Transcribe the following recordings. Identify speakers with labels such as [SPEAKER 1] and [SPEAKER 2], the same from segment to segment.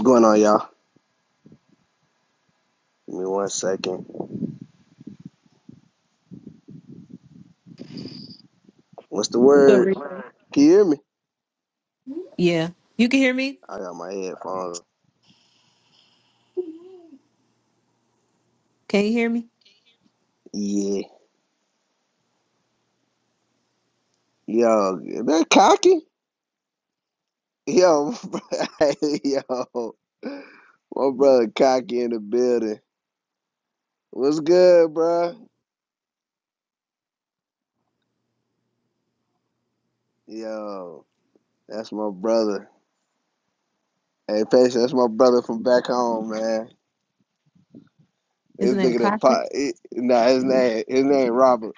[SPEAKER 1] What's going on, y'all? Give me one second. What's the
[SPEAKER 2] So, re-
[SPEAKER 1] word? Can you hear me?
[SPEAKER 2] yeah, you can hear me.
[SPEAKER 1] I got my headphones.
[SPEAKER 2] Can you hear me?
[SPEAKER 1] Yeah. Yo, that cocky? Yo, yo. My brother cocky in the building. What's good, bro? Yo, that's my brother. Hey, Patience, that's my brother from back home, man. This
[SPEAKER 2] Isn't
[SPEAKER 1] nigga
[SPEAKER 2] that
[SPEAKER 1] done
[SPEAKER 2] cocky?
[SPEAKER 1] pop. It, nah, his name, his name Robert.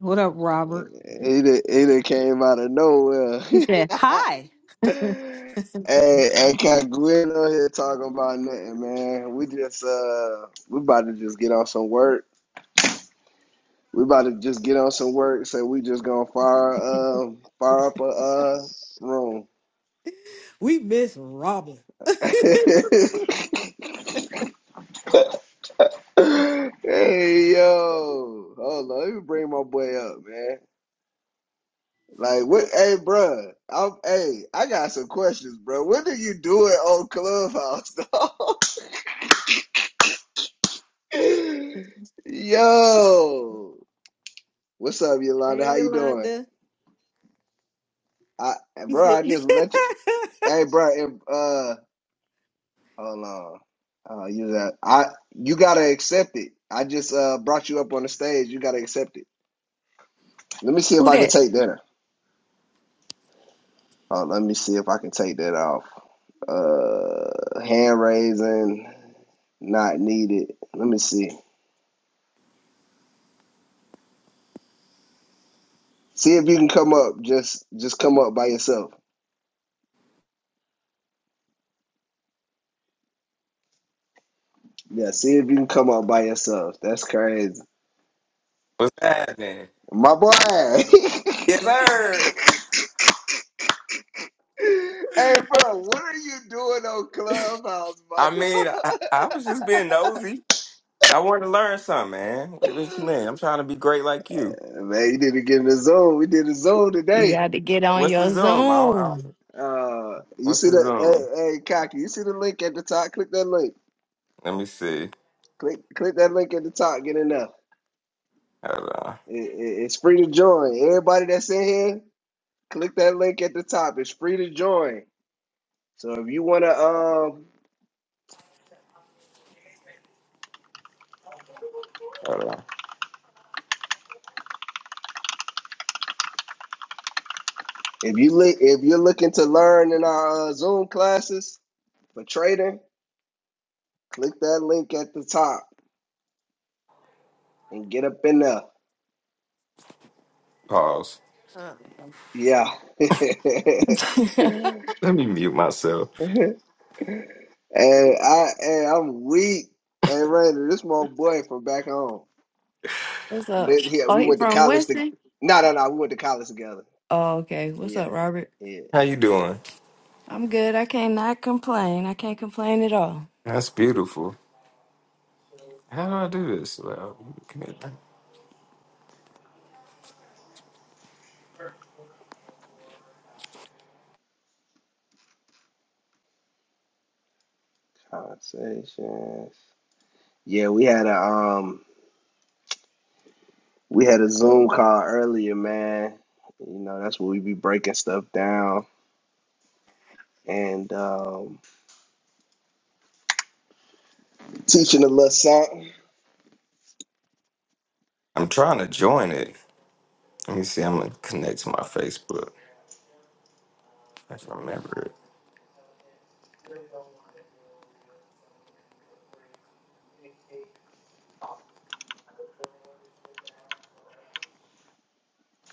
[SPEAKER 2] What up,
[SPEAKER 1] He
[SPEAKER 2] Robert?
[SPEAKER 1] he, done, he done came out of nowhere.
[SPEAKER 2] He said, "Hi."
[SPEAKER 1] hey, hey, Cat, we ain't on here talking about nothing, man. We just uh, we about to just get on some work. We about to just get on some work, so we just gonna fire um fire up a uh room.
[SPEAKER 2] We miss Robert.
[SPEAKER 1] hey yo, hold on, let me bring my boy up, man. Like what? Hey, bruh, I'm. Hey, I got some questions, bro. What do you do it on Clubhouse, dog? Yo. What's up, Yolanda?
[SPEAKER 2] Hey,
[SPEAKER 1] How you doing?
[SPEAKER 2] Yolanda.
[SPEAKER 1] I
[SPEAKER 2] He
[SPEAKER 1] bro,
[SPEAKER 2] said,
[SPEAKER 1] I just let you. Hey, bro. If, uh, hold on. Uh, you that I you gotta accept it. I just uh brought you up on the stage. You gotta accept it. Let me see if
[SPEAKER 3] Who
[SPEAKER 1] I can
[SPEAKER 3] that?
[SPEAKER 1] take that. Oh, let me see if I can take that off. Uh, hand raising not needed. Let me see. See if you can come up. Just just come up by yourself. Yeah, see if you can come up by yourself. That's crazy,
[SPEAKER 4] What's happening?
[SPEAKER 1] my boy.
[SPEAKER 4] Yes, sir.
[SPEAKER 1] Hey, bro, what are you doing on Clubhouse, my
[SPEAKER 4] I mean,
[SPEAKER 1] dog?
[SPEAKER 4] I, I was just being nosy. I wanted to learn something, man. What, what you mean? I'm trying to be great like you.
[SPEAKER 1] Uh, Man, you need to get in the zone. We did a zone
[SPEAKER 3] You
[SPEAKER 1] today.
[SPEAKER 3] got to get on
[SPEAKER 4] What's the
[SPEAKER 3] your
[SPEAKER 4] Zoom? I don't, I don't-
[SPEAKER 3] Zoom.
[SPEAKER 1] Uh, you
[SPEAKER 4] what's
[SPEAKER 1] see
[SPEAKER 4] the
[SPEAKER 1] the
[SPEAKER 4] Zoom?
[SPEAKER 1] hey, hey, cocky. You see the link at the top. Click that link.
[SPEAKER 4] Let me see.
[SPEAKER 1] Click, click that link at the top. Get in there.
[SPEAKER 4] Hold on.
[SPEAKER 1] It- it- it's free to join. Everybody that's in here, click that link at the top. It's free to join. So if you wanna, um,
[SPEAKER 4] Hold on.
[SPEAKER 1] if you li- if you're looking to learn in our uh, Zoom classes for trading, click that link at the top. and get up in there.
[SPEAKER 4] Pause.
[SPEAKER 2] Uh,
[SPEAKER 1] Yeah. and
[SPEAKER 4] Let me mute myself.
[SPEAKER 1] I and I'm weak. And Rainer, this my boy from back home.
[SPEAKER 3] What's up?
[SPEAKER 1] Lit here.
[SPEAKER 3] Oh,
[SPEAKER 1] We
[SPEAKER 3] he
[SPEAKER 1] went to
[SPEAKER 3] from
[SPEAKER 1] college to
[SPEAKER 3] Winston?
[SPEAKER 1] no no no, we went to college together.
[SPEAKER 3] Oh, okay. What's up,
[SPEAKER 1] Yeah.
[SPEAKER 3] Robert?
[SPEAKER 1] Yeah.
[SPEAKER 4] How you doing?
[SPEAKER 3] I'm good. I cannot complain. I can't complain at all.
[SPEAKER 4] That's beautiful. How do I do this? Well, come here.
[SPEAKER 1] Conversations. Yeah, we had a um we had a Zoom call earlier, man. You know, that's where we be breaking stuff down and um teaching a little something.
[SPEAKER 4] I'm trying to join it. Let me see. I'm gonna connect to my Facebook. I can remember it.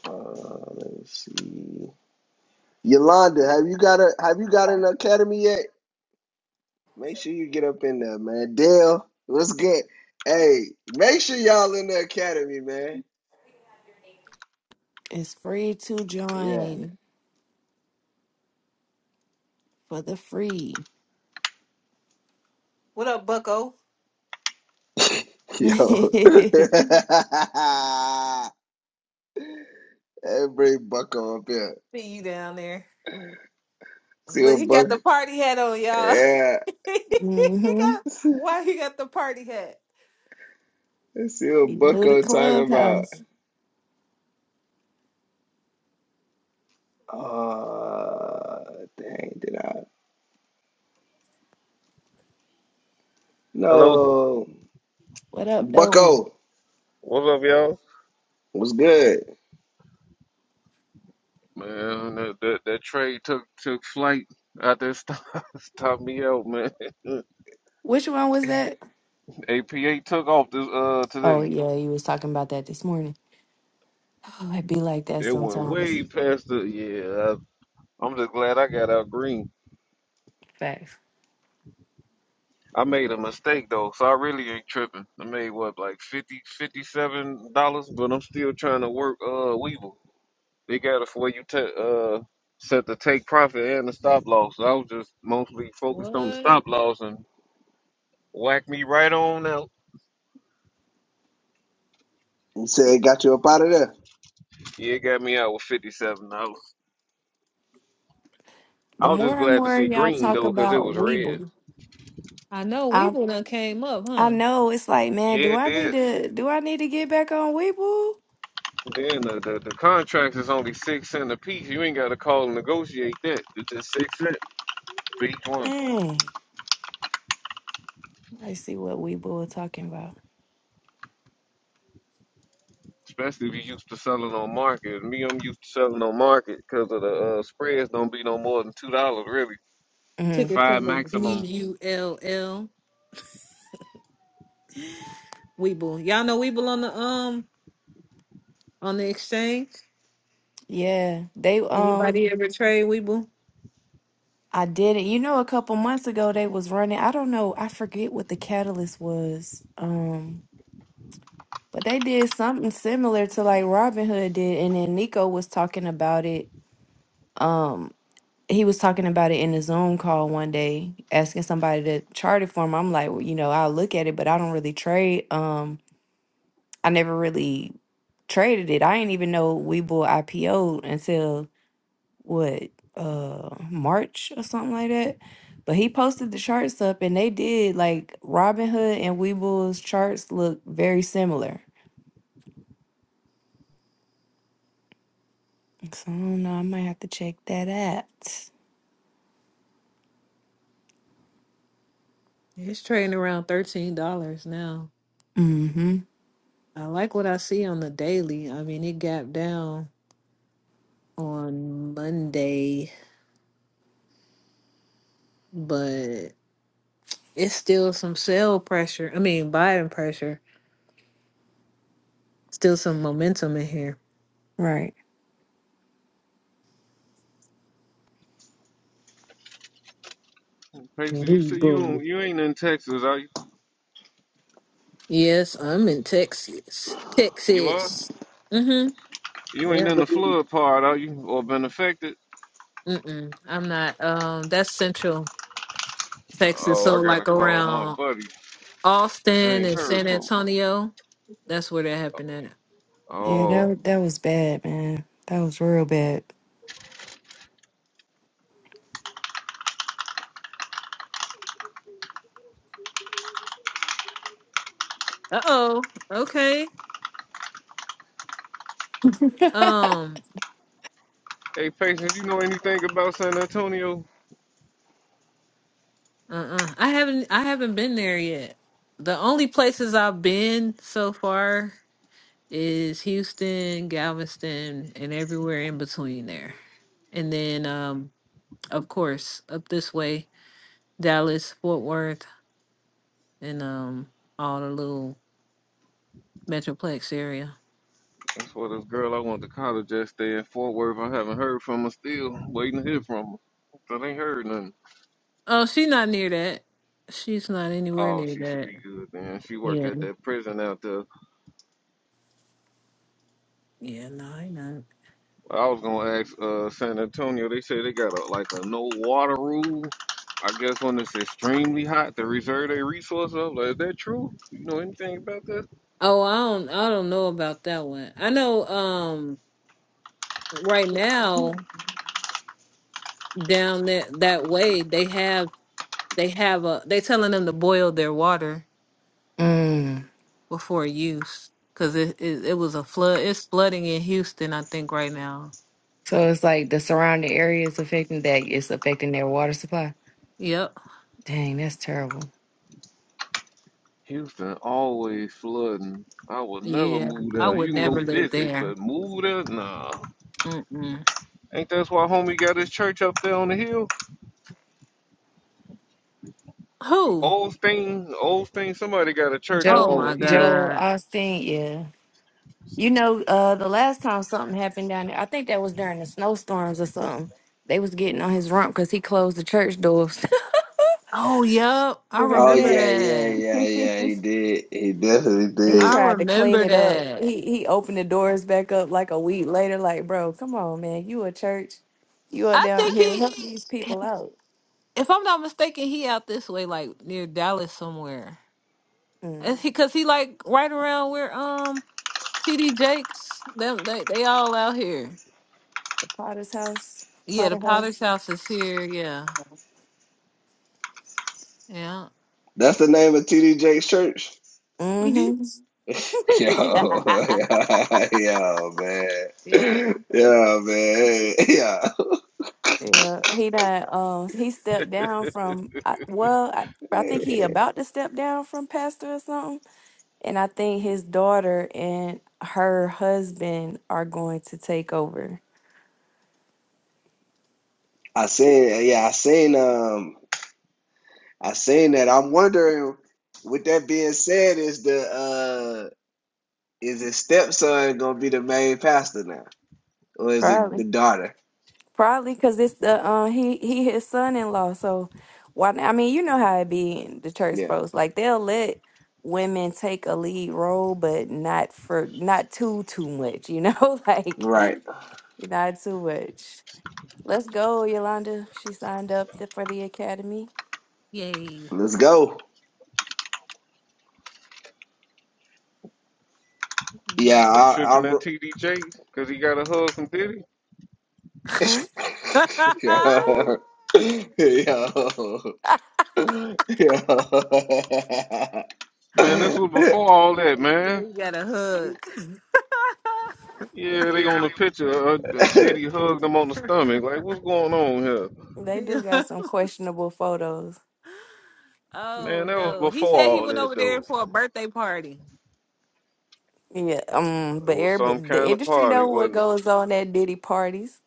[SPEAKER 1] Uh, let me see. Yolanda, have you got a have you got an academy yet? Make sure you get up in there, man. Dale, what's good? Hey, make sure y'all in the academy, man.
[SPEAKER 3] It's free to
[SPEAKER 1] Yeah.
[SPEAKER 3] join for the free.
[SPEAKER 2] "What up, Bucko?
[SPEAKER 1] Yo.
[SPEAKER 3] mm-hmm.
[SPEAKER 1] Every bucko up here.
[SPEAKER 2] See you down there."
[SPEAKER 1] See
[SPEAKER 2] Look,
[SPEAKER 1] what
[SPEAKER 2] he
[SPEAKER 1] buck
[SPEAKER 2] got the party hat on, y'all.
[SPEAKER 1] yeah.
[SPEAKER 2] he got why he got the party hat?
[SPEAKER 1] See what
[SPEAKER 3] You know the
[SPEAKER 1] bucko talking about.
[SPEAKER 3] clubhouse.
[SPEAKER 1] Oh, dang, did I
[SPEAKER 5] Hello,
[SPEAKER 1] no
[SPEAKER 3] What up, though?
[SPEAKER 1] Bucko,
[SPEAKER 5] what's up, y'all?
[SPEAKER 1] what's good?
[SPEAKER 5] Man, that, that, that trade took took flight out there, stop, stopped me out, man.
[SPEAKER 3] Which one was that?
[SPEAKER 5] APA took off this uh
[SPEAKER 3] Oh,
[SPEAKER 5] today.
[SPEAKER 3] yeah. You was talking about that this morning. Oh, it be like that
[SPEAKER 5] It went way
[SPEAKER 3] sometimes.
[SPEAKER 5] past the yeah. I, I'm just glad I got out green.
[SPEAKER 3] Facts.
[SPEAKER 5] I made a mistake though, so I really ain't tripping. I made what like 50 57 dollars, but I'm still trying to work uh Weevil. They got it for where you ta uh set the take profit and the stop loss. So I was just mostly focused on the
[SPEAKER 2] What?
[SPEAKER 5] stop loss and whacked me right on out.
[SPEAKER 1] You said got you up out of there.
[SPEAKER 5] Yeah, it got me out with fifty seven dollars. I
[SPEAKER 3] The
[SPEAKER 5] was just
[SPEAKER 3] more and
[SPEAKER 5] glad to
[SPEAKER 3] more
[SPEAKER 5] see
[SPEAKER 3] y'all
[SPEAKER 5] green
[SPEAKER 3] talk
[SPEAKER 5] though, cause it
[SPEAKER 3] about
[SPEAKER 5] was red.
[SPEAKER 3] Weeble,
[SPEAKER 2] I know Weeble done came up,
[SPEAKER 3] I
[SPEAKER 2] huh?
[SPEAKER 3] know it's like, man, do
[SPEAKER 5] Yeah, it
[SPEAKER 3] I need
[SPEAKER 5] did.
[SPEAKER 3] to do I need to get back on Weeble?
[SPEAKER 5] Then the, the the contracts is only six cent a piece. You ain't gotta call and negotiate that. It's just six cent for each one.
[SPEAKER 3] Dang. I see what Weeble was talking about.
[SPEAKER 5] Especially if you used to selling on market. Me, I'm used to selling on market because of the uh, spreads don't be no more than two dollars really.
[SPEAKER 3] hmm
[SPEAKER 2] Ticker
[SPEAKER 5] Five
[SPEAKER 2] symbol B
[SPEAKER 5] maximum.
[SPEAKER 2] U L L. Weeble. Y'all know Weeble on the um on the exchange.
[SPEAKER 3] Yeah, they um,
[SPEAKER 2] Anybody ever trade Weeble?
[SPEAKER 3] I did it. You know, a couple months ago they was running. I don't know. I forget what the catalyst was. Um, but they did something similar to like Robin Hood did, and then Nico was talking about it. Um, he was talking about it in a Zoom call one day, asking somebody to chart it for him. I'm like, well, you know, I'll look at it, but I don't really trade. Um I never really traded it. I didn't even know Webull IPO'd until what uh March or something like that. But he posted the charts up and they did like Robinhood and Webull's charts look very similar. So I don't know, I might have to check that out.
[SPEAKER 2] It's trading around thirteen dollars now.
[SPEAKER 3] Mm-hmm.
[SPEAKER 2] I like what I see on the daily. I mean, it gapped down on Monday, but it's still some sell pressure. I mean, buying pressure. Still some momentum in here.
[SPEAKER 3] Right.
[SPEAKER 5] Patience, you said you
[SPEAKER 2] Weeble.
[SPEAKER 5] don't, you ain't in Texas, are you?
[SPEAKER 2] Yes, I'm in Texas.
[SPEAKER 5] You are?
[SPEAKER 2] Texas. Mm-hmm.
[SPEAKER 5] You ain't
[SPEAKER 2] Yeah.
[SPEAKER 5] in the flood part, are you? Or been affected?
[SPEAKER 2] Mm-mm. I'm not. Um, that's central. Texas.
[SPEAKER 5] Oh, I
[SPEAKER 2] So
[SPEAKER 5] gotta
[SPEAKER 2] like
[SPEAKER 5] call my
[SPEAKER 2] around
[SPEAKER 5] buddy. I
[SPEAKER 2] Austin
[SPEAKER 5] ain't
[SPEAKER 2] and
[SPEAKER 5] heard
[SPEAKER 2] San
[SPEAKER 5] from him.
[SPEAKER 2] Antonio, that's where that happened at.
[SPEAKER 3] Yeah,
[SPEAKER 5] Oh,
[SPEAKER 3] that that was bad, man. That was real bad.
[SPEAKER 2] Uh oh. Okay. Um.
[SPEAKER 5] hey, Patience, you know anything about San Antonio?
[SPEAKER 2] Uh. uh I haven't. I haven't been there yet. The only places I've been so far is Houston, Galveston, and everywhere in between there. And then, um, of course, up this way, Dallas, Fort Worth, and um, all the little metroplex area.
[SPEAKER 5] That's where this girl I went to college at stay in Fort Worth. I haven't heard from her still. Waiting to hear from her. Still ain't heard nothing.
[SPEAKER 2] Oh, she's not near that. She's not anywhere
[SPEAKER 5] Oh,
[SPEAKER 2] near
[SPEAKER 5] she should
[SPEAKER 2] that.
[SPEAKER 5] be good then. She work
[SPEAKER 2] Yeah.
[SPEAKER 5] at that prison out there.
[SPEAKER 2] Yeah, no, I not.
[SPEAKER 5] I was gonna ask uh San Antonio. They say they got a like a no water rule. I guess when it's extremely hot, they reserve their resources. up. Like, is that true? You know anything about that?
[SPEAKER 2] Oh, I don't I don't know about that one. I know um right now down that that way they have they have a they telling them to boil their water
[SPEAKER 3] Mm.
[SPEAKER 2] before use cuz it, it it was a flood. It's flooding in Houston, I think right now.
[SPEAKER 3] So it's like the surrounding areas affecting that it's affecting their water supply.
[SPEAKER 2] Yep.
[SPEAKER 3] Dang, that's terrible.
[SPEAKER 5] Houston always flooding. I would never
[SPEAKER 2] Yeah.
[SPEAKER 5] move
[SPEAKER 2] I
[SPEAKER 5] there.
[SPEAKER 2] would
[SPEAKER 5] You can
[SPEAKER 2] never
[SPEAKER 5] go
[SPEAKER 2] live
[SPEAKER 5] visit,
[SPEAKER 2] there.
[SPEAKER 5] but move there? Nah.
[SPEAKER 2] Mm-mm.
[SPEAKER 5] Ain't that's why homie got his church up there on the hill?
[SPEAKER 2] Who?
[SPEAKER 5] Old thing, old thing, somebody got a church up
[SPEAKER 2] Oh
[SPEAKER 5] on
[SPEAKER 3] Joe,
[SPEAKER 5] the
[SPEAKER 2] my
[SPEAKER 5] hill.
[SPEAKER 3] Joe
[SPEAKER 2] god.
[SPEAKER 3] Austin, yeah. You know, uh, the last time something happened down there, I think that was during the snowstorms or something. They was getting on his rump because he closed the church doors.
[SPEAKER 2] Oh, yep.
[SPEAKER 3] you
[SPEAKER 2] I
[SPEAKER 1] Oh
[SPEAKER 3] remember
[SPEAKER 2] remember
[SPEAKER 3] that?
[SPEAKER 1] yeah, yeah,
[SPEAKER 2] that.
[SPEAKER 1] yeah, yeah. He did. He definitely
[SPEAKER 3] he
[SPEAKER 1] did.
[SPEAKER 2] I
[SPEAKER 3] tried to clean
[SPEAKER 2] remember
[SPEAKER 3] it up.
[SPEAKER 2] that.
[SPEAKER 3] He he opened the doors back up like a week later. Like, bro, come on, man, you a church, you are
[SPEAKER 2] I
[SPEAKER 3] down I
[SPEAKER 2] think
[SPEAKER 3] here think
[SPEAKER 2] he,
[SPEAKER 3] help he these people out.
[SPEAKER 2] if I'm not mistaken, he out this way, like near Dallas somewhere.
[SPEAKER 3] Mm,
[SPEAKER 2] Is he? Because he like right around where um TD Jakes, them they they all out here.
[SPEAKER 3] the Potter's house,
[SPEAKER 2] Yeah, the
[SPEAKER 3] Potter
[SPEAKER 2] Potter's
[SPEAKER 3] house.
[SPEAKER 2] house is here. Yeah, yeah,
[SPEAKER 1] That's the name of TD Jake's church.
[SPEAKER 3] Mm-hmm.
[SPEAKER 1] Yo, yo, man.
[SPEAKER 2] yeah.
[SPEAKER 1] Yeah, man. Yeah.
[SPEAKER 3] Yeah, he done. Um, he stepped down from. I, well, I, I think he about to step down from pastor or something. And I think his daughter and her husband are going to take over.
[SPEAKER 1] I seen yeah, I seen um I seen that. I'm wondering with that being said, is the uh is his stepson gonna be the main pastor now? Or is it the
[SPEAKER 3] Probably,
[SPEAKER 1] daughter?
[SPEAKER 3] probably because it's the uh, he he his son in law. So why? I mean, you know how it be in the church
[SPEAKER 1] Yeah.
[SPEAKER 3] folks. Like they'll let women take a lead role, but not for not too too much. You know, like
[SPEAKER 1] Right.
[SPEAKER 3] not too much. Let's go, Yolanda. She signed up th- for the academy.
[SPEAKER 2] Yay!
[SPEAKER 1] Let's go.
[SPEAKER 3] Mm.
[SPEAKER 1] Yeah,
[SPEAKER 5] They
[SPEAKER 1] I, I,
[SPEAKER 5] tripping
[SPEAKER 1] re-
[SPEAKER 5] that TDJ because he got a hug from Diddy.
[SPEAKER 1] Yo.
[SPEAKER 3] Hmm?
[SPEAKER 1] Yo. Yo.
[SPEAKER 5] Man, this was before all that, man.
[SPEAKER 2] you got a hug.
[SPEAKER 5] Yeah, they on the picture. Uh, Diddy hugged him on the stomach. Like, what's going on here?
[SPEAKER 3] They do
[SPEAKER 2] Yeah.
[SPEAKER 3] got some questionable photos.
[SPEAKER 5] Man,
[SPEAKER 2] oh
[SPEAKER 5] that was
[SPEAKER 2] no, he
[SPEAKER 5] before
[SPEAKER 2] said he
[SPEAKER 5] all
[SPEAKER 2] went
[SPEAKER 5] that,
[SPEAKER 2] over there
[SPEAKER 5] though.
[SPEAKER 2] for a birthday party.
[SPEAKER 3] Yeah, um,
[SPEAKER 5] It
[SPEAKER 3] but
[SPEAKER 5] was some
[SPEAKER 3] everybody, the
[SPEAKER 5] kind of
[SPEAKER 3] industry
[SPEAKER 5] party,
[SPEAKER 3] know what
[SPEAKER 5] wasn't it?
[SPEAKER 3] goes on at Diddy parties.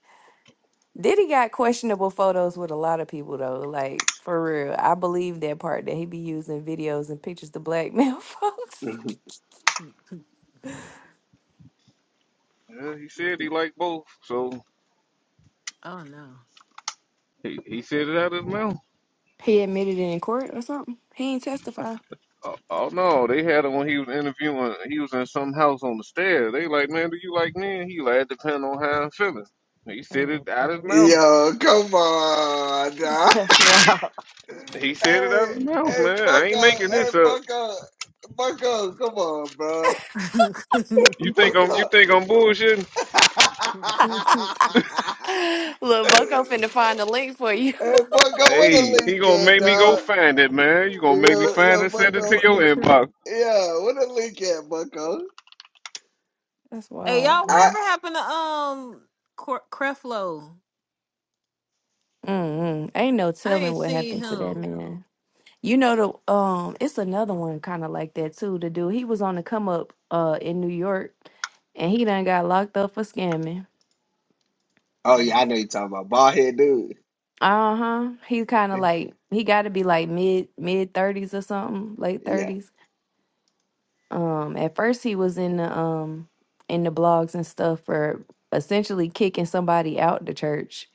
[SPEAKER 3] Diddy got questionable photos with a lot of people though. Like for real, I believe that part that he be using videos and pictures to blackmail folks.
[SPEAKER 5] Yeah, he said he liked both, so
[SPEAKER 2] Oh no.
[SPEAKER 5] He he said it out of his mouth.
[SPEAKER 3] He admitted it in court or something. He ain't testify.
[SPEAKER 5] Oh, oh no, they had him when he was interviewing. He was in some house on the stairs. They like, man, do you like men? He like, it depend on how I'm feeling. He said
[SPEAKER 3] Oh,
[SPEAKER 5] it out his
[SPEAKER 3] Lord.
[SPEAKER 5] mouth.
[SPEAKER 1] Yo, come on, dog.
[SPEAKER 3] that's wild.
[SPEAKER 5] He said it out
[SPEAKER 1] hey,
[SPEAKER 5] his mouth,
[SPEAKER 1] hey,
[SPEAKER 5] man. I ain't
[SPEAKER 1] Bucko,
[SPEAKER 5] making
[SPEAKER 1] hey,
[SPEAKER 5] this up.
[SPEAKER 1] Bucko, Bucko, come on, bro.
[SPEAKER 5] You think I'm you
[SPEAKER 1] Bucko.
[SPEAKER 5] think I'm bullshitting?
[SPEAKER 3] Look, Bucko finna find a link for you.
[SPEAKER 1] hey, Bucko, where the
[SPEAKER 5] Hey, he
[SPEAKER 1] link
[SPEAKER 5] gonna
[SPEAKER 1] at,
[SPEAKER 5] make me go
[SPEAKER 1] dog?
[SPEAKER 5] find it, man. You gonna make me
[SPEAKER 1] Yo,
[SPEAKER 5] find
[SPEAKER 1] yo,
[SPEAKER 5] it, send it to
[SPEAKER 1] Bucko.
[SPEAKER 5] your inbox,
[SPEAKER 1] Yeah, where the link at, Bucko?
[SPEAKER 3] That's
[SPEAKER 2] Hey
[SPEAKER 3] wild.
[SPEAKER 2] y'all,
[SPEAKER 1] I
[SPEAKER 2] whatever
[SPEAKER 3] Man.
[SPEAKER 2] happened to um Cor- Creflo?
[SPEAKER 3] Mm-mm. Ain't no
[SPEAKER 2] I
[SPEAKER 3] telling
[SPEAKER 2] ain't
[SPEAKER 3] what
[SPEAKER 2] seen
[SPEAKER 3] happened to that
[SPEAKER 2] him.
[SPEAKER 3] man. You know the um, it's another one kind of like that too. The dude he was on the come up uh in New York, and he done got locked up for scamming.
[SPEAKER 1] oh yeah, I
[SPEAKER 2] Dang,
[SPEAKER 1] know you're talking about bald head dude.
[SPEAKER 3] Uh huh. He's kind of like he got to be like mid mid thirties or something, late
[SPEAKER 1] Yeah,
[SPEAKER 3] thirties. Um, at first he was in the um in the blogs and stuff for essentially kicking somebody out the church.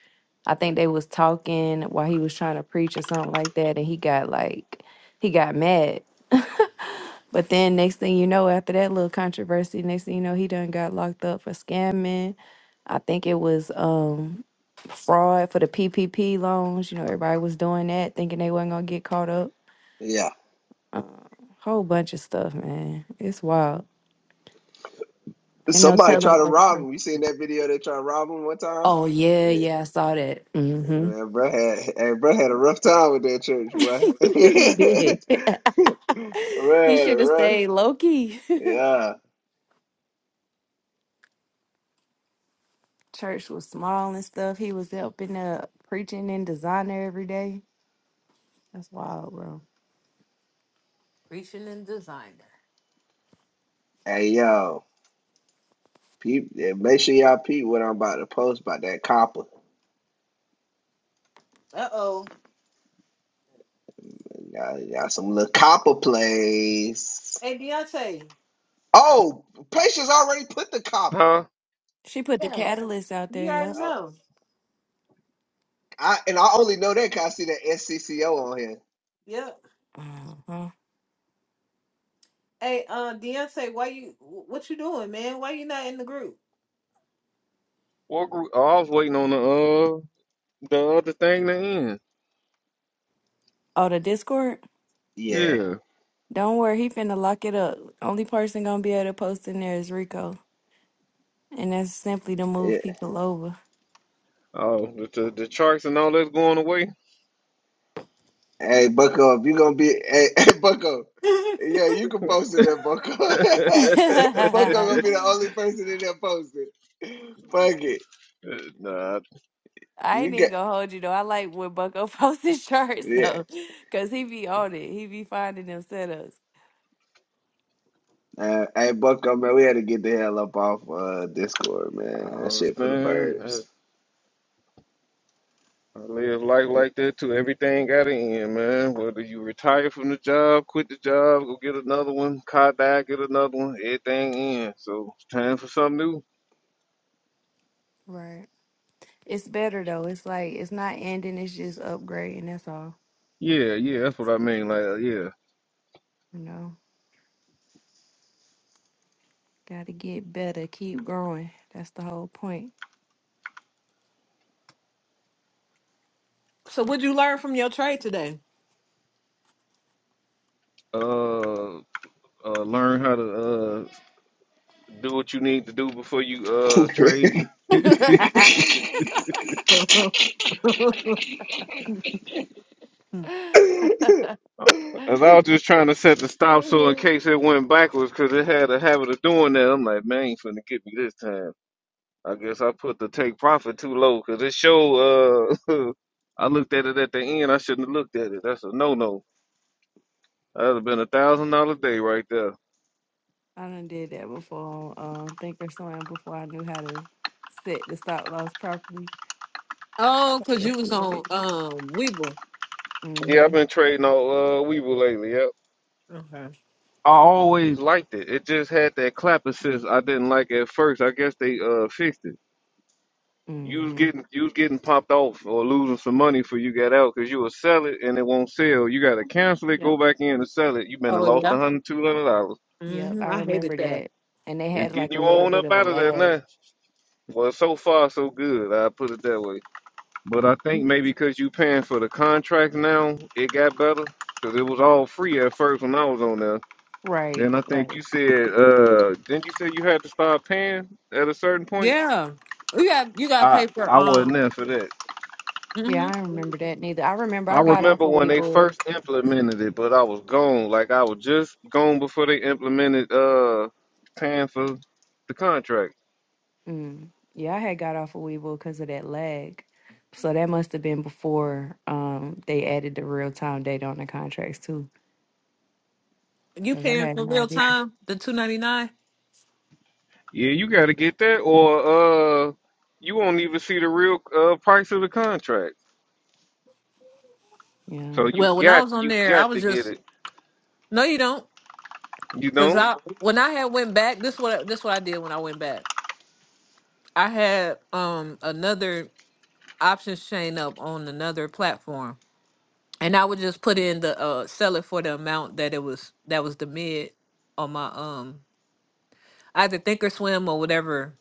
[SPEAKER 3] I think they was talking while he was trying to preach or something like that, and he got like he got mad. but then next thing you know, after that little controversy, next thing you know, he done got locked up for scamming. I think it was um fraud for the PPP loans. You know, everybody was doing that, thinking they wasn't gonna get caught up.
[SPEAKER 1] yeah.
[SPEAKER 3] Um, whole bunch of stuff, man. It's wild. I know.
[SPEAKER 1] Somebody
[SPEAKER 3] Tell them.
[SPEAKER 1] tried to
[SPEAKER 3] like,
[SPEAKER 1] rob him. You seen that video? They tried to rob him one time.
[SPEAKER 3] Oh yeah,
[SPEAKER 1] Yeah,
[SPEAKER 3] yeah. I saw that. hmm
[SPEAKER 1] man, bro had hey, bro had a rough time with that church, boy.
[SPEAKER 3] he did. he
[SPEAKER 1] man,
[SPEAKER 3] should have
[SPEAKER 1] right?
[SPEAKER 3] stayed low key.
[SPEAKER 1] Yeah.
[SPEAKER 3] Church was small and stuff. He was helping up preaching in designer every day. That's wild, bro.
[SPEAKER 2] preaching and designer.
[SPEAKER 1] Hey yo, peep, yeah, make sure y'all peep what I'm about to post about that copper.
[SPEAKER 2] Uh oh.
[SPEAKER 1] Y'all, you some little copper plays.
[SPEAKER 2] Hey Deontay.
[SPEAKER 1] Oh, Patience already put the copper.
[SPEAKER 5] huh?
[SPEAKER 3] She put the
[SPEAKER 2] Yeah,
[SPEAKER 3] catalyst out there.
[SPEAKER 2] you already
[SPEAKER 3] Yep.
[SPEAKER 1] I,
[SPEAKER 2] know.
[SPEAKER 1] I and I only know that because I see that SCCO on here.
[SPEAKER 2] Yep.
[SPEAKER 3] Uh-huh.
[SPEAKER 2] Hey, uh, Deontay, why you? What you doing, man? Why you not in the group?
[SPEAKER 5] What group? Oh, I was waiting on the uh the other thing to end.
[SPEAKER 3] Oh, the Discord.
[SPEAKER 1] Yeah,
[SPEAKER 5] Yeah.
[SPEAKER 3] Don't worry, he finna lock it up. Only person gonna be able to post in there is Rico, and that's simply to move
[SPEAKER 1] yeah.
[SPEAKER 3] people over.
[SPEAKER 5] Oh, the, the the charts and all that's going away.
[SPEAKER 1] Hey, Bucko, if you gonna be, hey, hey Bucko, yeah, you can post it there, Bucko.
[SPEAKER 5] nah,
[SPEAKER 1] Bucko gonna be the only person in there posted. Fuck it,
[SPEAKER 5] I
[SPEAKER 3] I
[SPEAKER 1] you
[SPEAKER 3] ain't even
[SPEAKER 1] got,
[SPEAKER 3] gonna hold you though. I like when Bucko posts his charts
[SPEAKER 1] yeah.
[SPEAKER 3] though, cause he be on it. He be finding them setups.
[SPEAKER 1] Uh, hey, Bucko, man, we had to get the hell up off uh, Discord, man. That shit for the
[SPEAKER 5] understand. I
[SPEAKER 1] birds.
[SPEAKER 5] I live life like that too. Everything got an end, man. Whether you retire from the job, quit the job, go get another one, car die, get another one, everything ends. So it's time for something new.
[SPEAKER 3] Right. It's better though. It's like it's not ending. It's just upgrading. That's all.
[SPEAKER 5] Yeah, yeah, that's what I mean. Like, uh, yeah,
[SPEAKER 3] You know, got to get better. Keep growing. That's the whole point.
[SPEAKER 2] so, what'd you learn from your trade today?
[SPEAKER 5] uh, uh, learn how to uh do what you need to do before you uh trade.
[SPEAKER 3] I
[SPEAKER 5] As I was just trying to set the stop so in case it went backwards, cause it had a habit of doing that. I'm like, man, ain't finna get me this time. I guess I put the take profit too low, cause it showed. Uh, I looked at it at the end. I shouldn't have looked at it. That's a no no. That'd have been a thousand dollar day right there.
[SPEAKER 3] done did that before Um, think or Thinkorswim before I knew how to set the stop loss properly.
[SPEAKER 2] oh,
[SPEAKER 3] How
[SPEAKER 2] cause
[SPEAKER 3] to
[SPEAKER 2] you was
[SPEAKER 3] set it.
[SPEAKER 2] on um Weeble.
[SPEAKER 5] Yeah, I've
[SPEAKER 3] Mhm.
[SPEAKER 5] been trading on uh, Weevil lately. Yep.
[SPEAKER 2] Okay.
[SPEAKER 5] I always liked it. It just had that clap assist I didn't like at first. I guess they uh fixed it. You was
[SPEAKER 3] Mhm.
[SPEAKER 5] getting you was getting popped off or losing some money for you got out because you will sell it and it won't sell. You gotta cancel it, go back in and sell it. You been and
[SPEAKER 2] Oh
[SPEAKER 5] lost
[SPEAKER 2] yeah.
[SPEAKER 5] a hundred, two hundred dollars.
[SPEAKER 3] Yep,
[SPEAKER 2] hmm
[SPEAKER 3] I
[SPEAKER 2] I hated
[SPEAKER 3] remember
[SPEAKER 2] that.
[SPEAKER 3] that. And they
[SPEAKER 5] It's
[SPEAKER 3] had
[SPEAKER 5] getting
[SPEAKER 3] like a
[SPEAKER 5] you
[SPEAKER 3] little
[SPEAKER 5] on
[SPEAKER 3] bit
[SPEAKER 5] up
[SPEAKER 3] of a
[SPEAKER 5] out of there
[SPEAKER 3] lag.
[SPEAKER 5] now. Well, so far so good. I put it that way. But I think maybe because you paying for the contract now, it got better because it was all free at first when I was on there.
[SPEAKER 3] Right,
[SPEAKER 5] Then I think you
[SPEAKER 3] right.
[SPEAKER 5] said, uh, didn't you say you had to start paying at a certain point?
[SPEAKER 2] Yeah. You got you gotta
[SPEAKER 5] I
[SPEAKER 2] pay for
[SPEAKER 5] I wasn't
[SPEAKER 2] um
[SPEAKER 5] there for that.
[SPEAKER 3] Yeah,
[SPEAKER 2] mhm.
[SPEAKER 3] I don't remember that neither. I remember
[SPEAKER 5] I
[SPEAKER 3] I got off
[SPEAKER 5] remember
[SPEAKER 3] of
[SPEAKER 5] when they
[SPEAKER 3] Weeble.
[SPEAKER 5] first implemented it, but I was gone. Like I was just gone before they implemented uh paying for the contract.
[SPEAKER 3] Mm. Yeah, I had got off of Weeble because of that lag. So that must have been before um they added the real time date on the contracts too.
[SPEAKER 2] you
[SPEAKER 3] Because I
[SPEAKER 2] paying
[SPEAKER 3] had
[SPEAKER 2] for
[SPEAKER 3] no
[SPEAKER 2] real
[SPEAKER 3] idea.
[SPEAKER 2] time, the two ninety nine.
[SPEAKER 5] Yeah, you got to get that, or uh, you won't even see the real uh price of the contract.
[SPEAKER 3] Yeah.
[SPEAKER 5] So you
[SPEAKER 2] Well, when I
[SPEAKER 5] got
[SPEAKER 2] was on
[SPEAKER 5] you
[SPEAKER 2] there, I
[SPEAKER 5] got
[SPEAKER 2] was
[SPEAKER 5] to get
[SPEAKER 2] just
[SPEAKER 5] it.
[SPEAKER 2] no you don't.
[SPEAKER 5] You
[SPEAKER 2] Cause
[SPEAKER 5] don't?
[SPEAKER 2] I when I had went back, this what this what I did when I went back. I had um another option chain up on another platform. And I would just put in the uh sell it for the amount that it was that was the mid on my um either thinkorswim or whatever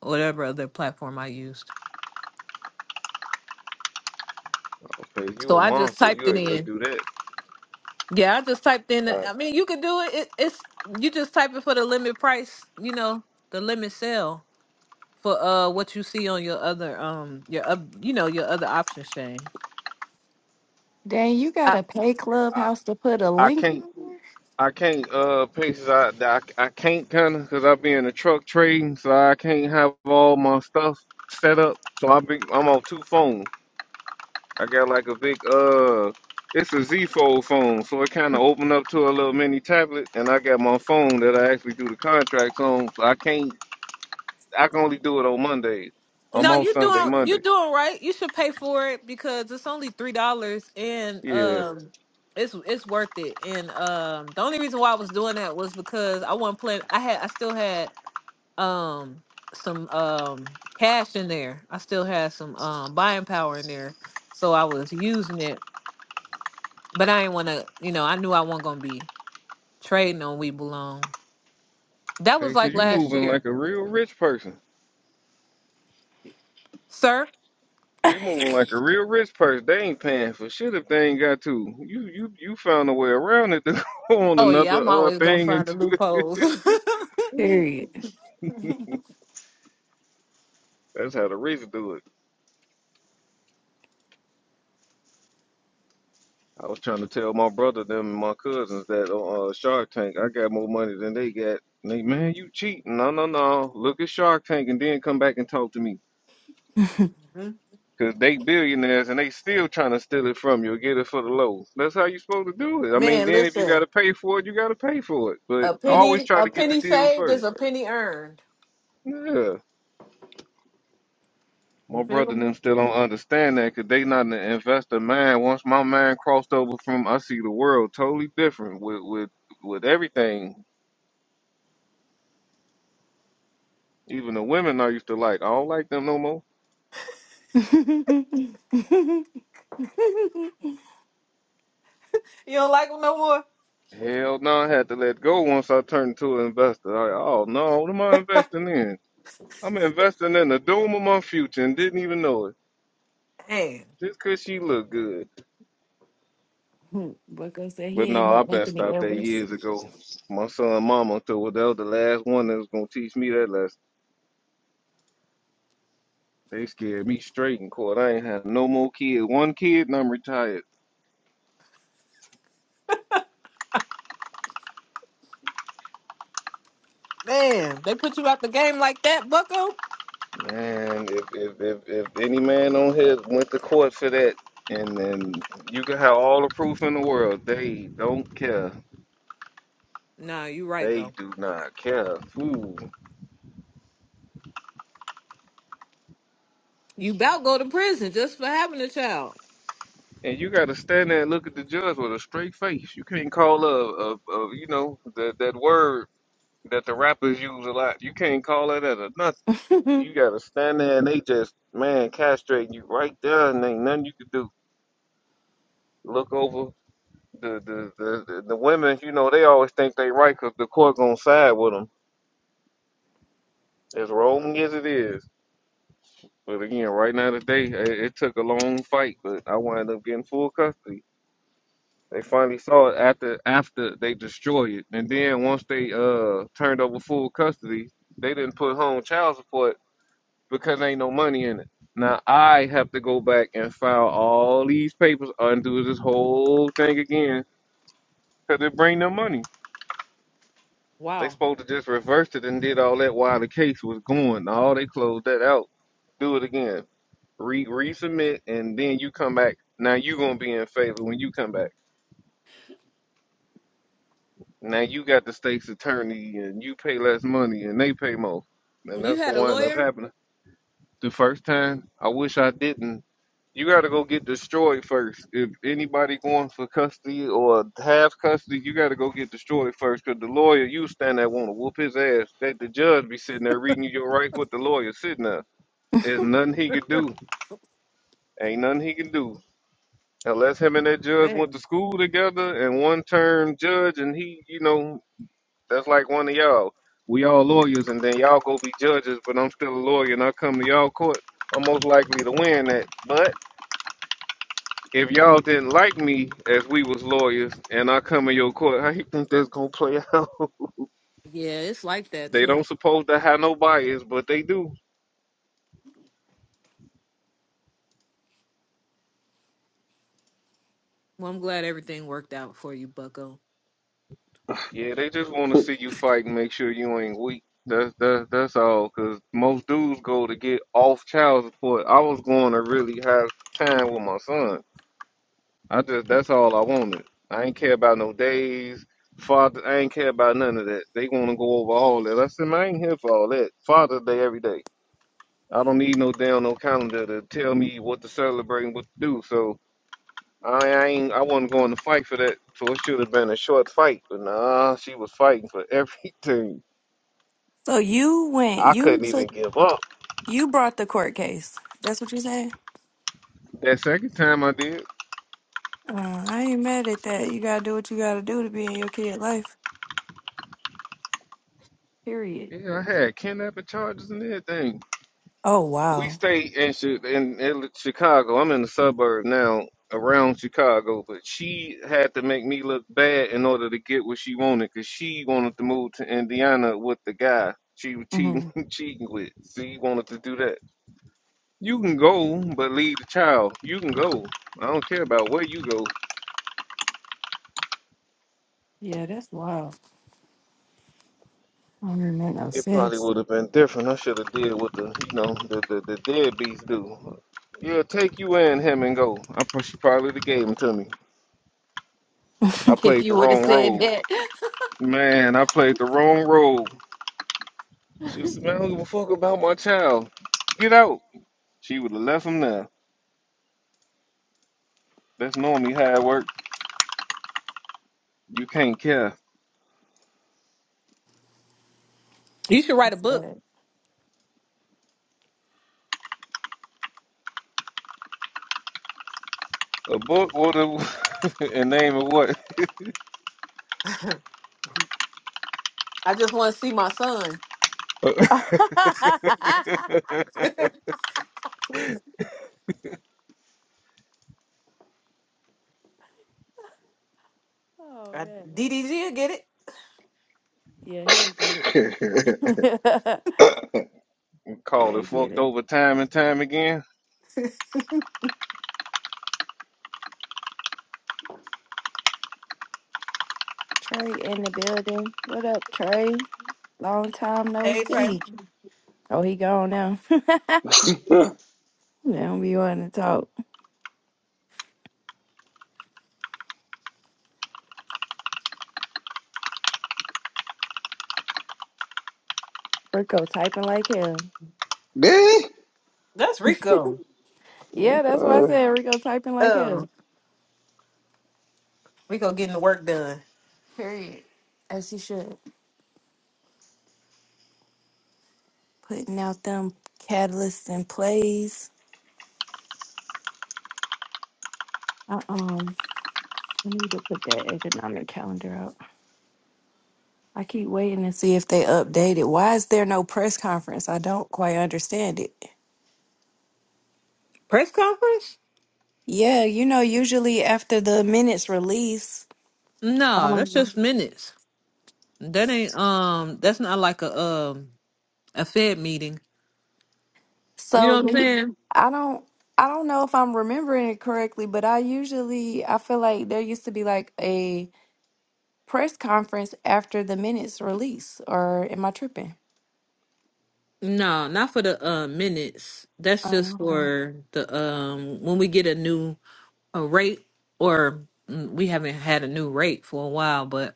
[SPEAKER 2] whatever other platform I used.
[SPEAKER 5] Okay,
[SPEAKER 2] So
[SPEAKER 5] you a
[SPEAKER 2] I just
[SPEAKER 5] monster.
[SPEAKER 2] typed
[SPEAKER 5] You
[SPEAKER 2] it
[SPEAKER 5] able to
[SPEAKER 2] in.
[SPEAKER 5] do that?
[SPEAKER 2] Yeah, I just typed in.
[SPEAKER 5] I
[SPEAKER 2] the- I mean, you could do it. it it's you just type it for the limit price. You know, the limit sale for uh what you see on your other um your up you know your other option chain.
[SPEAKER 3] Dang, you
[SPEAKER 2] I,
[SPEAKER 3] gotta pay
[SPEAKER 5] I,
[SPEAKER 3] Clubhouse to put a
[SPEAKER 5] I
[SPEAKER 3] link
[SPEAKER 5] can't.
[SPEAKER 3] on
[SPEAKER 5] I can't uh pieces I I, I can't kind of because I be in the truck trading, so I can't have all my stuff set up. So I be I'm on two phones. I got like a big uh, it's a Z fold phone, so it kind of open up to a little mini tablet, and I got my phone that I actually do the contracts on. So I can't I can only do it on Mondays. I'm
[SPEAKER 2] no,
[SPEAKER 5] on
[SPEAKER 2] you
[SPEAKER 5] Sunday,
[SPEAKER 2] doing you
[SPEAKER 5] Monday.
[SPEAKER 2] doing right. You should pay for it because it's only three dollars and
[SPEAKER 5] Yeah,
[SPEAKER 2] um it's it's worth it. And um the only reason why I was doing that was because I wasn't plan. I had I still had um some um cash in there. I still had some um buying power in there, so I was using it. But I didn't want to, you know, I knew I wasn't gonna be trading on We Belong. That was
[SPEAKER 5] patience,
[SPEAKER 2] like
[SPEAKER 5] you
[SPEAKER 2] last
[SPEAKER 5] moving
[SPEAKER 2] year,
[SPEAKER 5] like a real rich person.
[SPEAKER 2] sir.
[SPEAKER 5] You moving like a real rich person. They ain't paying for shit if they ain't got to. You you you found a way around it to go on
[SPEAKER 2] Oh yeah,
[SPEAKER 5] another
[SPEAKER 2] I'm
[SPEAKER 5] uh
[SPEAKER 2] always gonna
[SPEAKER 5] thing and
[SPEAKER 2] find the
[SPEAKER 5] do
[SPEAKER 2] loopholes.
[SPEAKER 3] there?
[SPEAKER 5] it.
[SPEAKER 3] Period.
[SPEAKER 5] That's how the rich do it. I was trying to tell my brother them and my cousins that on uh, Shark Tank I got more money than they got. And They man, you cheating. No no no. Look at Shark Tank and then come back and talk to me.
[SPEAKER 2] Mhm.
[SPEAKER 5] Cause they billionaires and they still trying to steal it from you or get it for the low. That's how you supposed to do it. I mean,
[SPEAKER 2] Man,
[SPEAKER 5] then if you gotta
[SPEAKER 2] listen,
[SPEAKER 5] pay for it, you gotta pay for it. But
[SPEAKER 2] a
[SPEAKER 5] always
[SPEAKER 2] penny,
[SPEAKER 5] try
[SPEAKER 2] a
[SPEAKER 5] to get the
[SPEAKER 2] penny
[SPEAKER 5] deal
[SPEAKER 2] saved
[SPEAKER 5] first.
[SPEAKER 2] is a penny earned.
[SPEAKER 5] Yeah, my
[SPEAKER 2] You
[SPEAKER 5] brother
[SPEAKER 2] feel
[SPEAKER 5] and
[SPEAKER 2] me?
[SPEAKER 5] them still don't understand that 'cause they not an investor mind. Once my mind crossed over from, I see the world totally different with with with everything. Even the women I used to like, I don't like them no more.
[SPEAKER 2] You don't like them no more.
[SPEAKER 5] Hell no, I had to let go once I turned into an investor. I, oh no, what am I investing in? I'm investing in the doom of my future and didn't even know it
[SPEAKER 2] Man,
[SPEAKER 5] just 'cause she looked good.
[SPEAKER 3] Bucko said he
[SPEAKER 5] But
[SPEAKER 3] ain't
[SPEAKER 5] no, I
[SPEAKER 3] no
[SPEAKER 5] been
[SPEAKER 3] Anthony
[SPEAKER 5] stopped that years ago.
[SPEAKER 3] Edwards.
[SPEAKER 5] My son, mama, so that was the last one that was gonna teach me that lesson. They scared me straight in court. I ain't had no more kids. One kid, and I'm retired.
[SPEAKER 2] man, they put you out the game like that, Bucko.
[SPEAKER 5] Man, if if if, if any man on here went to court for that, and then you can have all the proof in the world, they don't care.
[SPEAKER 2] Nah, you
[SPEAKER 5] They
[SPEAKER 2] right
[SPEAKER 5] do not care. Ooh.
[SPEAKER 2] You about go to prison just for having a child.
[SPEAKER 5] And you got to stand there and look at the judge with a straight face. You can't call a, a, a you know, that that word that the rappers use a lot. You can't call that out of nothing. You got to stand there and they just, man, castrating you right there, and ain't nothing you can do. Look over the the the, the, the women. You know they always think they right because the court gonna side with them. As wrong as it is. But again, right now today, it, it took a long fight, but I wound up getting full custody. They finally saw it after after they destroyed it, and then once they uh turned over full custody, they didn't put home child support because ain't no money in it. Now I have to go back and file all these papers, undo this whole thing again, 'cause it bring them money. They
[SPEAKER 2] Wow.
[SPEAKER 5] supposed to just reverse it and did all that while the case was going. All they closed that out. Do it again. Re resubmit and then you come back. Now you gonna be in favor when you come back. Now you got the state's attorney and you pay less money and they pay more. And
[SPEAKER 2] You
[SPEAKER 5] that's what
[SPEAKER 2] had a
[SPEAKER 5] wind up
[SPEAKER 2] lawyer?
[SPEAKER 5] happening. the first time. I wish I didn't. You got to go get destroyed first. If anybody going for custody or have custody, you got to go get destroyed first. Cause the lawyer you stand there want to whoop his ass. That the judge be sitting there reading you your rights. What the lawyer sitting there? There's nothing he could do. Ain't nothing he can do unless him and that judge went to
[SPEAKER 2] Man.
[SPEAKER 5] school together and one term judge and he, you know, that's like one of y'all. We all lawyers, and then y'all go be judges, but I'm still a lawyer, and I come to y'all court. I'm most likely to win that. But if y'all didn't like me as we was lawyers, and I come in your court, how you think that's gonna play out?
[SPEAKER 2] Yeah, it's like that
[SPEAKER 5] they
[SPEAKER 2] too.
[SPEAKER 5] don't supposed to have no bias, but they do.
[SPEAKER 2] Well, I'm glad everything worked out for you, Bucko.
[SPEAKER 5] Yeah, they just want to see you fight and make sure you ain't weak. That's that's that's all. Cause most dudes go to get off child support. I was going to really have time with my son I just that's all I wanted. I ain't care about no days, Father. I ain't care about none of that. They want to go over all that. I said, man, I ain't here for all that. Father's Day every day. I don't need no damn no calendar to tell me what to celebrate and what to do. So I, I ain't. I wasn't going to fight for that. So it should have been a short fight, but nah, she was fighting for everything.
[SPEAKER 3] so you went,
[SPEAKER 5] I
[SPEAKER 3] you
[SPEAKER 5] couldn't
[SPEAKER 3] took,
[SPEAKER 5] even give up.
[SPEAKER 3] you brought the court case. That's what you saying?
[SPEAKER 5] That second time I did,
[SPEAKER 3] Uh, I ain't mad at that. You gotta do what you gotta do to be in your kid life. Period.
[SPEAKER 5] yeah, I had kidnapping charges and everything.
[SPEAKER 3] Oh
[SPEAKER 5] we
[SPEAKER 3] wow.
[SPEAKER 5] stay in Chi- in in Chicago. I'm in the suburb now, around Chicago. But she had to make me look bad in order to get what she wanted, cause she wanted to move to Indiana with the guy she was cheating
[SPEAKER 3] hmm
[SPEAKER 5] cheating with. She wanted to do that. You can go, but leave the child. You can go. I don't care about where you go.
[SPEAKER 3] Yeah, that's wild. I don't even make no
[SPEAKER 5] It probably
[SPEAKER 3] sense.
[SPEAKER 5] would have been different. I should have did what the you know the the, the deadbeats do. Yeah, take you and him and go. I pro- she probably would have gave him to me. I
[SPEAKER 3] if
[SPEAKER 5] played the
[SPEAKER 3] you would have
[SPEAKER 5] wrong
[SPEAKER 3] said
[SPEAKER 5] role.
[SPEAKER 3] that.
[SPEAKER 5] Man, I played the wrong role. She was, man, I don't give a fuck about my child. Get out. She would have left him there. That's normally how it works. You can't care.
[SPEAKER 2] You should write a book.
[SPEAKER 3] Sad.
[SPEAKER 5] A book or the and name of what?
[SPEAKER 2] I just want to see my son.
[SPEAKER 3] oh
[SPEAKER 2] I-
[SPEAKER 3] man.
[SPEAKER 2] DDG, will get it?
[SPEAKER 3] Yeah, he'll get it.
[SPEAKER 5] Call it
[SPEAKER 3] he'll get
[SPEAKER 5] fucked
[SPEAKER 3] it.
[SPEAKER 5] over time and time again.
[SPEAKER 3] Trey in the building. What up, Trey? Long time no
[SPEAKER 2] Hey, Trey.
[SPEAKER 3] see. Oh, he gone now. now we want to talk. Rico typing like hell.
[SPEAKER 1] Dang.
[SPEAKER 2] That's Rico.
[SPEAKER 3] Yeah, that's why I
[SPEAKER 1] Okay.
[SPEAKER 3] said Rico typing like hell.
[SPEAKER 2] Um, Rico getting the work done.
[SPEAKER 3] Period. As he should. Putting out them catalysts and plays. I um I need to put that economic calendar up. I keep waiting to see if they update it. Why is there no press conference? I don't quite understand it.
[SPEAKER 2] Press conference?
[SPEAKER 3] Yeah, you know, usually after the minutes release.
[SPEAKER 2] No, that's just minutes. That ain't um. That's not like a um a Fed meeting. You
[SPEAKER 3] So
[SPEAKER 2] know what I'm
[SPEAKER 3] you,
[SPEAKER 2] saying?
[SPEAKER 3] I don't, I don't know if I'm remembering it correctly, but I usually, I feel like there used to be like a press conference after the minutes release, or am I tripping?
[SPEAKER 2] No, not for the uh, minutes. That's just
[SPEAKER 3] Oh, okay.
[SPEAKER 2] for the um when we get a new a rate or mm, we haven't had a new rate for a while, but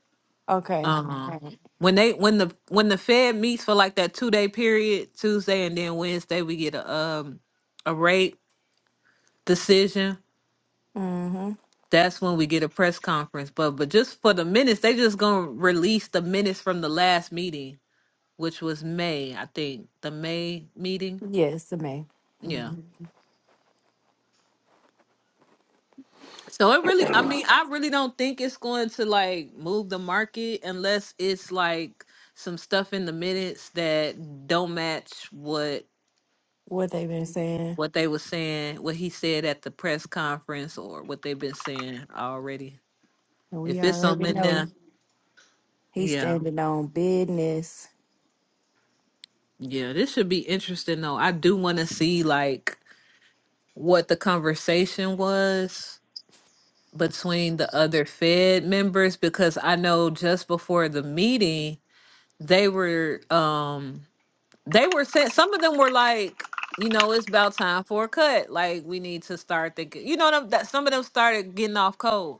[SPEAKER 3] Okay.
[SPEAKER 2] uh
[SPEAKER 3] Right.
[SPEAKER 2] when they when the when the Fed meets for like that two day period, Tuesday and then Wednesday we get a um a rate decision.
[SPEAKER 3] Mm-hmm.
[SPEAKER 2] That's when we get a press conference. But but just for the minutes, they just gonna release the minutes from the last meeting, which was May, I think. The May meeting.
[SPEAKER 3] Yes, it may.
[SPEAKER 2] Yeah.
[SPEAKER 3] hmm
[SPEAKER 2] So it really, I mean, I really don't think it's going to like move the market unless it's like some stuff in the minutes that don't match what
[SPEAKER 3] What they been saying,
[SPEAKER 2] what they were saying, what he said at the press conference, or what they've been saying already.
[SPEAKER 3] and we
[SPEAKER 2] If it's
[SPEAKER 3] already
[SPEAKER 2] something in
[SPEAKER 3] know
[SPEAKER 2] there,
[SPEAKER 3] he's
[SPEAKER 2] yeah,
[SPEAKER 3] standing on business,
[SPEAKER 2] yeah, this should be interesting though. I do want to see like what the conversation was between the other Fed members because I know just before the meeting they were um they were sent some of them were like you know it's about time for a cut like we need to start thinking you know them, that some of them started getting off code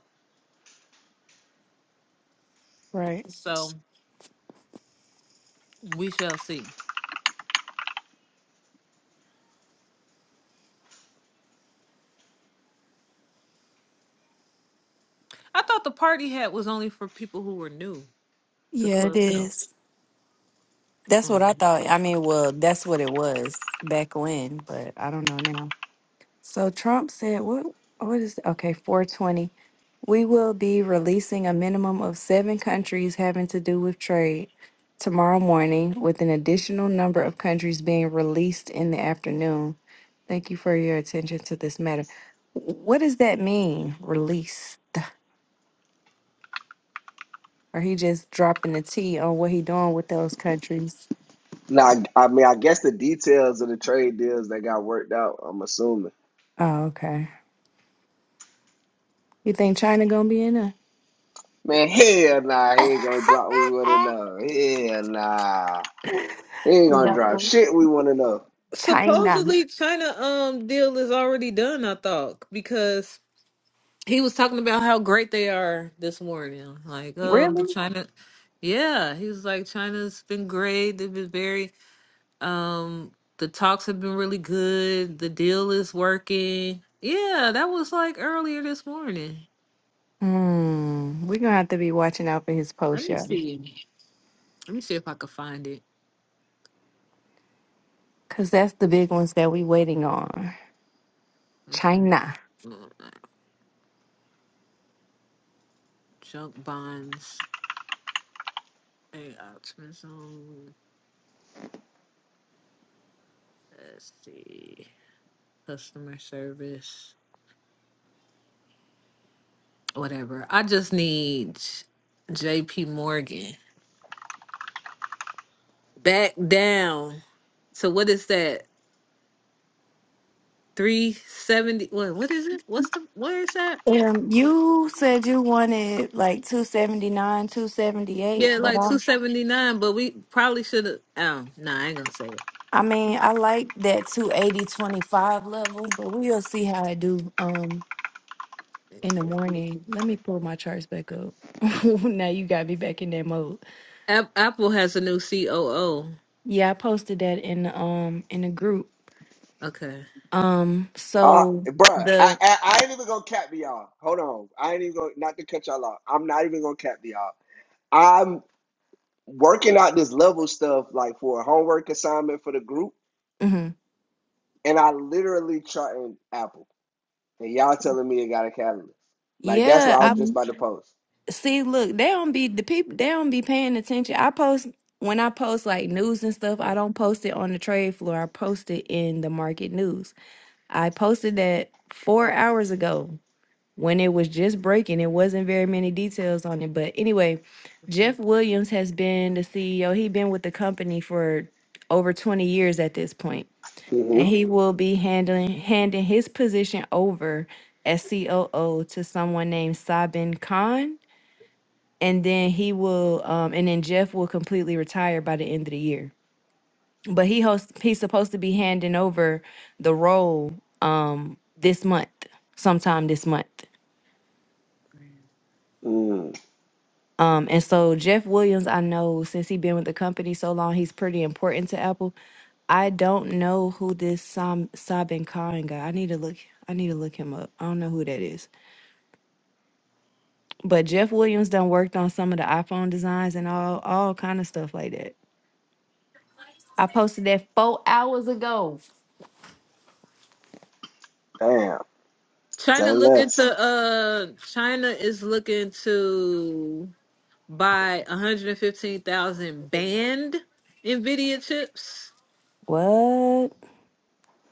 [SPEAKER 3] right?
[SPEAKER 2] so we shall see i thought the party hat was only for people who were new to
[SPEAKER 3] Yeah, it
[SPEAKER 2] club
[SPEAKER 3] is. That's what I
[SPEAKER 2] Um,
[SPEAKER 3] thought. I mean, well, that's what it was back when, but I don't know now. So Trump said, what, what is, okay, 420. We will be releasing a minimum of seven countries having to do with trade tomorrow morning, with an additional number of countries being released in the afternoon. Thank you for your attention to this matter. W- What does that mean, release? Or he just dropping the T on what he doing with those countries?
[SPEAKER 1] Now, I mean, I guess the details of the trade deals that got worked out. I'm assuming.
[SPEAKER 3] Oh, okay. You think China gonna be in there?
[SPEAKER 1] Man, hell nah, he ain't gonna drop. what We wanna know. Hell nah, he ain't gonna drop
[SPEAKER 3] No.
[SPEAKER 1] shit. We wanna know.
[SPEAKER 3] China.
[SPEAKER 2] supposedly china um deal is already done i thought because he was talking about how great they are this morning like oh the
[SPEAKER 3] Really?
[SPEAKER 2] china yeah he was like china's been great they've been very Um, the talks have been really good. The deal is working. Yeah, that was like earlier this morning.
[SPEAKER 3] Hmm. We're gonna have to be watching out for his
[SPEAKER 2] Let
[SPEAKER 3] post
[SPEAKER 2] me
[SPEAKER 3] all
[SPEAKER 2] see. Let me see if I could find it.
[SPEAKER 3] Cause that's the big ones that we waiting on.
[SPEAKER 2] Let's see.
[SPEAKER 3] China.
[SPEAKER 2] Mm, Junk bonds. and optimism. Let's see. Customer service. Whatever. I just need JP Morgan back down. So what is that? 370 what what is it? What's the where is that?
[SPEAKER 3] Um, you said you wanted like 279, 278,
[SPEAKER 2] Yeah,
[SPEAKER 3] but
[SPEAKER 2] like
[SPEAKER 3] I
[SPEAKER 2] 279, but we probably should have. Oh, no, I ain't gonna say
[SPEAKER 3] I mean, I like that two eighty twenty five level, but we'll see how I do um
[SPEAKER 2] it.
[SPEAKER 3] in the morning. Let me pull my charts back up. now you got me back in that mode.
[SPEAKER 2] App- Apple has a new COO.
[SPEAKER 3] Yeah, I posted that in the um in the group.
[SPEAKER 2] Okay.
[SPEAKER 3] Um
[SPEAKER 1] Uh,
[SPEAKER 3] so
[SPEAKER 1] bruh, I,
[SPEAKER 3] the
[SPEAKER 1] I I ain't even gonna cap to y'all. Hold on, I ain't even gonna not to cut y'all off. I'm not even gonna cap to y'all. I'm working out this level stuff like for a homework assignment for the group,
[SPEAKER 3] mhm.
[SPEAKER 1] and I literally charting Apple. and y'all telling me it got a catalyst. Like that's what I
[SPEAKER 3] Yeah,
[SPEAKER 1] was just
[SPEAKER 2] Mhm.
[SPEAKER 1] about to post.
[SPEAKER 3] See, look, they don't be the people. They don't be paying attention. I post when I post like news and stuff. I don't post it on the trade floor. I post it in the market news. I posted that four hours ago when it was just breaking. It wasn't very many details on it, but anyway, Jeff Williams has been the CEO. He's been with the company for over twenty years at this point, and
[SPEAKER 1] Mm-hmm.
[SPEAKER 3] he will be handling handing his position over as COO to someone named Sabin Khan and then he will um and then Jeff will completely retire by the end of the year. But he hosts he's supposed to be handing over the role um this month, sometime this month.
[SPEAKER 1] Mm.
[SPEAKER 3] Um and so Jeff Williams, I know since he's been with the company so long, he's pretty important to Apple. I don't know who this Sam Sabin Khan guy. I need to look I need to look him up. I don't know who that is. But Jeff Williams done worked on some of the iPhone designs and all all kind of stuff like that. I posted that four hours ago.
[SPEAKER 1] Damn. Say
[SPEAKER 2] China look
[SPEAKER 1] less.
[SPEAKER 2] into uh China is looking to buy 115,000 banned Nvidia chips
[SPEAKER 3] What?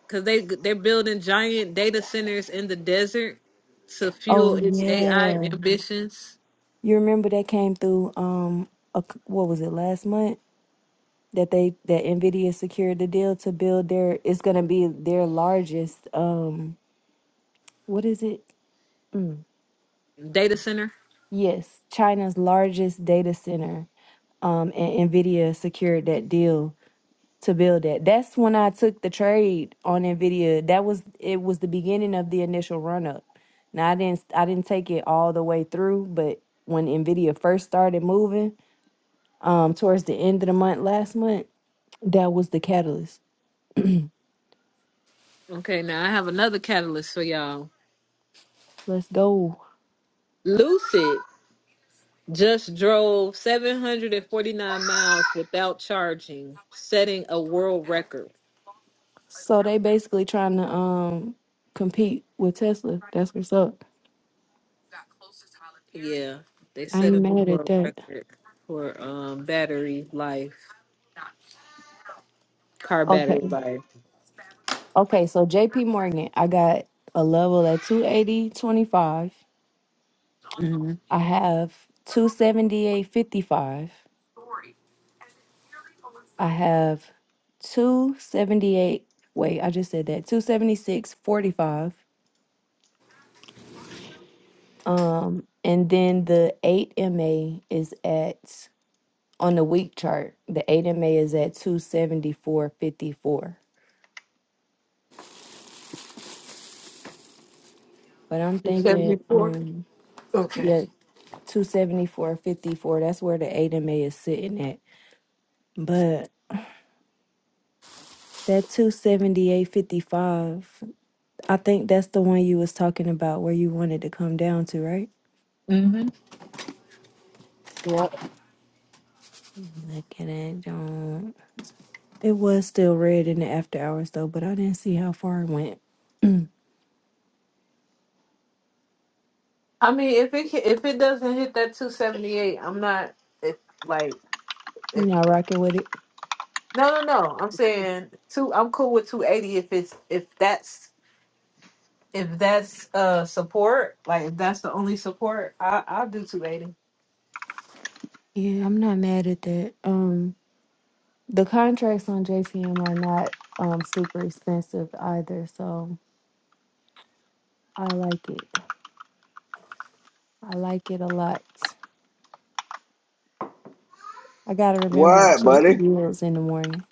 [SPEAKER 2] cuz they they're building giant data centers in the desert to fuel
[SPEAKER 3] Oh
[SPEAKER 2] its AI
[SPEAKER 3] yeah.
[SPEAKER 2] ambitions.
[SPEAKER 3] You remember that came through um a c what was it last month that they that Nvidia secured the deal to build their it's going to be their largest um what is it? Mm.
[SPEAKER 2] Data center
[SPEAKER 3] Yes, China's largest data center. Um and Nvidia secured that deal to build that. That's when I took the trade on Nvidia. That was it was the beginning of the initial run up. Now I didn't I didn't take it all the way through, but when Nvidia first started moving, um, towards the end of the month last month, that was the catalyst.
[SPEAKER 2] Okay, now I have another catalyst for y'all.
[SPEAKER 3] Let's go.
[SPEAKER 2] Lucid just drove 749 miles without charging, setting a world record.
[SPEAKER 3] So they basically trying to um compete with Tesla. That's what's up.
[SPEAKER 2] Yeah, they
[SPEAKER 3] I
[SPEAKER 2] set a
[SPEAKER 3] ain't
[SPEAKER 2] new
[SPEAKER 3] mad at
[SPEAKER 2] world
[SPEAKER 3] that.
[SPEAKER 2] record for um battery life, car
[SPEAKER 3] Okay.
[SPEAKER 2] battery life.
[SPEAKER 3] Okay, so JP Morgan, I got a level at 280.25.
[SPEAKER 2] hmm
[SPEAKER 3] I have 278.55. I have 278. Wait, I just said that. 276.45. Um, and then the 8MA is at, on the week chart, the 8MA is at 274.54. But I'm
[SPEAKER 2] You said
[SPEAKER 3] thinking,
[SPEAKER 2] before.
[SPEAKER 3] um,
[SPEAKER 2] Okay.
[SPEAKER 3] yeah, 274.54. That's where the 8MA is sitting at. But that 278.55. I think that's the one you was talking about where you wanted to come down to, right?
[SPEAKER 2] hmm Yeah.
[SPEAKER 3] Let me Look at it. Don't. It was still red in the after hours though, but I didn't see how far it went.
[SPEAKER 2] I mean, if it ca- if it doesn't hit that 278, I'm not. It's like.
[SPEAKER 3] You're
[SPEAKER 2] if
[SPEAKER 3] not rocking with it.
[SPEAKER 2] No, no, no. I'm saying two. I'm cool with 280 if it's if that's if that's uh support. Like if that's the only support, I I'll do 280.
[SPEAKER 3] Yeah, I'm not mad at that. Um, the contracts on JPM are not um super expensive either, so I like it. I like it a lot. I gotta remember to
[SPEAKER 1] What,
[SPEAKER 3] check the
[SPEAKER 1] buddy?
[SPEAKER 3] yields in the morning.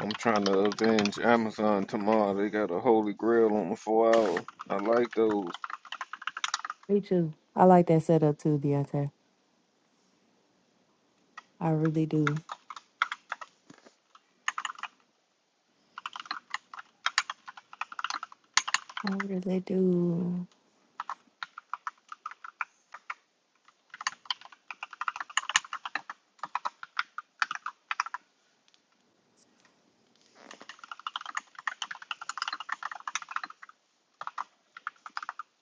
[SPEAKER 5] I'm trying to avenge Amazon tomorrow. They got a holy grail on the four hour. I like those.
[SPEAKER 3] Me too. I like that setup too, Deontay. I really do. I really do.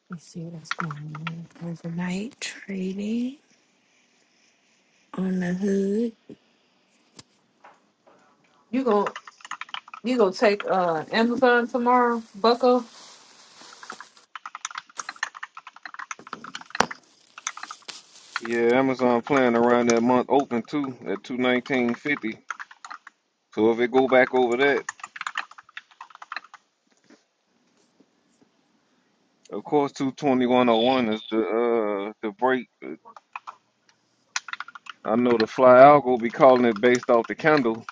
[SPEAKER 3] Let's see what's going on. Overnight trading on the hood.
[SPEAKER 2] You gonna you gonna take uh Amazon tomorrow, Bucko?
[SPEAKER 5] Yeah, Amazon playing around that month open too at two nineteen fifty. So if it go back over that. Of course, two twenty one oh one is the uh the break. I know the fly algo be calling it based off the candle.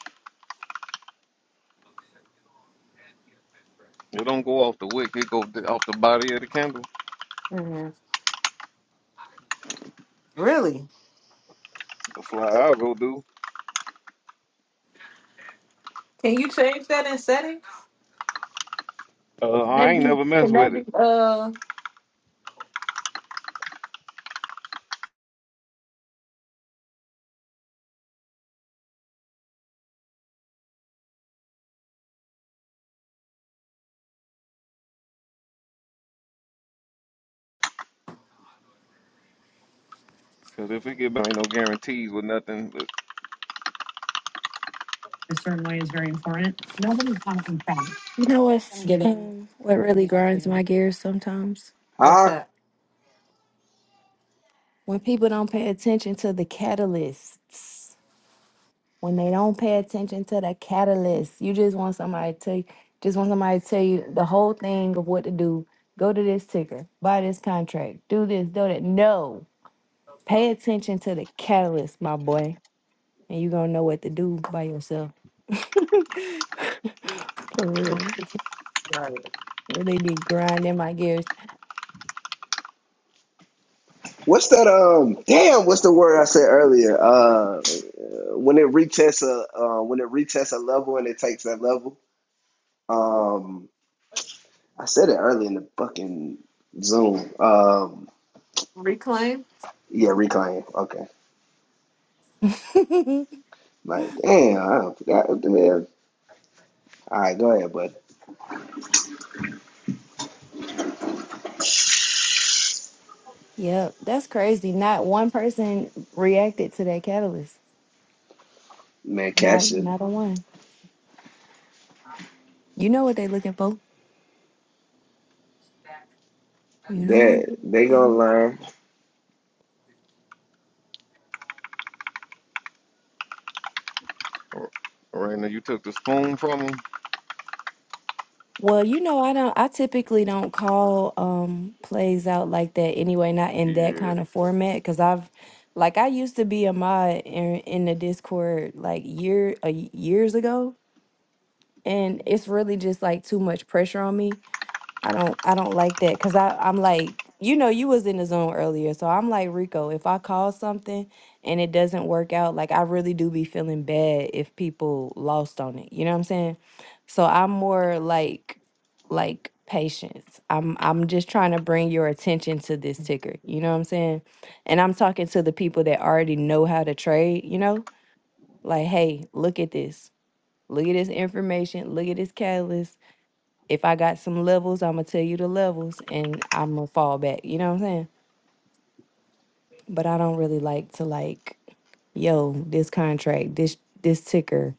[SPEAKER 5] It don't go off the wick. It go d- off the body of the candle.
[SPEAKER 2] hmm Really?
[SPEAKER 5] The fly owl go do.
[SPEAKER 2] Can you change that in settings?
[SPEAKER 5] Uh,
[SPEAKER 2] Can
[SPEAKER 5] I
[SPEAKER 2] that
[SPEAKER 5] ain't
[SPEAKER 2] be?
[SPEAKER 5] never mess
[SPEAKER 2] Can that
[SPEAKER 5] with
[SPEAKER 2] be?
[SPEAKER 5] it
[SPEAKER 2] Uh,
[SPEAKER 5] because if it get, ain't no guarantees with nothing. But
[SPEAKER 3] A certain way is very important. Nobody comes from town. You know what's, getting? um, what really grinds my gears sometimes?
[SPEAKER 2] what's
[SPEAKER 1] Huh?
[SPEAKER 2] that?
[SPEAKER 3] When people don't pay attention to the catalysts. When they don't pay attention to the catalyst. You just want somebody to tell you, just want somebody to tell you the whole thing of what to do. Go to this ticker, buy this contract, do this, do that. No. Pay attention to the catalyst, my boy. and you gonna know what to do by yourself. For real.
[SPEAKER 2] Right.
[SPEAKER 3] Really be grinding my gears.
[SPEAKER 1] What's that? Um. Damn. What's the word I said earlier? Uh, when it retests a uh, when it retests a level and it takes that level. Um, I said it earlier in the fucking Zoom. Um,
[SPEAKER 2] Reclaim.
[SPEAKER 1] yeah, reclaim. Okay. Like, damn. I forgot. Man. All right, go ahead, bud.
[SPEAKER 3] yep, that's crazy. Not one person reacted to that catalyst.
[SPEAKER 1] Man,
[SPEAKER 3] Not
[SPEAKER 1] Cash is
[SPEAKER 3] not a one. You know what they looking for. You know what
[SPEAKER 1] that
[SPEAKER 3] they
[SPEAKER 1] they
[SPEAKER 3] looking
[SPEAKER 1] gonna
[SPEAKER 3] for.
[SPEAKER 1] learn.
[SPEAKER 5] R- Raina, you took the spoon from him.
[SPEAKER 3] well, you know, I don't I typically don't call um plays out like that anyway, not in that
[SPEAKER 5] Yeah.
[SPEAKER 3] kind of format. Cause I've like I used to be a mod in in the Discord like year uh, years ago and it's really just like too much pressure on me. I don't I don't like that because I I'm like you know you was in the zone earlier, so I'm like Rico. If I call something and it doesn't work out, like I really do be feeling bad if people lost on it. You know what I'm saying? So I'm more like like patience. I'm I'm just trying to bring your attention to this ticker. You know what I'm saying? And I'm talking to the people that already know how to trade. You know, like hey, look at this. Look at this information. Look at this catalyst. If I got some levels, I'm gonna tell you the levels, and I'm gonna fall back. You know what I'm saying? But I don't really like to like, yo, this contract, this this ticker,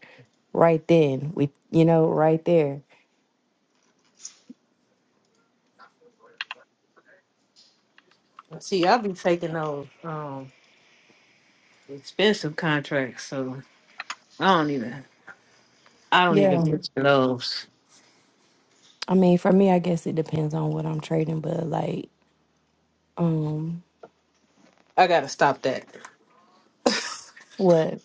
[SPEAKER 3] right then. We, you know, right there.
[SPEAKER 2] See, I'll be taking those um expensive contracts, so I don't even I don't even
[SPEAKER 3] Yeah.
[SPEAKER 2] picture those.
[SPEAKER 3] I mean, for me, I guess it depends on what I'm trading, but like, um,
[SPEAKER 2] I gotta stop that.
[SPEAKER 3] what?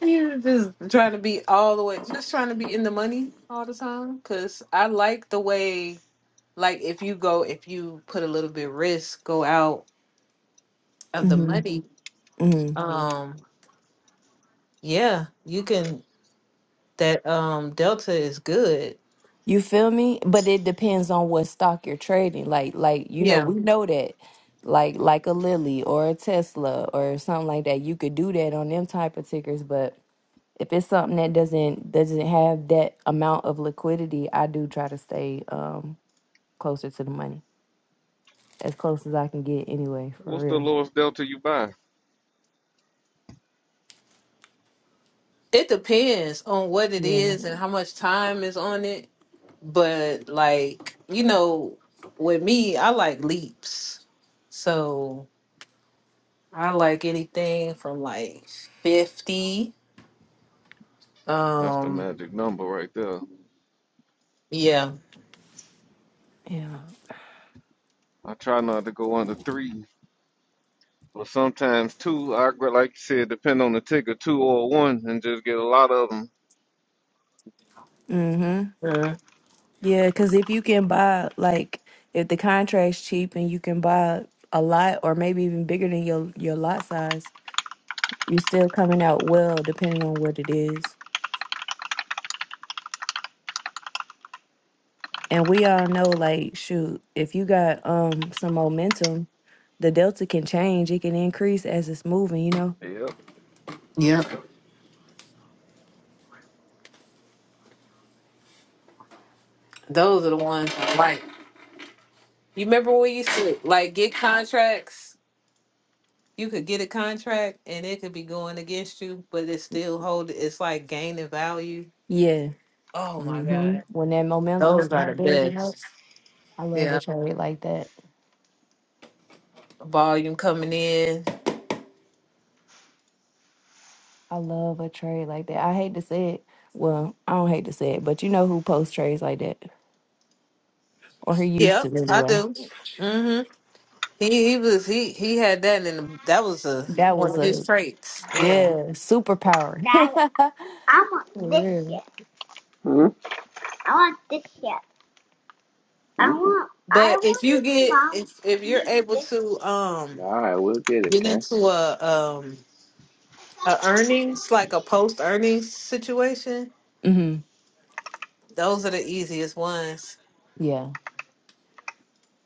[SPEAKER 2] You're just trying to be all the way, just trying to be in the money all the time. Cause I like the way, like if you go, if you put a little bit risk, go out of the
[SPEAKER 3] Mm-hmm.
[SPEAKER 2] money.
[SPEAKER 3] mm-hmm.
[SPEAKER 2] Um, yeah, you can. That um delta is good.
[SPEAKER 3] You feel me? But it depends on what stock you're trading. Like, like you know,
[SPEAKER 2] Yeah,
[SPEAKER 3] we know that, like, like a Lilly or a Tesla or something like that. You could do that on them type of tickers. But if it's something that doesn't doesn't have that amount of liquidity, I do try to stay um closer to the money, as close as I can get anyway. For
[SPEAKER 5] What's the
[SPEAKER 3] real.
[SPEAKER 5] lowest delta you buy?
[SPEAKER 2] it depends on what it
[SPEAKER 3] Yeah.
[SPEAKER 2] is and how much time is on it. But like you know, with me, I like leaps. So I like anything from like fifty
[SPEAKER 5] That's the
[SPEAKER 2] Um,
[SPEAKER 5] magic number right there.
[SPEAKER 2] yeah.
[SPEAKER 3] Yeah.
[SPEAKER 5] I try not to go under three, but sometimes two. I gr- like you said, depend on the ticker, two or one, and just get a lot of them.
[SPEAKER 3] Mm-hmm.
[SPEAKER 2] Mhm.
[SPEAKER 3] Yeah, because if you can buy like if the contract's cheap and you can buy a lot or maybe even bigger than your your lot size you still coming out well depending on what it is and we all know like shoot if you got um some momentum the delta can change it can increase as it's moving you know
[SPEAKER 5] Yep.
[SPEAKER 2] Yeah. Those are the ones I like. You remember when we used to like get contracts? You could get a contract and it could be going against you, but it still hold it's like gaining value.
[SPEAKER 3] yeah
[SPEAKER 2] Oh my
[SPEAKER 3] hmm
[SPEAKER 2] God.
[SPEAKER 3] when that momentum
[SPEAKER 2] Those are the
[SPEAKER 3] start building
[SPEAKER 2] best.
[SPEAKER 3] up i love
[SPEAKER 2] Yeah.
[SPEAKER 3] a trade like that
[SPEAKER 2] Volume coming in.
[SPEAKER 3] i love a trade like that i hate to say it well i don't hate to say it but you know who posts trades like that or who used
[SPEAKER 2] Yep,
[SPEAKER 3] to
[SPEAKER 2] I
[SPEAKER 3] anyway
[SPEAKER 2] do. Mm-hmm. He he was he he had that in the, that was a
[SPEAKER 3] that
[SPEAKER 2] one
[SPEAKER 3] was
[SPEAKER 2] of his
[SPEAKER 3] a
[SPEAKER 2] traits. Yeah.
[SPEAKER 3] yeah superpower for real
[SPEAKER 1] Mm-hmm.
[SPEAKER 2] But if you get if if you're able to um
[SPEAKER 1] All right, we'll get it,
[SPEAKER 2] get
[SPEAKER 1] okay?
[SPEAKER 2] into a um a earnings like a post earnings situation
[SPEAKER 3] hmm
[SPEAKER 2] those are the easiest ones
[SPEAKER 3] yeah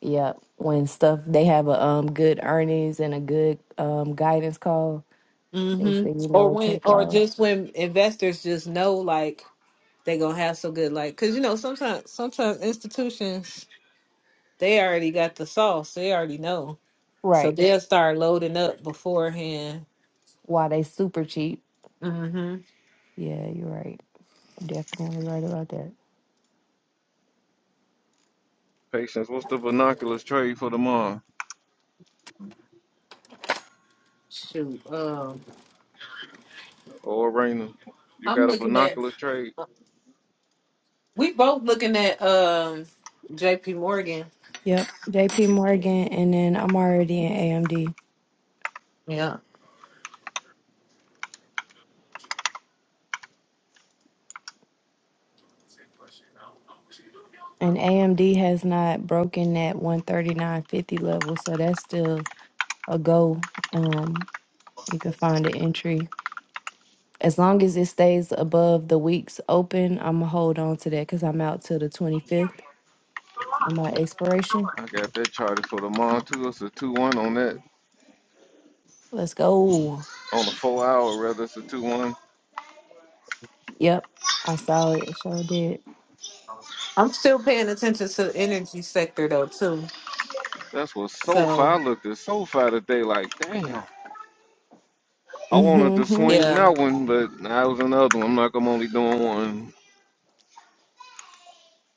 [SPEAKER 3] Yeah, when stuff they have a um good earnings and a good um guidance call,
[SPEAKER 2] mm
[SPEAKER 3] they
[SPEAKER 2] hmm
[SPEAKER 3] say you
[SPEAKER 2] or
[SPEAKER 3] know it
[SPEAKER 2] when
[SPEAKER 3] take
[SPEAKER 2] or
[SPEAKER 3] off.
[SPEAKER 2] just when investors just know like they gonna have so good like because you know sometimes sometimes institutions they already got the sauce they already know so
[SPEAKER 3] Right.
[SPEAKER 2] they'll start loading up beforehand
[SPEAKER 3] Why they super cheap.
[SPEAKER 2] mm hmm
[SPEAKER 3] Yeah, you're right. Definitely right about that.
[SPEAKER 5] Patience, what's the binoculars trade for tomorrow?
[SPEAKER 2] shoot um
[SPEAKER 5] Or Raina, you
[SPEAKER 2] i'm
[SPEAKER 5] got a
[SPEAKER 2] looking at
[SPEAKER 5] binoculars trade?
[SPEAKER 2] we both looking at um jp morgan
[SPEAKER 3] Yep. JP Morgan and then I'm already in AMD.
[SPEAKER 2] yeah
[SPEAKER 3] And AMD has not broken that 139.50 level, so that's still a go. Um you can find an entry. As long as it stays above the week's open, I'm gonna hold on to that because I'm out till the 25th. on my expiration.
[SPEAKER 5] I got that charted for tomorrow too. It's a two one on that
[SPEAKER 3] Let's go.
[SPEAKER 5] on the four hour rather. It's a two one.
[SPEAKER 3] Yep, I saw it. It sure did.
[SPEAKER 2] I'm still paying attention to the energy sector though too.
[SPEAKER 5] That's what SoFi I
[SPEAKER 2] So
[SPEAKER 5] looked at SoFi today. Like damn, I wanted to
[SPEAKER 3] Mm-hmm.
[SPEAKER 5] swing
[SPEAKER 2] yeah.
[SPEAKER 5] that one, but that was another one. I'm like I'm only doing one.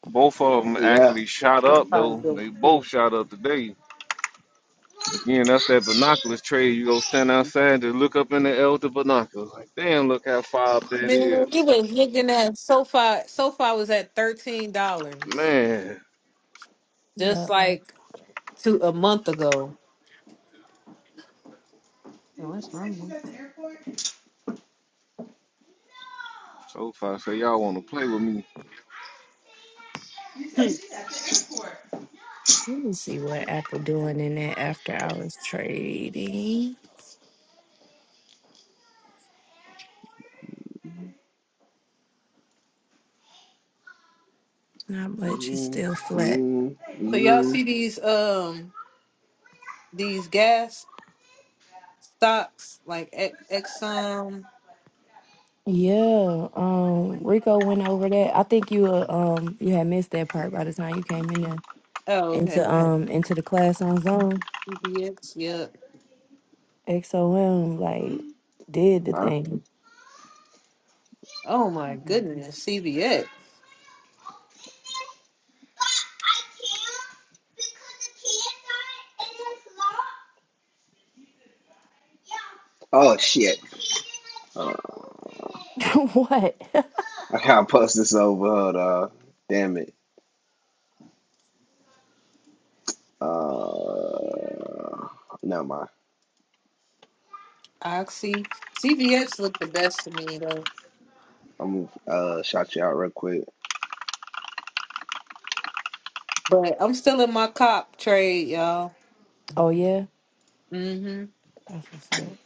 [SPEAKER 5] Both of them
[SPEAKER 1] Yeah.
[SPEAKER 5] actually
[SPEAKER 2] Yeah,
[SPEAKER 5] shot up
[SPEAKER 2] SoFi is
[SPEAKER 5] though.
[SPEAKER 2] doing
[SPEAKER 5] They
[SPEAKER 2] it, too.
[SPEAKER 5] both shot up today. Again, that's that binoculars trade. You go stand outside and just look up in the air with the binoculars. Like, damn, look how far up that
[SPEAKER 2] Man,
[SPEAKER 5] is.
[SPEAKER 2] you was looking at SoFi. SoFi was at thirteen dollars
[SPEAKER 5] Man,
[SPEAKER 2] just
[SPEAKER 3] Yep.
[SPEAKER 2] like two a month ago. Oh, that's normal.
[SPEAKER 5] So far, say y'all want to play with me.
[SPEAKER 3] Let me see what Apple doing in that after hours trading. Not much. It's
[SPEAKER 1] Mm,
[SPEAKER 3] still flat.
[SPEAKER 1] mm,
[SPEAKER 2] So y'all
[SPEAKER 1] mm.
[SPEAKER 2] see these um these gas stocks like E- Exxon.
[SPEAKER 3] Yeah. Um. Rico went over that. I think you uh, um you had missed that part by the time you came in there
[SPEAKER 2] Oh, okay.
[SPEAKER 3] into um into the class on zone.
[SPEAKER 2] CVX. Yep.
[SPEAKER 3] XOM like did the
[SPEAKER 1] Huh?
[SPEAKER 3] thing.
[SPEAKER 2] Oh my goodness, CVX,
[SPEAKER 1] Oh shit! Uh,
[SPEAKER 3] what?
[SPEAKER 1] I gotta post this over. Hold on. Damn it. Uh, never mind.
[SPEAKER 2] Oxy. CVX looked the best to me though.
[SPEAKER 1] I'm gonna uh shout you out real quick.
[SPEAKER 2] But I'm still in my cop trade, y'all.
[SPEAKER 3] Oh yeah.
[SPEAKER 2] Mm-hmm.
[SPEAKER 3] That's what's up.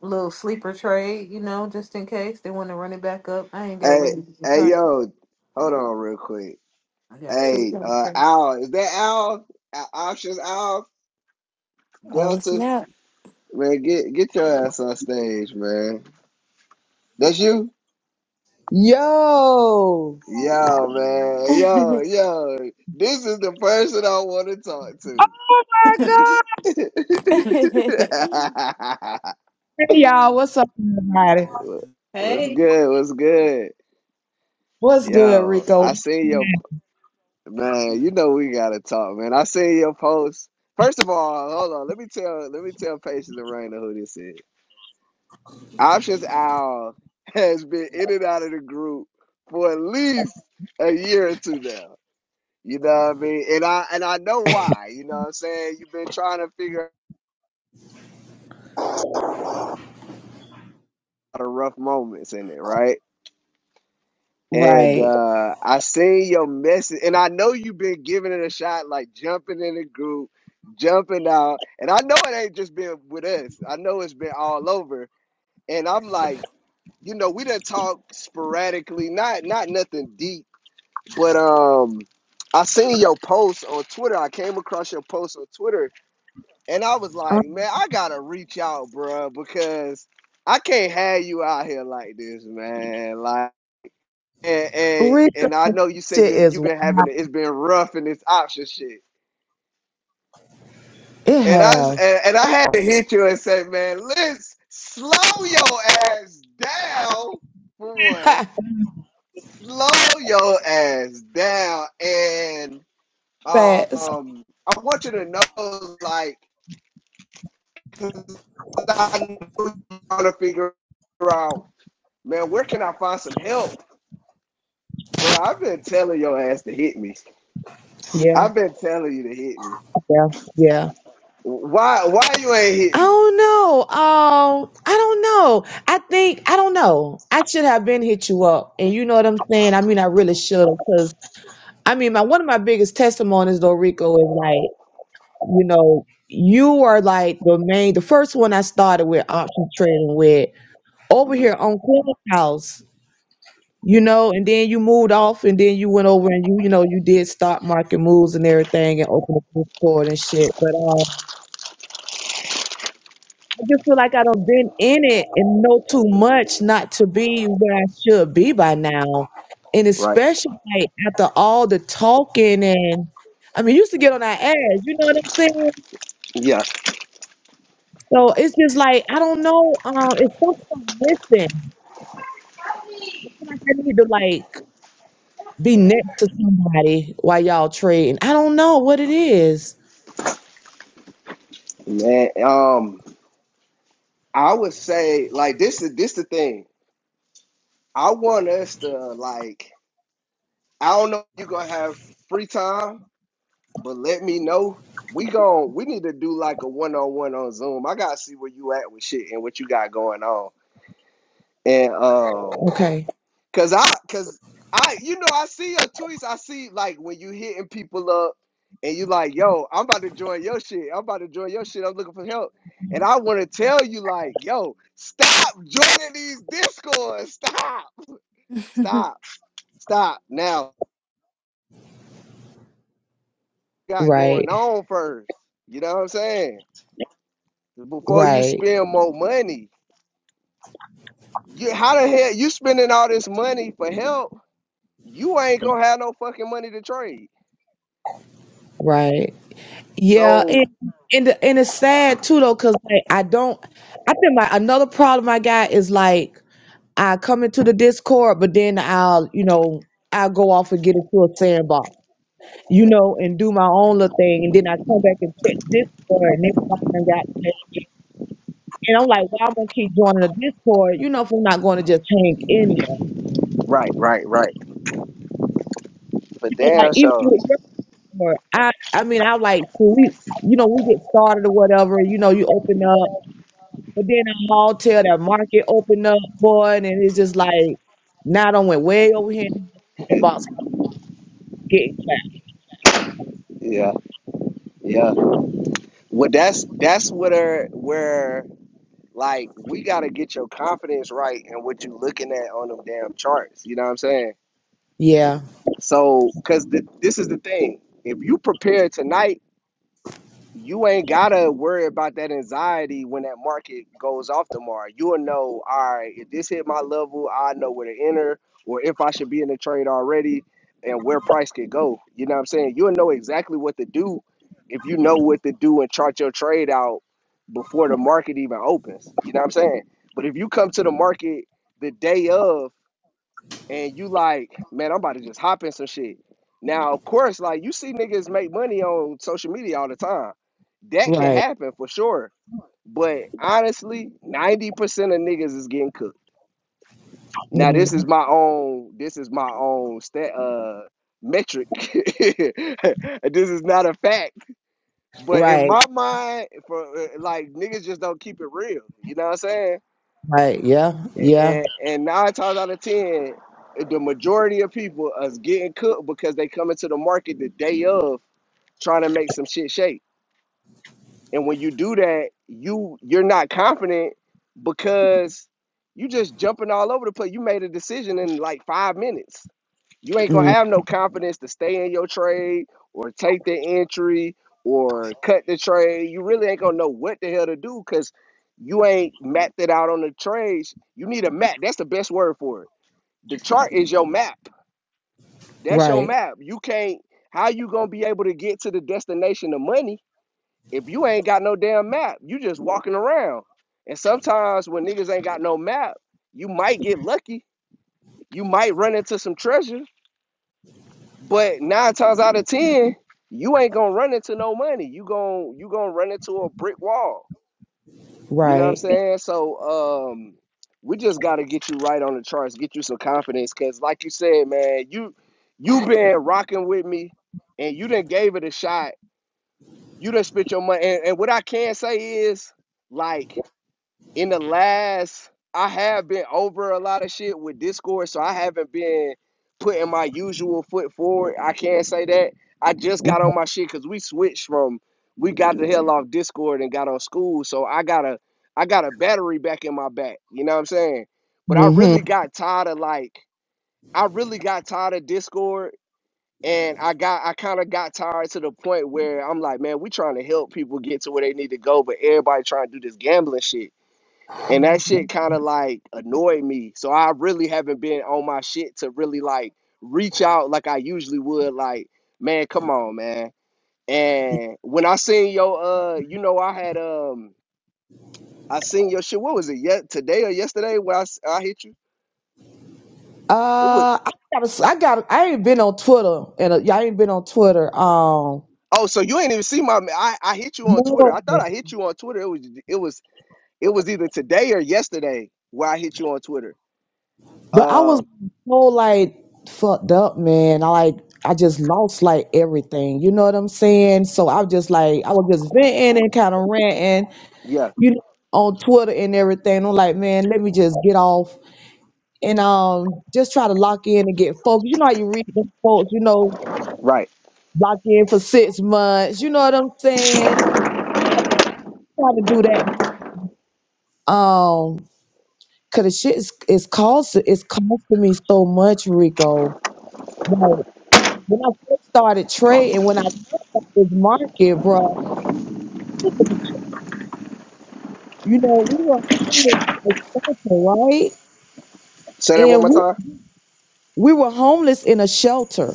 [SPEAKER 2] Little sleeper trade, you know, just in case they want to run it back up. I ain't got
[SPEAKER 1] Hey,
[SPEAKER 2] really in
[SPEAKER 1] hey,
[SPEAKER 2] country.
[SPEAKER 1] yo, hold on real quick.
[SPEAKER 2] I got two
[SPEAKER 1] Hey, uh,
[SPEAKER 2] country.
[SPEAKER 1] Al, is that Al? Al options Al
[SPEAKER 3] Oh
[SPEAKER 1] Delta,
[SPEAKER 3] snap.
[SPEAKER 1] man, get get your ass on stage, man. That's you.
[SPEAKER 6] Yo,
[SPEAKER 1] Yo, man. Yo, yo. This is the person I want to talk to.
[SPEAKER 6] my God,
[SPEAKER 3] Mhm.
[SPEAKER 6] hey, y'all, what's up, everybody?
[SPEAKER 1] What's
[SPEAKER 2] Hey.
[SPEAKER 1] good? What's good?
[SPEAKER 6] What's good,
[SPEAKER 1] Yo,
[SPEAKER 6] Rico?
[SPEAKER 1] I seen your man, you know we gotta talk, man. I seen your post. First of all, hold on. Let me tell let me tell Patience and Raina who this is. Options Owl has been in and out of the group for at least a year or two now. You know what I mean? And I and I know why. You know what I'm saying? You've been trying to figure out the rough moments in it, right? And
[SPEAKER 6] Right,
[SPEAKER 1] uh I seen your message and I know you've been giving it a shot, like jumping in the group, jumping out. And I know it ain't just been with us. I know it's been all over. And I'm like, you know, we done talked sporadically, not not nothing deep, but um I seen your post on Twitter. I came across your post on Twitter And I was like,
[SPEAKER 6] um,
[SPEAKER 1] man, I gotta reach out, bro, because I can't have you out here like this, man. Like, and and,
[SPEAKER 6] Rico
[SPEAKER 1] and I know you say
[SPEAKER 6] shit
[SPEAKER 1] you
[SPEAKER 6] is
[SPEAKER 1] you've been having
[SPEAKER 6] wild.
[SPEAKER 1] it, it's been rough in this option shit.
[SPEAKER 6] It
[SPEAKER 1] And I
[SPEAKER 6] have
[SPEAKER 1] and, and I had to hit you and say, man, let's slow your ass down for one. Slow your ass down, and
[SPEAKER 6] facts.
[SPEAKER 1] um, I want you to know, like. 'Cause I know you trying to figure out, man, where can I find some help? Bro, I've been telling your ass to hit me.
[SPEAKER 6] Yeah,
[SPEAKER 1] I've been telling you to hit me.
[SPEAKER 6] yeah, yeah.
[SPEAKER 1] Why why you ain't
[SPEAKER 6] I
[SPEAKER 1] hit me?
[SPEAKER 6] don't know. Um, I don't know. I think I don't know. I should have been hit you up, and you know what I'm saying. I mean, I really should because I mean, my one of my biggest testimonies, though, Rico, is like you know you are like the main, the first one I started with option trading with over
[SPEAKER 1] hmm
[SPEAKER 6] here on Clubhouse, you know, and then you moved off and then you went over and you, you know, you did stock market moves and everything and opened a bookstore and shit. But um, I just feel like I don't been in it and know too much not to be where I should be by now. And
[SPEAKER 1] Right.
[SPEAKER 6] especially like, after all the talking and I mean, you used to get on our ass, you know what I'm saying?
[SPEAKER 1] Yeah.
[SPEAKER 6] So it's just like I don't know. Um, it's something missing. I feel like I need to like be next to somebody while y'all trading. I don't know what it is.
[SPEAKER 1] Man, um, I would say like this is this the thing. I want us to like I don't know if you're gonna have free time, but let me know. We gon' we need to do like a one on one on Zoom. I gotta see where you at with shit and what you got going on. And um,
[SPEAKER 6] Okay.
[SPEAKER 1] cause I, cause I, you know, I see your tweets. I see like when you hitting people up, and you like, yo, I'm about to join your shit. I'm about to join your shit. I'm looking for help, and I want to tell you like, yo, stop joining these discords. Stop, stop, stop. Now you got going
[SPEAKER 6] Right.
[SPEAKER 1] on first. You know what I'm saying? Before you
[SPEAKER 6] Right.
[SPEAKER 1] spend more money, you how the hell you spending all this money for help? You ain't gonna have no fucking money to trade.
[SPEAKER 6] Right. Yeah.
[SPEAKER 1] So
[SPEAKER 6] And and the- and it's sad too though, cause like I don't. I think my another problem I got is like I come into the Discord, but then I'll you know I'll go off and get into a sandbox, you know, and do my own little thing, and then I come back and check Discord, and this person got. And I'm like, well, i am gonna keep joining the Discord? You know, if I'm not going to just hang in there.
[SPEAKER 1] Right, right, right. For
[SPEAKER 6] So, like
[SPEAKER 1] damn
[SPEAKER 6] even
[SPEAKER 1] sure.
[SPEAKER 6] with your store, I I mean I like when we you know we get started or whatever you know you open up, but then a mall tell that market open up boy, and it's just like now I done went way over here and the box getting clapped.
[SPEAKER 1] Yeah, yeah. Well, that's that's where where like we gotta get your confidence right and what you looking at on them damn charts. You know what I'm saying?
[SPEAKER 6] Yeah,
[SPEAKER 1] So, cause th- this is the thing. If you prepare tonight. you ain't gotta worry about that anxiety when that market goes off tomorrow. You'll know, all right, if this hit my level, I know where to enter, or if I should be in the trade already and where price could go. You know what I'm saying? You'll know exactly what to do if you know what to do and chart your trade out before the market even opens. You know what I'm saying? But if you come to the market the day of and you like, man, I'm about to just hop in some shit. Now, of course, like you see niggas make money on social media all the time. That can
[SPEAKER 6] right,
[SPEAKER 1] happen for sure. But honestly, 90% of niggas is getting cooked. Now, this
[SPEAKER 6] mm,
[SPEAKER 1] is my own, this is my own stat uh metric. this is not a fact. But in
[SPEAKER 6] right,
[SPEAKER 1] my mind, for uh, like niggas just don't keep it real. You know what I'm saying?
[SPEAKER 6] right, yeah, yeah,
[SPEAKER 1] and, and nine times out of ten, the majority of people is getting cooked because they come into the market the day of trying to make some shit shake. And when you do that, you you're not confident because you just jumping all over the place. You made a decision in like five minutes. You ain't gonna
[SPEAKER 6] mm,
[SPEAKER 1] have no confidence to stay in your trade or take the entry or cut the trade. You really ain't gonna know what the hell to do because you ain't mapped it out on the trades. You need a map. That's the best word for it. The chart is your map. That's your
[SPEAKER 6] right,
[SPEAKER 1] map. You can't. How you gonna be able to get to the destination of money if you ain't got no damn map? You just walking around. And sometimes when niggas ain't got no map, you might get lucky. You might run into some treasure But nine times out of ten, you ain't gonna run into no money. You gon' you gonna run into a brick wall. You know what I'm
[SPEAKER 6] right.
[SPEAKER 1] saying? So um, we just gotta get you right on the charts, get you some confidence, cause like you said, man, you you been rocking with me, and you done gave it a shot. You done spit your money, and, and what I can say is, like in the last I have been over a lot of shit with Discord, so I haven't been putting my usual foot forward. I can't say that. I just got on my shit because we switched from we got the hell off Discord and got on school, so I got a I got a battery back in my back. You know what I'm saying? But I
[SPEAKER 6] hmm
[SPEAKER 1] really got tired of like I really got tired of Discord and I got I kind of got tired to the point where I'm like, man, we trying to help people get to where they need to go, but everybody trying to do this gambling shit and that shit kind of like annoyed me. So I really haven't been on my shit to really like reach out like I usually would. Like, man, come on, man. And when I seen your, uh, you know, I had um, I seen your shit. What was it? Yet today or yesterday? Where I, s- I hit you?
[SPEAKER 6] Uh,
[SPEAKER 1] It was.
[SPEAKER 6] I gotta, I gotta, I ain't been on Twitter, and I ain't been on Twitter. Um,
[SPEAKER 1] Oh, so you ain't even see my? I I hit you on Twitter. I
[SPEAKER 6] no.
[SPEAKER 1] thought I hit you on Twitter. It was it was it was either today or yesterday where I hit you on Twitter.
[SPEAKER 6] But I was
[SPEAKER 1] Um,
[SPEAKER 6] so like fucked up, man. I like I just lost like everything. You know what I'm saying? So I was just like I was just venting and kind of ranting,
[SPEAKER 1] yeah,
[SPEAKER 6] you know, on Twitter and everything. I'm like, man, let me just get off and um just try to lock in and get focused. You know how you read them folks, you know,
[SPEAKER 1] right.
[SPEAKER 6] lock in for six months. You know what I'm saying? Trying to do that. Um, cause the shit is, is cost it's costing me so much, Rico. When I first started trading, when I learned about this market, bro, I was in the shop. you know, we were homeless in a shelter, right?
[SPEAKER 1] Say that one
[SPEAKER 6] And
[SPEAKER 1] more
[SPEAKER 6] we
[SPEAKER 1] time
[SPEAKER 6] we were homeless in a shelter.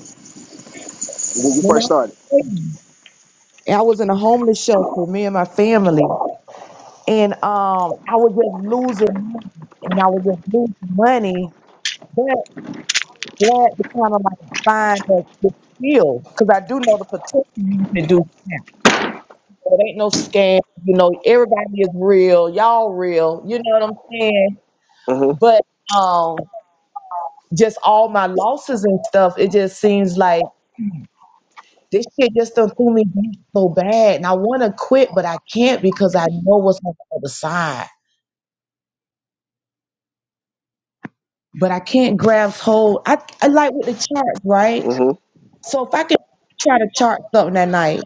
[SPEAKER 1] when you
[SPEAKER 6] When
[SPEAKER 1] first
[SPEAKER 6] I was
[SPEAKER 1] started.
[SPEAKER 6] trading, I was in a homeless shelter, me and my family, and um, I was just losing money, and I was just losing money. But glad to kind of like find that the skill, because I do know the potential you can do. So It ain't no scam. You know, everybody is real. Y'all real. You know what I'm saying?
[SPEAKER 1] Mm-hmm.
[SPEAKER 6] But um, just all my losses and stuff, it just seems like this shit just done threw me back so bad. And I want to quit, but I can't because I know what's on the other side. But I can't grasp hold. I, I like with the charts, right?
[SPEAKER 1] mm-hmm.
[SPEAKER 6] So if I could try to chart something that night,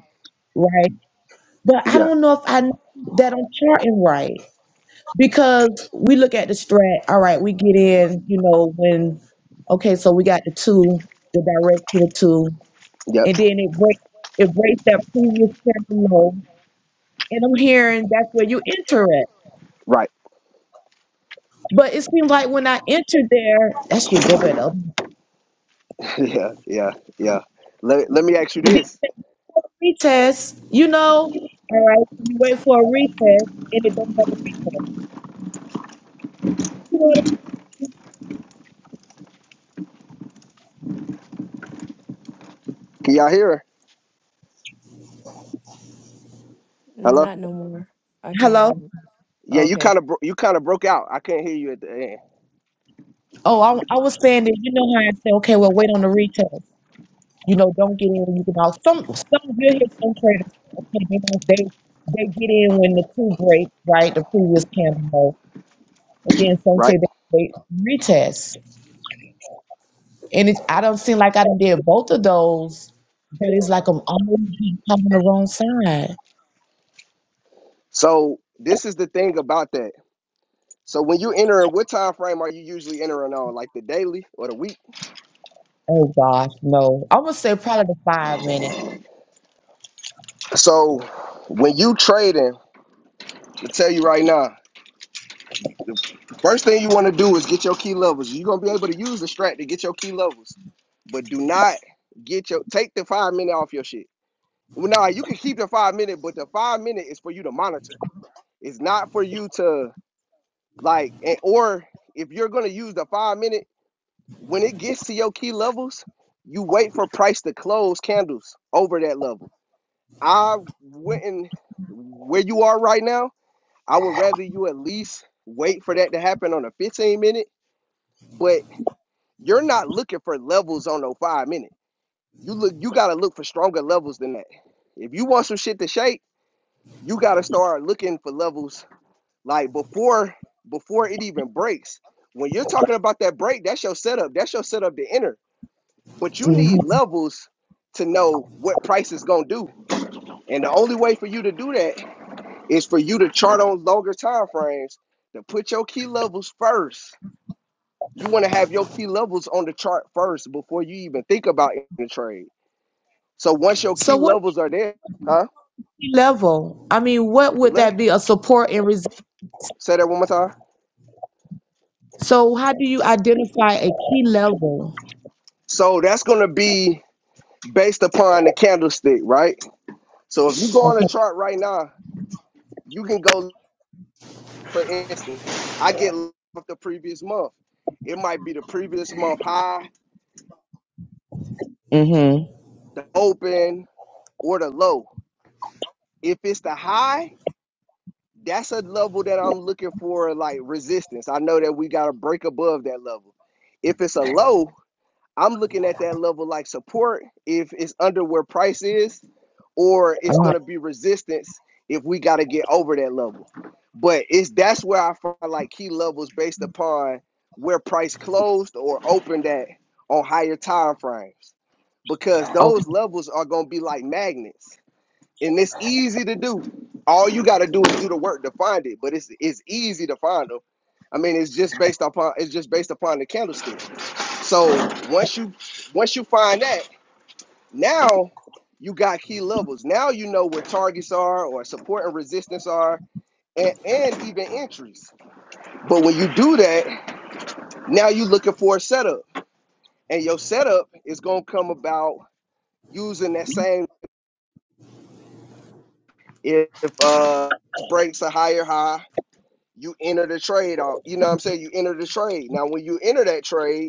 [SPEAKER 6] right? But I
[SPEAKER 1] Yeah,
[SPEAKER 6] don't know if I know that I'm charting right. Because we look at the strat, all right, we get in, you know, when okay, so we got the two, the direct to the two,
[SPEAKER 1] yeah,
[SPEAKER 6] and then it breaks it breaks that previous channel low. And I'm hearing that's where you enter it.
[SPEAKER 1] right.
[SPEAKER 6] But it seems like when I entered there, that should go better. And
[SPEAKER 1] Yeah, yeah, yeah. Let, let me ask you
[SPEAKER 6] then you
[SPEAKER 1] this.
[SPEAKER 6] take a retest, you know, all right, you wait for a retest and it don't have a retest.
[SPEAKER 1] Can y'all hear her? Hello?
[SPEAKER 3] Not no more. I can't.
[SPEAKER 6] Hello?
[SPEAKER 3] um,
[SPEAKER 1] Yeah, you
[SPEAKER 3] Okay.
[SPEAKER 1] kind of bro- you kind of broke out. I can not hear you at the end,
[SPEAKER 6] Oh, I, I was saying that you know how I said, okay, well, wait on the retest. You know, don't get in when you get out. Some some you will hear some traders say, okay, they don't- they they get in when the two break, right? The previous candle But then some say
[SPEAKER 1] right?
[SPEAKER 6] they wait retest. And it. I don't seem like I done did both of those, but it's like I'm always on the wrong side.
[SPEAKER 1] So, this is the thing about that. So, when you enter, what time frame are you usually entering on? Like the daily or the week?
[SPEAKER 6] Oh gosh, no. I'm gonna say probably the five minute.
[SPEAKER 1] So, when you trading, I tell you right now, the first thing you want to do is get your key levels. You're going to be able to use the strat to get your key levels, but do not get your take the 5 minute off your shit Well, nah, you can keep the five minute, but the five minute is for you to monitor. It's not for you to like, and, or if you're gonna use the five minute, when it gets to your key levels, you wait for price to close candles over that level. I wouldn't where you are right now. I would rather you at least wait for that to happen on a 15 minute, but you're not looking for levels on no five minute. You look, you gotta look for stronger levels than that. If you want some shit to shake you got to start looking for levels like before before it even breaks. When you're talking about that break, that's your setup. That's your setup to enter. But you
[SPEAKER 6] hmm
[SPEAKER 1] need levels to know what price is gonna do. And the only way for you to do that is for you to chart on longer time frames to put your key levels first. You want to have your key levels on the chart first before you even think about entering the trade. So once your
[SPEAKER 6] So
[SPEAKER 1] key
[SPEAKER 6] what
[SPEAKER 1] levels are there, huh?
[SPEAKER 6] key level? I mean, what would
[SPEAKER 1] Let
[SPEAKER 6] that be? A support and resistance.
[SPEAKER 1] say that one more time.
[SPEAKER 6] So how do you identify a key level?
[SPEAKER 1] So that's gonna be based upon the candlestick, right? So if you go on the
[SPEAKER 6] Okay.
[SPEAKER 1] chart right now, you can go for instance, I get the previous month. It might be the previous month high,
[SPEAKER 6] hmm
[SPEAKER 1] the open, or the low. If it's the high, that's a level that I'm looking for like resistance. I know that we gotta break above that level. If it's a low, I'm looking at that level like support if it's under where price is, or it's
[SPEAKER 6] Uh-huh.
[SPEAKER 1] gonna be resistance if we gotta get over that level. But it's that's where I find like key levels based upon where price closed or opened at on higher time frames. Because those
[SPEAKER 6] Okay.
[SPEAKER 1] levels are gonna be like magnets. And it's easy to do. All you gotta do is do the work to find it, but it's it's easy to find them. I mean, it's just based upon it's just based upon the candlestick. So once you once you find that, now you got key levels. Now you know where targets are or support and resistance are and, and even entries. But when you do that, now you're looking for a setup. And your setup is gonna come about using that same if uh breaks a higher high, you enter the trade off. You know what I'm saying? You enter the trade. Now when you enter that trade,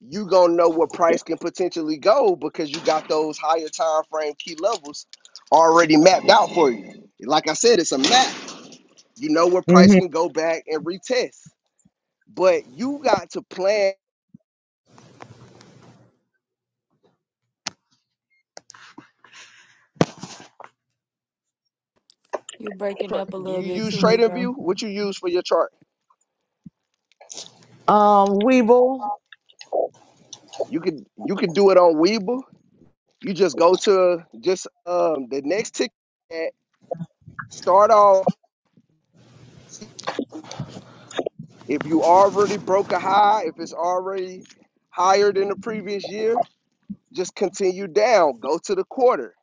[SPEAKER 1] you gonna know what price can potentially go because you got those higher time frame key levels already mapped out for you. Like I said, it's a map. You know what price can go back and retest, but you got to plan.
[SPEAKER 3] You breaking up a
[SPEAKER 1] Do
[SPEAKER 3] little
[SPEAKER 1] you
[SPEAKER 3] bit
[SPEAKER 1] use
[SPEAKER 3] too, Rico.
[SPEAKER 1] TradingView? What you use for your chart?
[SPEAKER 6] Um, Weeble.
[SPEAKER 1] You could you could do it on Weeble. You just go to just um the next ticket. Start off. If you already broke a high, if it's already higher than the previous year, just continue down. Go to the quarter.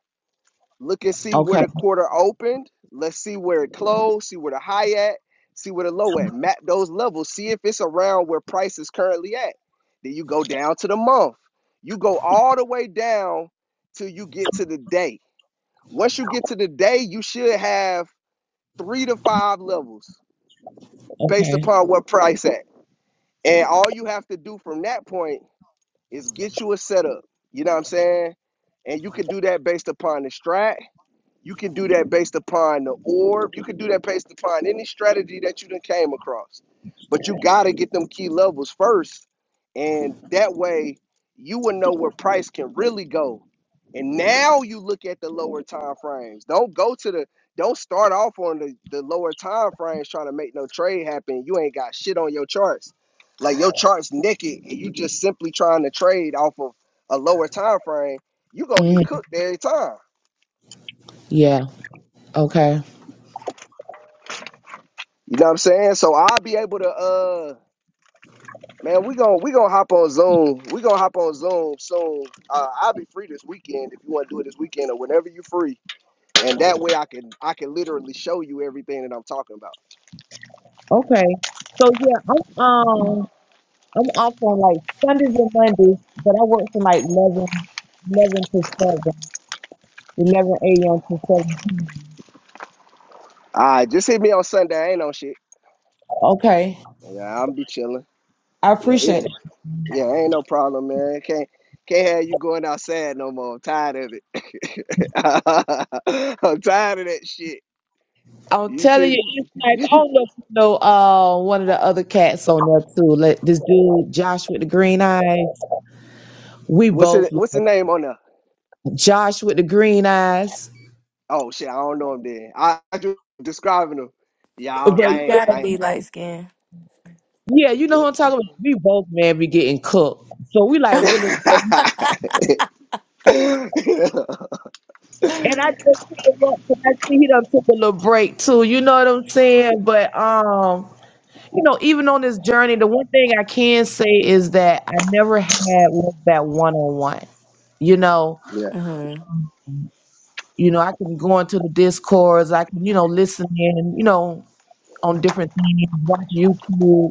[SPEAKER 1] Look and see where
[SPEAKER 6] Okay.
[SPEAKER 1] the quarter opened. Let's see where it closed. See where the high at. See where the low at. Map those levels. See if it's around where price is currently at. Then you go down to the month. You go all the way down till you get to the day. Once you get to the day, you should have three to five levels based
[SPEAKER 6] Okay.
[SPEAKER 1] upon what price at. And all you have to do from that point is get you a setup. You know what I'm saying? And you can do that based upon the strat. You can do that based upon the orb. You can do that based upon any strategy that you done came across. But you gotta get them key levels first. And that way you will know where price can really go. And now you look at the lower time frames. Don't go to the don't start off on the, the lower time frames trying to make no trade happen. You ain't got shit on your charts. Like your charts naked and you just simply trying to trade off of a lower time frame, you gonna
[SPEAKER 6] hmm
[SPEAKER 1] get cooked every time.
[SPEAKER 6] Yeah. Okay.
[SPEAKER 1] You know what I'm saying? So I'll be able to uh man, we gon' we gonna hop on Zoom. We gonna hop on Zoom soon. Uh, I'll be free this weekend if you want to do it this weekend or whenever you are free. And that way I can I can literally show you everything that I'm talking about.
[SPEAKER 6] Okay. So yeah, I'm um I'm off on like Sundays and Mondays, but I work from like 11 11 to seven, eleven a.m. to seven. p.m.
[SPEAKER 1] All right, just hit me on Sunday. I ain't no shit.
[SPEAKER 6] Okay.
[SPEAKER 1] Yeah, I'm be chilling.
[SPEAKER 6] I
[SPEAKER 1] Yeah, hit
[SPEAKER 6] appreciate
[SPEAKER 1] me.
[SPEAKER 6] it.
[SPEAKER 1] Yeah, ain't no problem, man. Can't can't have you going outside no more. I'm tired of it. I'm tired of that shit.
[SPEAKER 6] I'm
[SPEAKER 1] You
[SPEAKER 6] telling you,
[SPEAKER 1] see?
[SPEAKER 6] it's nice. I don't know if you know uh one of the other cats on there too. Like this dude, Josh with the green eyes. We
[SPEAKER 1] What's it
[SPEAKER 6] both like
[SPEAKER 1] what's the name on there?
[SPEAKER 6] Josh with the green eyes.
[SPEAKER 1] Oh shit, I don't know him then. I, I just describing him. Yeah,
[SPEAKER 3] Yeah.
[SPEAKER 1] I, I,
[SPEAKER 3] You
[SPEAKER 6] But
[SPEAKER 1] ain't-
[SPEAKER 3] gotta
[SPEAKER 1] I ain't-
[SPEAKER 3] be light skinned.
[SPEAKER 6] Yeah, you know what I'm talking about. We both man be getting cooked, so we like really. And
[SPEAKER 1] yeah.
[SPEAKER 6] I just came up because I see he done took a little break too. You know what I'm saying? But um, you know, even on this journey, the one thing I can say is that I never had was that one on one. You know,
[SPEAKER 1] yeah.
[SPEAKER 3] hmm
[SPEAKER 6] you know, I can go into the discords, I can you know listen in, you know, on different things, watch YouTube.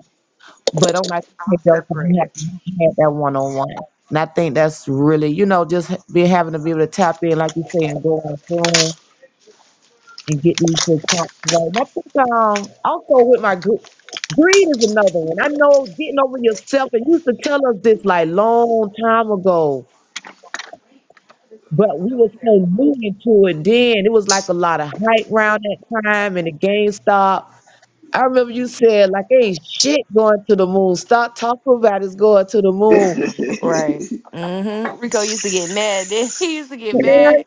[SPEAKER 6] But I'm like, okay, though, so you have to have that one on one. And I think that's really, you know, just be having to be able to tap in, like you say, and go on Zoom and get these good talks right. And I think um also with my group, greed is another one. I know getting over yourself, and you used to tell us this like long time ago, but we were so new into it then. It was like a lot of hype around that time and the GameStop. I remember you said like, "Hey, shit, going to the moon. Stop talking about it's going to the moon."
[SPEAKER 3] Right. hmm Rico used to get mad. Then he used to get
[SPEAKER 6] Right,
[SPEAKER 3] mad.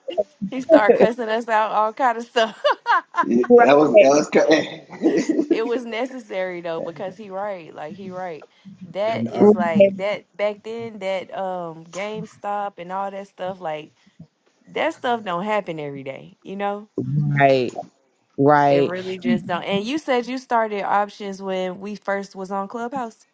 [SPEAKER 3] He started cussing us out, all kind of stuff.
[SPEAKER 1] yeah, That was that
[SPEAKER 6] right,
[SPEAKER 1] was
[SPEAKER 3] it
[SPEAKER 1] crazy.
[SPEAKER 3] was necessary though, because he right. Like he right. That is like that back then. That um GameStop and all that stuff. Like that stuff don't happen every day, you know?
[SPEAKER 6] right,
[SPEAKER 3] It
[SPEAKER 6] right.
[SPEAKER 3] really just don't. And you said you started options when we first was on Clubhouse.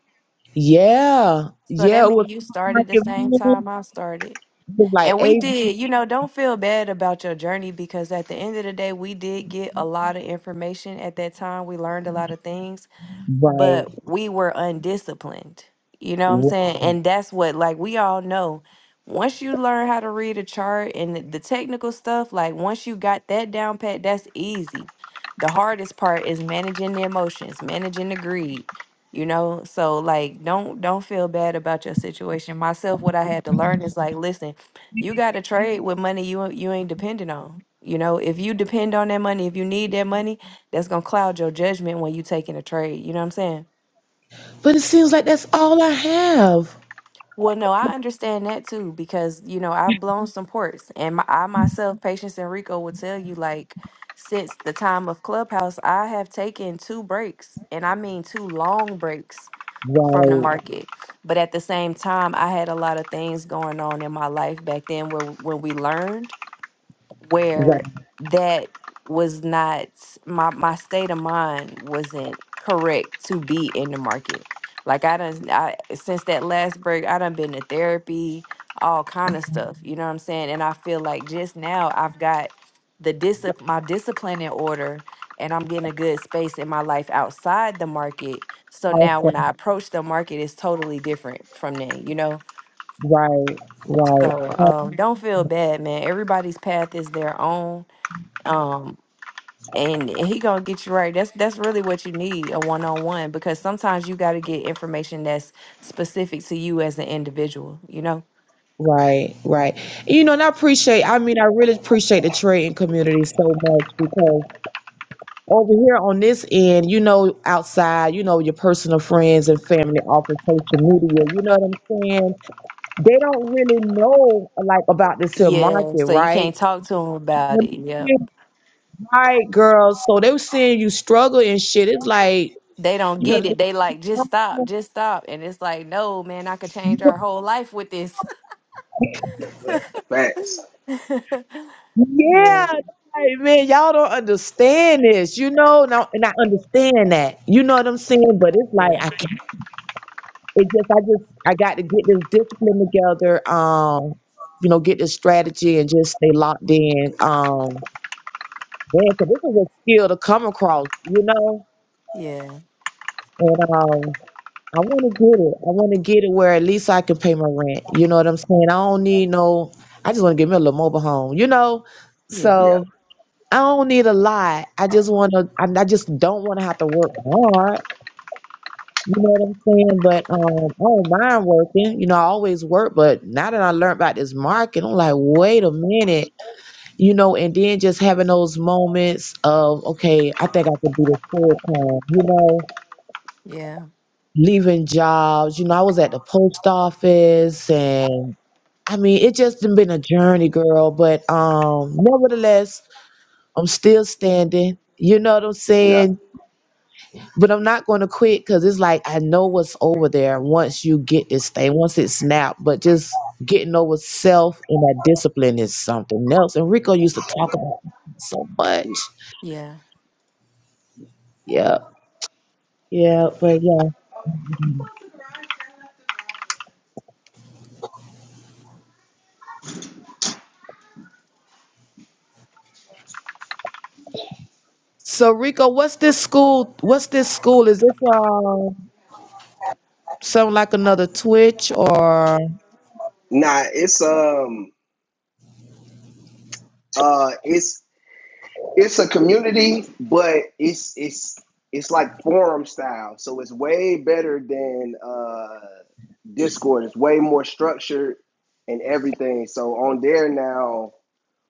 [SPEAKER 6] Yeah,
[SPEAKER 3] So
[SPEAKER 6] yeah.
[SPEAKER 3] that
[SPEAKER 6] It was
[SPEAKER 3] means you
[SPEAKER 6] stock
[SPEAKER 3] started the
[SPEAKER 6] market
[SPEAKER 3] same
[SPEAKER 6] rules,
[SPEAKER 3] time I started.
[SPEAKER 6] it was like
[SPEAKER 3] And we
[SPEAKER 6] eight.
[SPEAKER 3] did, you know, don't feel bad about your journey because at the end of the day, we did get a lot of information at that time. We learned a lot of things
[SPEAKER 6] Right,
[SPEAKER 3] but we were undisciplined. You know what I'm
[SPEAKER 6] right.
[SPEAKER 3] saying? And that's what, like, we all know. Once you learn how to read a chart and the the technical stuff, like, once you got that down pat, that's easy. The hardest part is managing the emotions, managing the greed. You know, so like don't don't feel bad about your situation. Myself, what I had to learn is like, listen, you gotta trade with money you you ain't dependent on. You know, if you depend on that money, if you need that money, that's gonna cloud your judgment when you taking a trade. You know what I'm saying?
[SPEAKER 6] But it seems like that's all I have.
[SPEAKER 3] Well, no, I understand that too because you know I've blown some ports, and my, I myself, Patience and Rico will tell you like since the time of Clubhouse, I have taken two breaks, and I mean two long breaks from the Mhm.
[SPEAKER 6] Right,
[SPEAKER 3] market. But at the same time, I had a lot of things going on in my life back then where when we learned. where
[SPEAKER 6] right.
[SPEAKER 3] that was not my my state of mind wasn't correct to be in the market. Like I done I since that last break, I done been to therapy, all kind of stuff. You know what I'm saying? And I feel like just now I've got the discipline my discipline in order and I'm getting a good space in my life outside the market. So now when
[SPEAKER 6] Awesome.
[SPEAKER 3] I approach the market it's totally different from then, you know?
[SPEAKER 6] Right, right,
[SPEAKER 3] So
[SPEAKER 6] uh,
[SPEAKER 3] um don't feel bad, man. Everybody's path is their own um and he gonna get you right that's that's really what you need a one-on-one because sometimes you got to get information that's specific to you as an individual you know
[SPEAKER 6] right, right. You know, and I appreciate. I mean, I really appreciate the trading community so much because over here on this end, you know, outside, you know, your personal friends and family off of social media. You know what I'm saying? they don't really know like about this here
[SPEAKER 3] yeah
[SPEAKER 6] market,
[SPEAKER 3] so you
[SPEAKER 6] right?
[SPEAKER 3] can't talk to him about
[SPEAKER 6] But
[SPEAKER 3] it
[SPEAKER 6] it's
[SPEAKER 3] yep
[SPEAKER 6] still Right, girl. So they were seeing you struggle and shit. It's like
[SPEAKER 3] they don't
[SPEAKER 6] you gotta,
[SPEAKER 3] get it. They like, just stop,
[SPEAKER 6] up.
[SPEAKER 3] just stop. And it's like, no, man, I could change our whole life with this.
[SPEAKER 1] but facts.
[SPEAKER 6] Yeah,
[SPEAKER 3] yeah,
[SPEAKER 6] like, man, y'all don't understand this, you know. Now, and I understand that, you know what I'm saying. But it's like
[SPEAKER 3] yeah,
[SPEAKER 6] I can't. It just, I just, I got to get this discipline together. Um, you know, get this strategy and just stay locked in. Um, man, 'cause this is a skill to come across, you know.
[SPEAKER 3] yeah,
[SPEAKER 6] And um, I want to get it. I want to get it where at least I can pay my rent. You know what I'm saying? I don't need no. I just want to get me a little mobile home. You know,
[SPEAKER 3] yeah,
[SPEAKER 1] Yeah,
[SPEAKER 6] so I don't need a lot. I just want to. I, I just don't want to have to work hard. You know what I'm saying? But um, I don't mind working. You know, I always work. But now that I learned about this market, I'm like, wait a minute. You know, and then just having those moments of, okay, I think I could do this full time. You know
[SPEAKER 3] yeah,
[SPEAKER 6] leaving jobs. You know, I was at the post office and I mean, it just done been a journey, girl. But um, nevertheless, I'm still standing. You know what I'm
[SPEAKER 1] yeah,
[SPEAKER 6] saying? But I'm not going to quit because it's like I know what's over there once you get this thing, once it snapped. But just getting over self and that discipline is something else. And Rico used to talk about it so much.
[SPEAKER 1] yeah.
[SPEAKER 6] Yeah, yeah, but yeah. So Rico, what's this school? What's this school? Is this um? Something like another Twitch or
[SPEAKER 1] Nah, it's um uh, it's it's a community, but it's it's it's like forum style, so it's way better than uh, Discord. It's way more structured and everything. So on there now,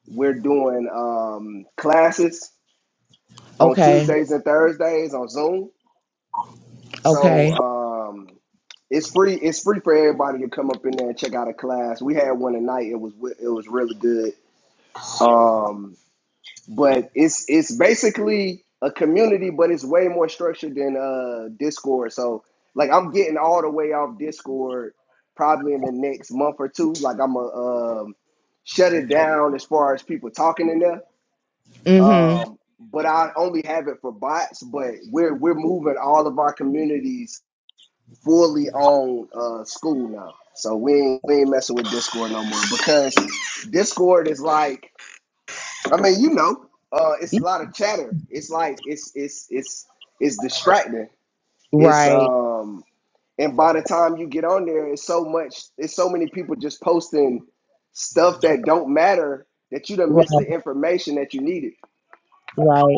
[SPEAKER 1] we're doing um, classes on
[SPEAKER 6] okay,
[SPEAKER 1] Tuesdays and Thursdays on Zoom. So
[SPEAKER 6] okay.
[SPEAKER 1] um, it's free. It's free for everybody to come up in there and check out a class. We had one tonight. It was it was really good. Um, but it's it's basically a community, but it's way more structured than uh Discord. So like I'm getting all the way off Discord probably in the next month or two. Like I'm a um shut it down as far as people talking in there.
[SPEAKER 6] Mhm.
[SPEAKER 1] Um but I only have it for bots, but we're we're moving all of our communities fully on uh school now. So we ain't, we ain't messing with Discord no more because Discord is like I mean, you know, uh, it's a lot of chatter. It's like it's it's it's it's distracting. It's
[SPEAKER 6] Right,
[SPEAKER 1] um, and by the time you get on there, it's so much. It's so many people just posting stuff that don't matter that you done missed
[SPEAKER 6] right,
[SPEAKER 1] the information that you needed.
[SPEAKER 6] right.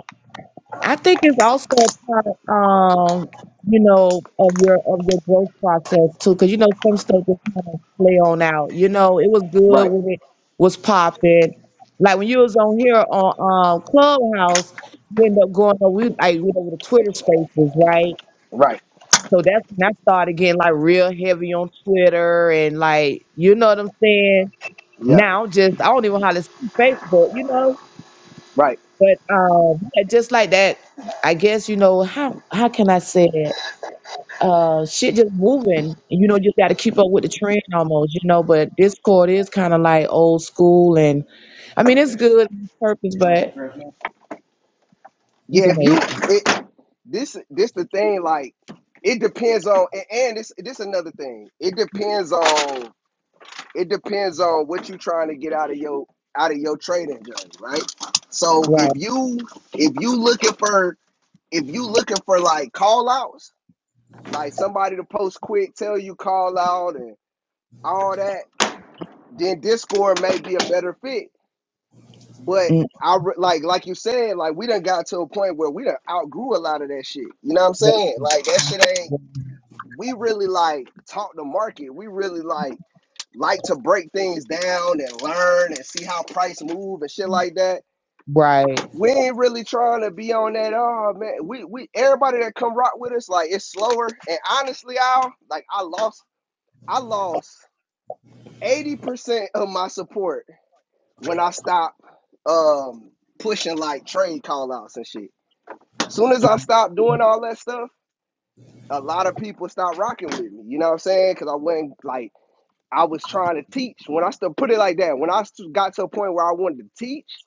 [SPEAKER 6] I think it's also a part um, you know, of your of your growth process too, because you know some stuff just kind of play on out. You know, it was good
[SPEAKER 1] Right.
[SPEAKER 6] when it was popping. Like when you was on here on um Clubhouse, you end up going over we like went over to Twitter Spaces, right?
[SPEAKER 1] Right.
[SPEAKER 6] So that's when I started getting like real heavy on Twitter and like, you know what I'm saying?
[SPEAKER 1] Yeah.
[SPEAKER 6] Now just I don't even hardly see Facebook, you know?
[SPEAKER 1] Right.
[SPEAKER 6] But um yeah, just like that, I guess, you know, how how can I say it? Uh shit just moving. You know, you just gotta keep up with the trend almost, you know, but Discord is kinda like old school and I mean it's good on purpose, but you
[SPEAKER 1] Yeah.
[SPEAKER 6] can
[SPEAKER 1] If you
[SPEAKER 6] wait.
[SPEAKER 1] it, this this the thing like it depends on a- and this this another thing. It depends on it depends on what you're trying to get out of your out of your trading journey, right? So
[SPEAKER 6] Right.
[SPEAKER 1] if you if you looking for if you looking for like call outs, like somebody to post quick, tell you call out and all that, then Discord may be a better fit. But
[SPEAKER 6] Mm,
[SPEAKER 1] I like like you said, like we done got to a point where we done outgrew a lot of that shit. You know what I'm saying? Like that
[SPEAKER 6] Right.
[SPEAKER 1] shit ain't. we really like talk the market. We really like like to break things down and learn and see how price move and shit like that.
[SPEAKER 6] right, right.
[SPEAKER 1] We ain't really trying to be on that. Oh man, we we everybody that come rock with us like it's slower. And honestly, Al, like I lost I lost eighty percent of my support when I stopped um pushing like trade call outs and shit. As Soon as I stopped doing all that stuff, a lot of people stopped rocking with me. You know what I'm saying? Because I wasn't like I was trying to teach. When I still put it like that, when I got to a point where I wanted to teach,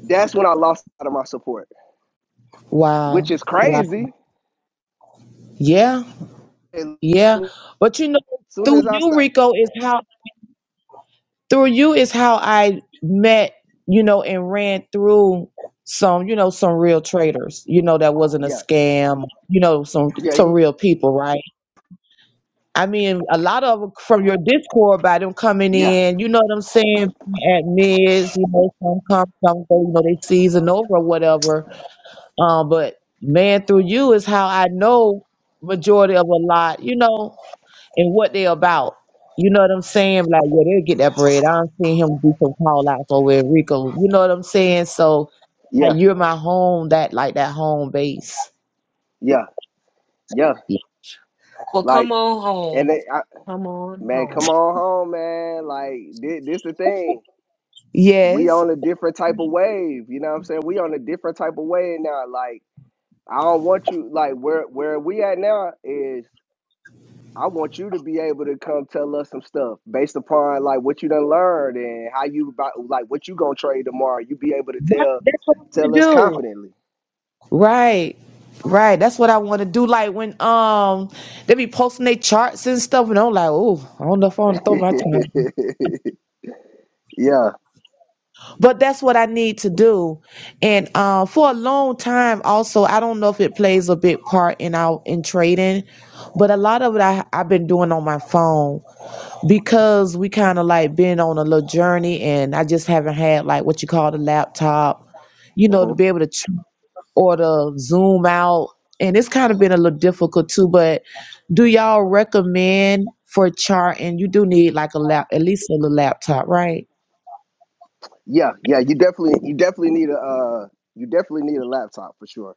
[SPEAKER 1] that's when I lost out of my support, which
[SPEAKER 6] Wow.
[SPEAKER 1] is
[SPEAKER 6] Wow.
[SPEAKER 1] crazy.
[SPEAKER 6] Yeah.
[SPEAKER 1] And
[SPEAKER 6] Yeah,
[SPEAKER 1] as
[SPEAKER 6] but you know,
[SPEAKER 1] soon
[SPEAKER 6] through
[SPEAKER 1] as I
[SPEAKER 6] you,
[SPEAKER 1] start,
[SPEAKER 6] Rico, is how through you is how I met, you know, and ran through some, you know, some real traders, you know, that wasn't a
[SPEAKER 1] yeah,
[SPEAKER 6] scam, you know, some
[SPEAKER 1] yeah,
[SPEAKER 6] some real people, right? I mean, a lot of 'em from your Discord by them coming
[SPEAKER 1] yeah,
[SPEAKER 6] in, you know what I'm saying, at mids, you know, some come, some go, you know, they season over or whatever. Um, but man, through you is how I know majority of a lot, you know, and what they about. You know what I'm saying? Like, yeah, they'll get that bread. I don't see him do some call outs over in Rico. You know what I'm saying? So like
[SPEAKER 1] yeah,
[SPEAKER 6] you're my home, that like that home base.
[SPEAKER 1] yeah, yeah,
[SPEAKER 2] Well,
[SPEAKER 1] like,
[SPEAKER 2] come on
[SPEAKER 1] and
[SPEAKER 2] home.
[SPEAKER 1] they, I,
[SPEAKER 2] Come on
[SPEAKER 1] man, come
[SPEAKER 2] home.
[SPEAKER 1] on home, man. Like, this, this the thing. We
[SPEAKER 6] Yes.
[SPEAKER 1] on a different type of wave. You know what I'm saying? We on a different type of wave now. Like, I don't want you. Like, where where we at now is I want you to be able to come tell us some stuff based upon like what you done learned and how you about like what you gonna trade tomorrow. You be able to
[SPEAKER 6] Right.
[SPEAKER 1] tell
[SPEAKER 6] That's what I want
[SPEAKER 1] tell
[SPEAKER 6] to
[SPEAKER 1] us
[SPEAKER 6] do.
[SPEAKER 1] confidently.
[SPEAKER 6] Right. Right. That's what I want to do. Like when um they be posting their charts and stuff, and I'm like, oh, I don't know if I want to throw my chart
[SPEAKER 1] yeah,
[SPEAKER 6] but that's what I need to do. And uh, for a long time, also, I don't know if it plays a big part in our in trading, but a lot of it I, I've been doing on my phone because we kind of like been on a little journey, and I just haven't had like what you call the laptop, you know, to
[SPEAKER 1] hmm
[SPEAKER 6] be able to ch- or to zoom out, and it's kind of been a little difficult too. But do y'all recommend for charting? You do need like a lap, at least a little laptop, right?
[SPEAKER 1] yeah, yeah. You definitely you definitely need a uh, you definitely need a laptop for sure.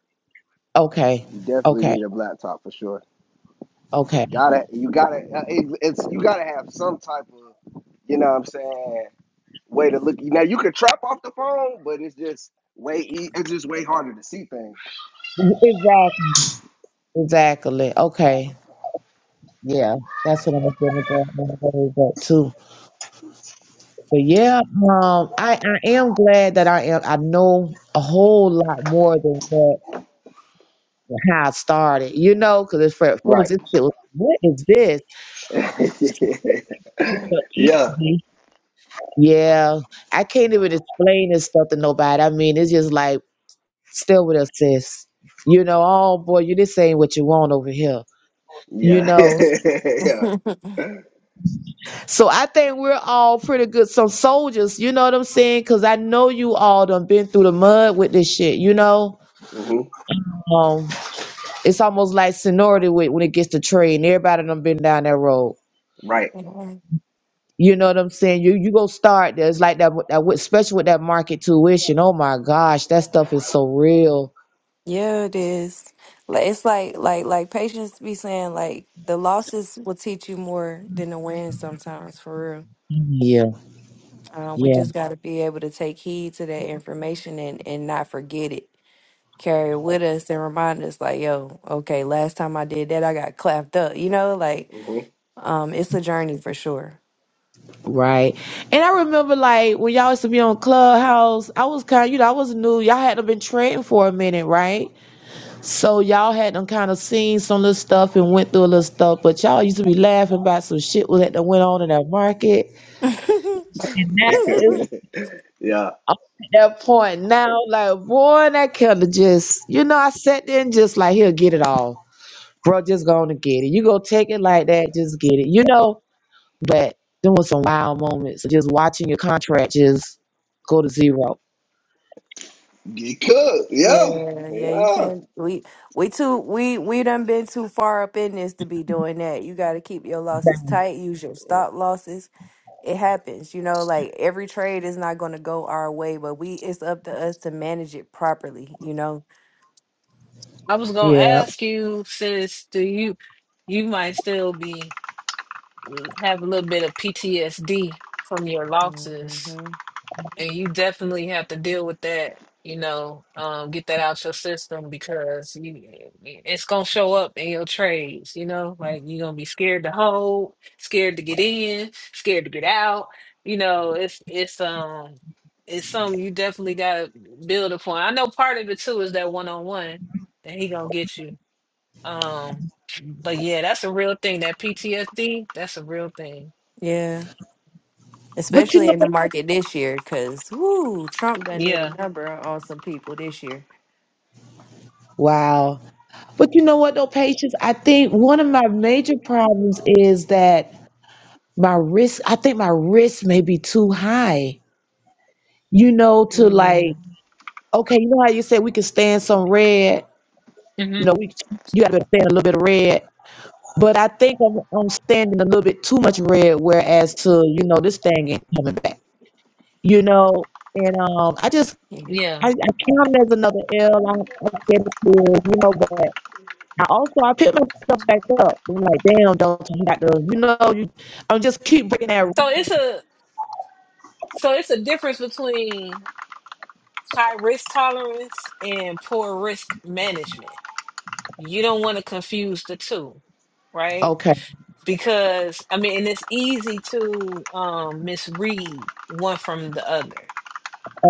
[SPEAKER 6] Okay,
[SPEAKER 1] You definitely
[SPEAKER 6] okay,
[SPEAKER 1] need a laptop for sure.
[SPEAKER 6] okay.
[SPEAKER 1] Gotta you gotta uh, it, it's you gotta have some type of you know what I'm saying, way to look. Now you can trap off the phone, but it's just way e- it's just way harder to see things.
[SPEAKER 6] Exactly. Exactly. Okay. Yeah, that's what I'm feeling going going with too. But yeah, um, I, I am glad that I am. I know a whole lot more than what how I started. You know, because for at first
[SPEAKER 1] Right.
[SPEAKER 6] this shit was what is this?
[SPEAKER 1] yeah,
[SPEAKER 6] This was
[SPEAKER 1] yeah,
[SPEAKER 6] easy. Yeah, I can't even explain this stuff to nobody. I mean, it's just like still with us, sis. You know, oh boy, you this ain't what you want over here. You know,
[SPEAKER 1] yeah.
[SPEAKER 6] So I think we're all pretty good, some soldiers, you know what I'm saying? Because I know you all done been through the mud with this shit, you know?
[SPEAKER 1] hmm
[SPEAKER 6] Um, it's almost like seniority with, when it gets to trading. Everybody done been down that road.
[SPEAKER 1] Right.
[SPEAKER 3] yeah.
[SPEAKER 6] You know what I'm saying? You you go start there. It's like that, with- that with- especially with that market tuition. Oh my gosh, that stuff is so real.
[SPEAKER 3] Yeah, it is. Like it's like like like patients be saying like the losses will teach you more than the wins sometimes for real.
[SPEAKER 6] Yeah,
[SPEAKER 3] Uh, we
[SPEAKER 6] yeah,
[SPEAKER 3] just got to be able to take heed to that information and and not forget it. Carry it with us and remind us like, yo, okay, last time I did that, I got clapped up. You know, like
[SPEAKER 1] hmm
[SPEAKER 3] um, it's a journey for sure.
[SPEAKER 6] right. And I remember like when y'all used to be on Clubhouse, I was kind of, you know, I was new. Y'all had to been trading for a minute, right? So y'all had them kind of seen some little stuff and went through a little stuff, but y'all used to be laughing about some shit that done went on in that market. And now it's
[SPEAKER 1] yeah.
[SPEAKER 6] I'm at that point now, like boy, that killer just, you know, I sat there and just like he'll get it all, bro. Just go on and get it. You go take it like that, just get it, you know. But there was some wild moments, of just watching your contract just go to zero.
[SPEAKER 1] You could. Yeah.
[SPEAKER 3] Yeah, yeah, you
[SPEAKER 1] Yeah.
[SPEAKER 3] can't. We we too we we done been too far up in this to be doing that. You got to keep your losses tight. Use your stop losses. It happens, you know. Like every trade is not going to go our way, but we it's up to us to manage it properly, you know.
[SPEAKER 2] I was gonna
[SPEAKER 6] Yeah,
[SPEAKER 2] ask you, sis, do you you might still be have a little bit of PTSD from your
[SPEAKER 3] hmm
[SPEAKER 2] losses? And you definitely have to deal with that, you know, um, get that out your system because you, it's gonna show up in your trades, you know, like you're gonna be scared to hold, scared to get in, scared to get out. You know, it's it's um it's something you definitely gotta build upon. I know part of it too is that one on one that he gonna get you. Um, but yeah, that's a real thing. That PTSD, that's a real thing.
[SPEAKER 3] Yeah,
[SPEAKER 6] but you
[SPEAKER 3] especially
[SPEAKER 6] know,
[SPEAKER 3] in the market this year, because whoo, Trump done did a
[SPEAKER 2] Yeah.
[SPEAKER 3] number on some people this year.
[SPEAKER 6] wow. But you know what, though, Patience? I think one of my major problems is that my risk, I think my risk may be too high, you know, to like,
[SPEAKER 2] Mm.
[SPEAKER 6] okay, you know how you said we can stand some red, you
[SPEAKER 2] hmm
[SPEAKER 6] know, we you gotta stand a little bit of red. But I think I'm, I'm standing a little bit too much red, whereas to, you know, this thing ain't coming back, you know? And um, I just,
[SPEAKER 2] Yeah.
[SPEAKER 6] I, I count it as another L. I, I said it before, you know, but I also I pick myself back up. I'm like, damn, Dalton, you got to, you know, you. I'm just keep breaking that. rule.
[SPEAKER 2] So it's a So it's a difference between high risk tolerance and poor risk management. You don't want to confuse the two, right?
[SPEAKER 6] Okay,
[SPEAKER 2] Because I mean, and it's easy to um misread one from the other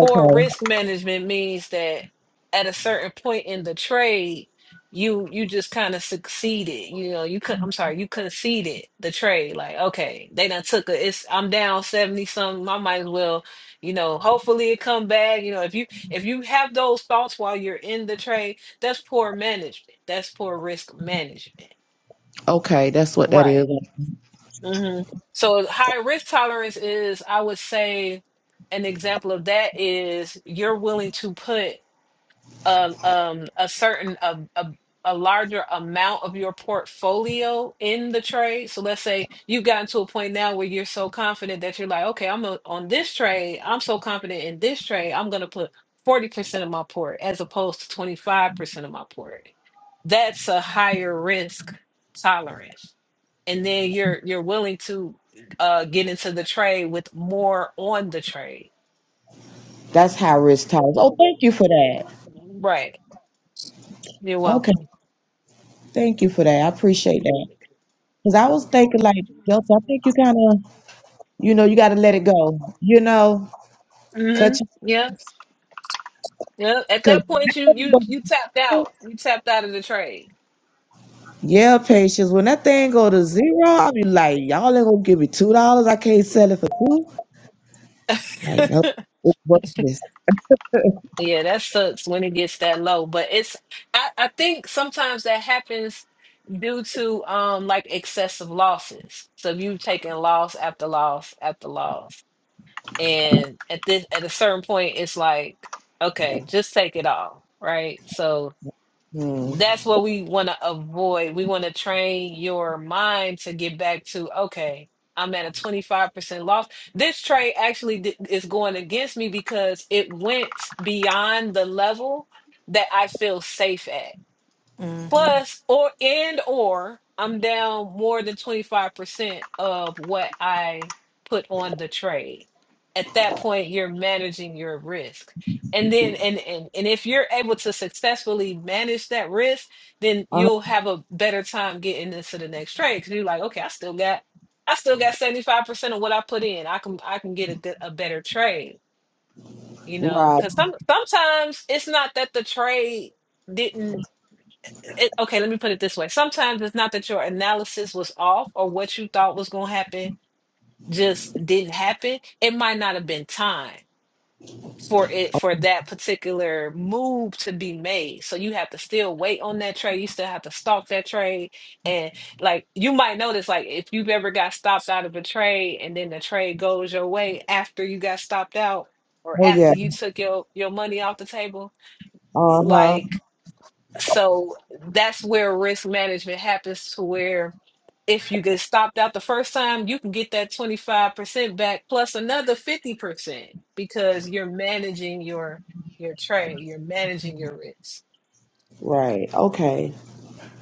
[SPEAKER 2] poor risk management means that at a certain point in the trade you you just kind of succeeded you know you could i'm sorry you conceded the trade like okay they done took a it's i'm down 70 something i might as well you know hopefully it come back you know if you if you have those thoughts while you're in the trade that's poor management that's poor risk management
[SPEAKER 6] okay. That's what that
[SPEAKER 2] right
[SPEAKER 6] is.
[SPEAKER 2] hmm so high risk tolerance is i would say an example of that is you're willing to put a um a certain a, a a larger amount of your portfolio in the trade. So let's say you've gotten to a point now where you're so confident that you're like, okay, I'm a, on this trade. I'm so confident in this trade. I'm gonna put 40% of my port as opposed to 25% of my port. That's a higher risk tolerance. And then you're you're willing to uh get into the trade with more on the trade.
[SPEAKER 6] That's high risk tolerance. Oh, thank you for that.
[SPEAKER 2] Right. You're
[SPEAKER 6] Okay,
[SPEAKER 2] welcome.
[SPEAKER 6] thank you for that. I appreciate that. Cause I was thinking like, Delta, I think you kind of, you know, you got to let it go. You know,
[SPEAKER 2] Mm-hmm.
[SPEAKER 6] cut you,
[SPEAKER 2] Yeah. Yeah, at that point you you
[SPEAKER 6] cause
[SPEAKER 2] you tapped out. You tapped out of the trade.
[SPEAKER 6] Yeah, patience. When that thing go to zero, I'll be like, y'all ain't gonna give me two dollars. I can't sell it for two. Like, no, it's worthless.
[SPEAKER 2] Yeah, that sucks when it gets that low. But it's I, I think sometimes that happens due to um like excessive losses. So if you've taken loss after loss after loss. And at this at a certain point it's like, okay, just take it all, right? So.
[SPEAKER 6] Hmm.
[SPEAKER 2] That's what we want to avoid. We want to train your mind to get back to, okay, I'm at a 25% loss. This trade actually di- is going against me because it went beyond the level that I feel safe at
[SPEAKER 3] Mm-hmm.
[SPEAKER 2] plus or and or I'm down more than 25% of what I put on the trade. At that point, you're managing your risk. And then and and and if you're able to successfully manage that risk, then
[SPEAKER 6] Uh,
[SPEAKER 2] you'll have a better time getting into the next trade because you're like, okay, I still got I still got 75% of what I put in. I can I can get a good a better trade, you know,
[SPEAKER 6] right.
[SPEAKER 2] because some sometimes it's not that the trade didn't it, okay, let me put it this way. Sometimes it's not that your analysis was off or what you thought was going to happen just didn't happen. It might not have been time for it for that particular move to be made. So you have to still wait on that trade. You still have to stalk that trade. And like you might notice like if you've ever got stopped out of a trade and then the trade goes your way after you got stopped out or
[SPEAKER 6] Oh yeah.
[SPEAKER 2] after you took your your money off the table,
[SPEAKER 6] Uh huh.
[SPEAKER 2] like. So that's where risk management happens to where if you get stopped out the first time, you can get that 25% back plus another 50% because you're managing your your trade, you're managing your risk.
[SPEAKER 6] Right. Okay.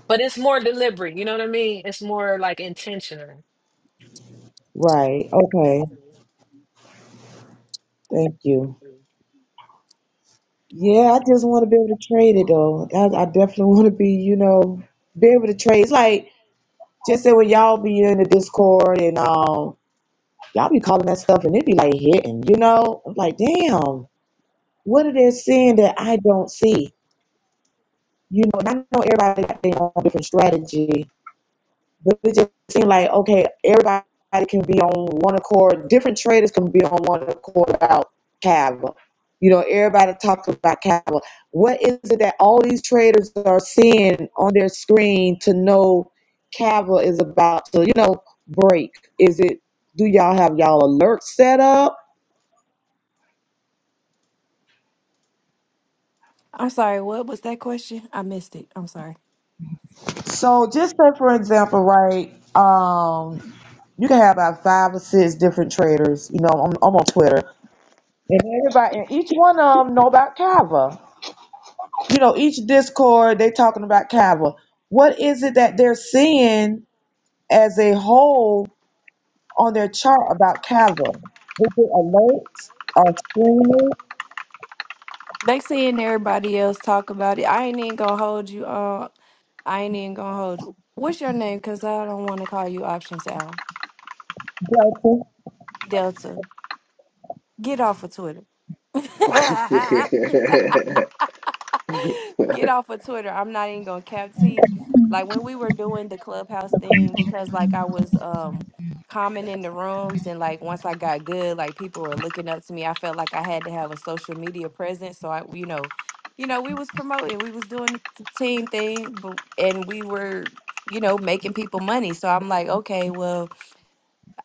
[SPEAKER 2] But it's more deliberate, you know what I mean? It's more like intentional.
[SPEAKER 6] Right. Okay. Thank you. Yeah, I just want to be able to trade it though. I, I definitely want to be, you know, be able to trade. It's like just say when y'all be in the Discord and um, y'all be calling that stuff and it be like hitting, you know. I'm like, damn, what are they seeing that I don't see? you know, and I know everybody got their own different strategy, but it just seemed like okay, everybody can be on one accord. Different traders can be on one accord about cattle. You know, everybody talks about cattle. What is it that all these traders are seeing on their screen to know cattle is about to, you know, break? Is it? Do y'all have y'all alerts set up?
[SPEAKER 3] I'm sorry. What was that question? I missed it. I'm sorry.
[SPEAKER 6] So just say for example, right? Um, you can have about five or six different traders. You know, I'm, I'm on Twitter, and everybody, and each one of them know about Kava. You know, each Discord they talking about Kava. What is it that they're seeing as a whole on their chart about Kava? Is it alerts or screaming?
[SPEAKER 3] They seeing everybody else talk about it. I ain't even gonna hold you. Uh, I ain't even gonna hold you. What's your name? Cause I don't want to call you Options Al
[SPEAKER 6] Delta?
[SPEAKER 3] Delta. Get off of Twitter. Get off of Twitter. I'm not even gonna cap to you. Like when we were doing the clubhouse thing, because like I was um commenting in the rooms and like once I got good, like people were looking up to me. I felt like I had to have a social media presence. So I you know, you know, we was promoting, we was doing the team thing, but and we were, you know, making people money. So I'm like, okay, well,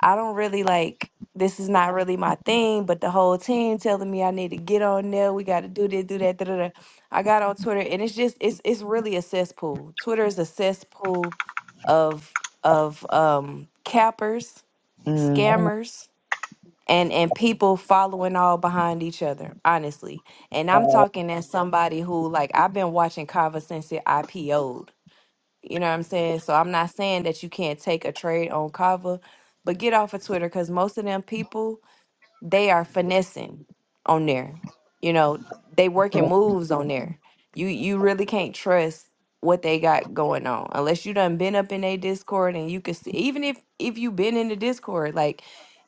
[SPEAKER 3] I don't really like this is not really my thing, but the whole team telling me I need to get on there. We got to do this, do that, da da da. I got on Twitter, and it's just it's it's really a cesspool. Twitter is a cesspool of of um cappers,
[SPEAKER 6] Mm,
[SPEAKER 3] scammers, and and people following all behind each other. Honestly, and I'm
[SPEAKER 6] right,
[SPEAKER 3] talking as somebody who like I've been watching Kava since it IPO'd. You know what I'm saying? So I'm not saying that you can't take a trade on Kava, but get off of Twitter because most of them people, they are finessing on there. You know, they working moves on there. You you really can't trust what they got going on unless you done been up in a Discord and you can see even if if you been in the Discord, like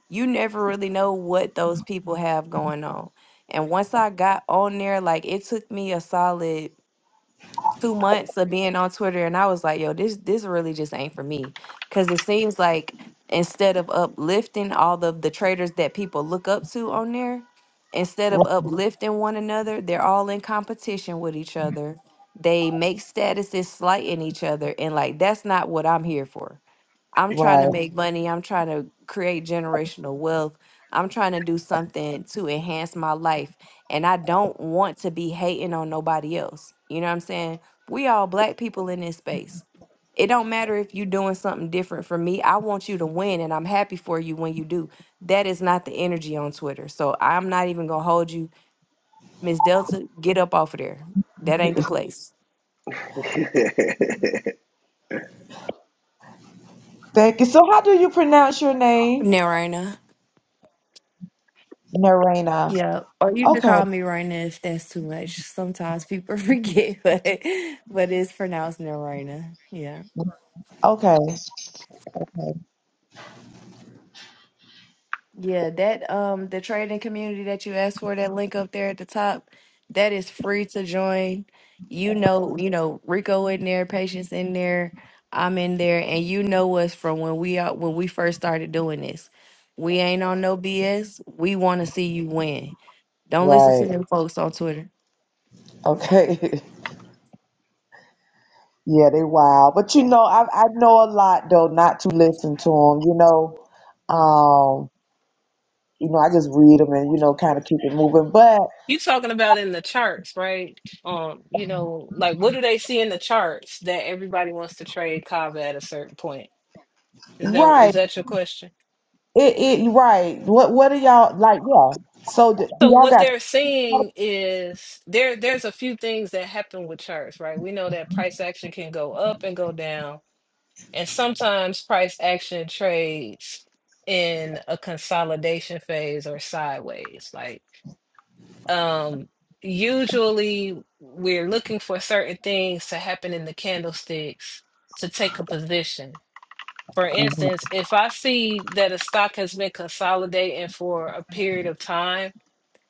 [SPEAKER 3] you never really know what those people have going on. And once I got on there, like it took me a solid two months of being on Twitter and I was like, yo, this this really just ain't for me. Cause it seems like instead of uplifting all of the traders that people look up to on there, instead of uplifting one another, they're all in competition with each other. They make statuses slighting each other. And like that's not what I'm here for. I'm trying to
[SPEAKER 6] right.
[SPEAKER 3] make Mhm. money. I'm trying to create generational wealth. I'm trying to do something to enhance my life. And I don't want to be hating on nobody else. You know what I'm saying? We all black people in this space. It don't matter if you doing something different from me. I want you to win and I'm happy for you when you do. That is not the energy on Twitter. So I'm not even gonna hold you. Miss Delta, get up off of there. That ain't the place.
[SPEAKER 6] Thank you. So, how do you pronounce your name,
[SPEAKER 3] Now, Raina.
[SPEAKER 6] Narena?
[SPEAKER 3] Yeah, or you can
[SPEAKER 6] Okay,
[SPEAKER 3] call me Raina if that's too much. Sometimes people forget, but but it's pronounced Narina. Yeah.
[SPEAKER 6] okay,
[SPEAKER 3] Yeah, that um the trading community that you asked for, that link up there at the top, that is free to join. You know, you know, Rico in there, Patience in there, I'm in there, and you know us from when we are when we first started doing this. We ain't on no BS. We want to see you win. Don't listen to
[SPEAKER 6] right,
[SPEAKER 3] them folks on Twitter.
[SPEAKER 6] okay. Yeah, they wild. But you know, I I know a lot though not to listen to them. You know, um, you know, I just read them and you know, kind of keep it moving. But
[SPEAKER 2] You talking about in the charts, right? Um, you know, like what do they see in the charts that everybody wants to trade Kava at a certain point? Is that
[SPEAKER 6] right,
[SPEAKER 2] is that your question?
[SPEAKER 6] it it right. What what are y'all like? Yeah. So d- do
[SPEAKER 2] So
[SPEAKER 6] y'all
[SPEAKER 2] what
[SPEAKER 6] got
[SPEAKER 2] they're saying is there there's a few things that happen with charts, right? We know that price action can go up and go down, and sometimes price action trades in a consolidation phase or sideways. Like um usually we're looking for certain things to happen in the candlesticks to take a position. For
[SPEAKER 6] Mhm.
[SPEAKER 2] instance, if I see that a stock has been consolidating for a period of time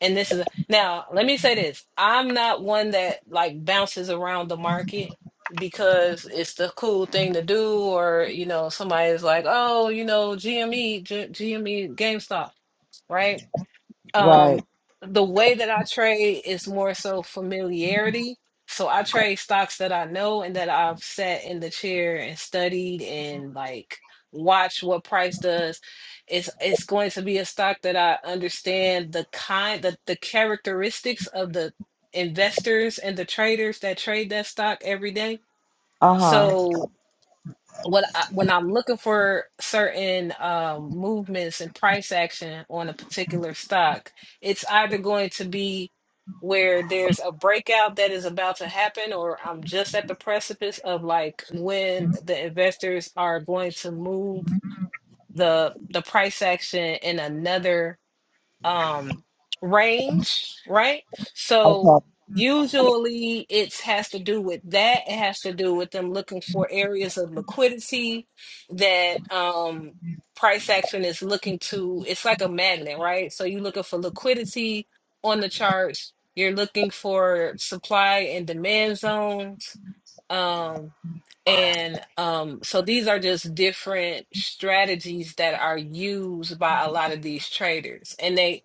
[SPEAKER 2] and this is now, let me say this. I'm not one that like bounces around the market because it's the cool thing to do, or you know, somebody's like, oh, you know, GME, GME, GameStop, right?
[SPEAKER 6] right?
[SPEAKER 2] um the way that I trade is more so familiarity. So I trade stocks that I know and that I've sat in the chair and studied and like watch what price does. It's it's going to be a stock that I understand the kind the, the characteristics of the investors and the traders that trade that stock every day.
[SPEAKER 6] Uh huh.
[SPEAKER 2] So what I, when I'm looking for certain um, movements and price action on a particular stock, it's either going to be where there's a breakout that is about to happen, or I'm just at the precipice of like when the investors are going to move the the price action in another um range, right? So
[SPEAKER 6] Okay.
[SPEAKER 2] usually it has to do with that. It has to do with them looking for areas of liquidity that um price action is looking to. It's like a magnet, right? So you're looking for liquidity on the charts. You're looking for supply and demand zones. Um and um, so these are just different strategies that are used by a lot of these traders. And they,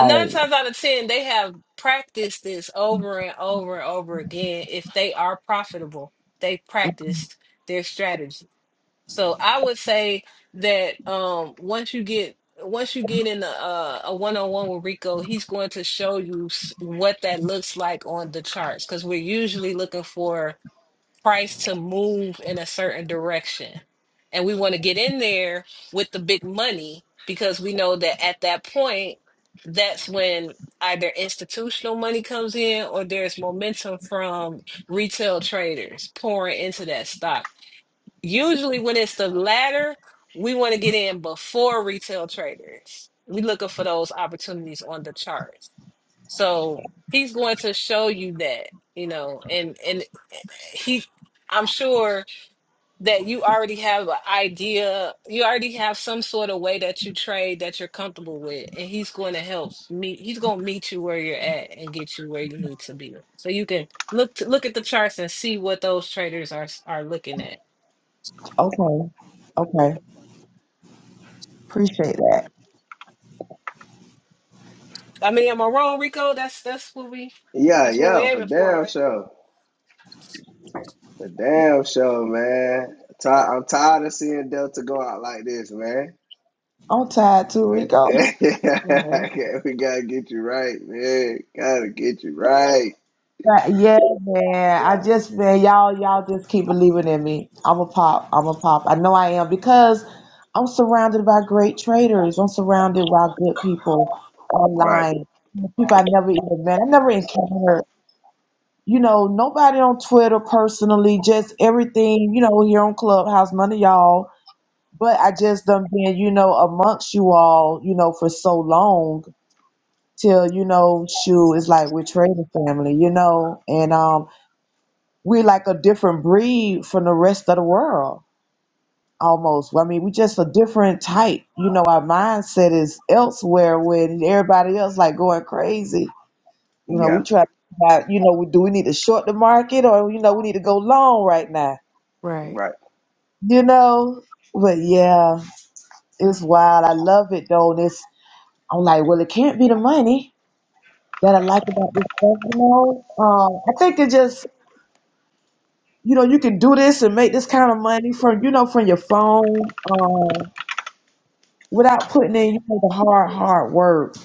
[SPEAKER 2] nine times out of 10, they have practiced this over and over and over again. If they are profitable, they practiced their strategy. So I would say that um, once you get once you get in a, a a one-on-one with Rico, he's going to show you s- what that looks like on the charts because we're usually looking for price to move in a certain direction. And we want to get in there with the big money because we know that at that point, that's when either institutional money comes in or there's momentum from retail traders pouring into that stock. Usually, when it's the latter, we want to get in before retail traders. we are looking for those opportunities on the charts. So he's going to show you that, you know, and and he I'm sure that you already have an idea, you already have some sort of way that you trade that you're comfortable with, and he's going to help meet he's going to meet you where you're at and get you where you need to be. So you can look to, look at the charts and see what those traders are are looking at.
[SPEAKER 6] Okay. Okay. Appreciate that.
[SPEAKER 2] I mean, am I wrong, Rico? That's that's what we
[SPEAKER 1] yeah,
[SPEAKER 2] that's what
[SPEAKER 1] yeah,
[SPEAKER 2] we're
[SPEAKER 1] for
[SPEAKER 2] aiming for,
[SPEAKER 1] damn
[SPEAKER 2] right?
[SPEAKER 1] sure. For damn sure, man. Ti- I'm tired of seeing Delta go out like this, man.
[SPEAKER 6] I'm tired too,
[SPEAKER 1] Yeah.
[SPEAKER 6] Rico.
[SPEAKER 3] You know.
[SPEAKER 1] we gotta get you right, man. Gotta get you right.
[SPEAKER 6] But yeah, man. I just man, y'all, y'all just keep believing in me. I'm a pop. I'm a pop. I know I am because I'm surrounded by great traders. I'm surrounded by good people
[SPEAKER 1] Right.
[SPEAKER 6] online. People I never even met. I never encountered. You know, nobody on Twitter personally. Just everything. You know, here on Clubhouse, none of y'all. But I just done been, you know, amongst you all, you know, for so long till you know, shoe is like we're trading family, you know, and um we're like a different breed from the rest of the world almost. I mean, we just a different type. You know, our mindset is elsewhere when everybody else like going crazy. You know,
[SPEAKER 1] Yeah,
[SPEAKER 6] we try to find out, you know, we do we need to short the market or you know, we need to go long right now.
[SPEAKER 3] Right.
[SPEAKER 1] right.
[SPEAKER 6] You know? But yeah, it's wild. I love it though. And it's I'm like, well it can't be the money that I like about this stuff, you know. Um, I think it just you know, you can do this and make this kind of money from, you know, from your phone, um, without putting in, you know, the hard, hard work.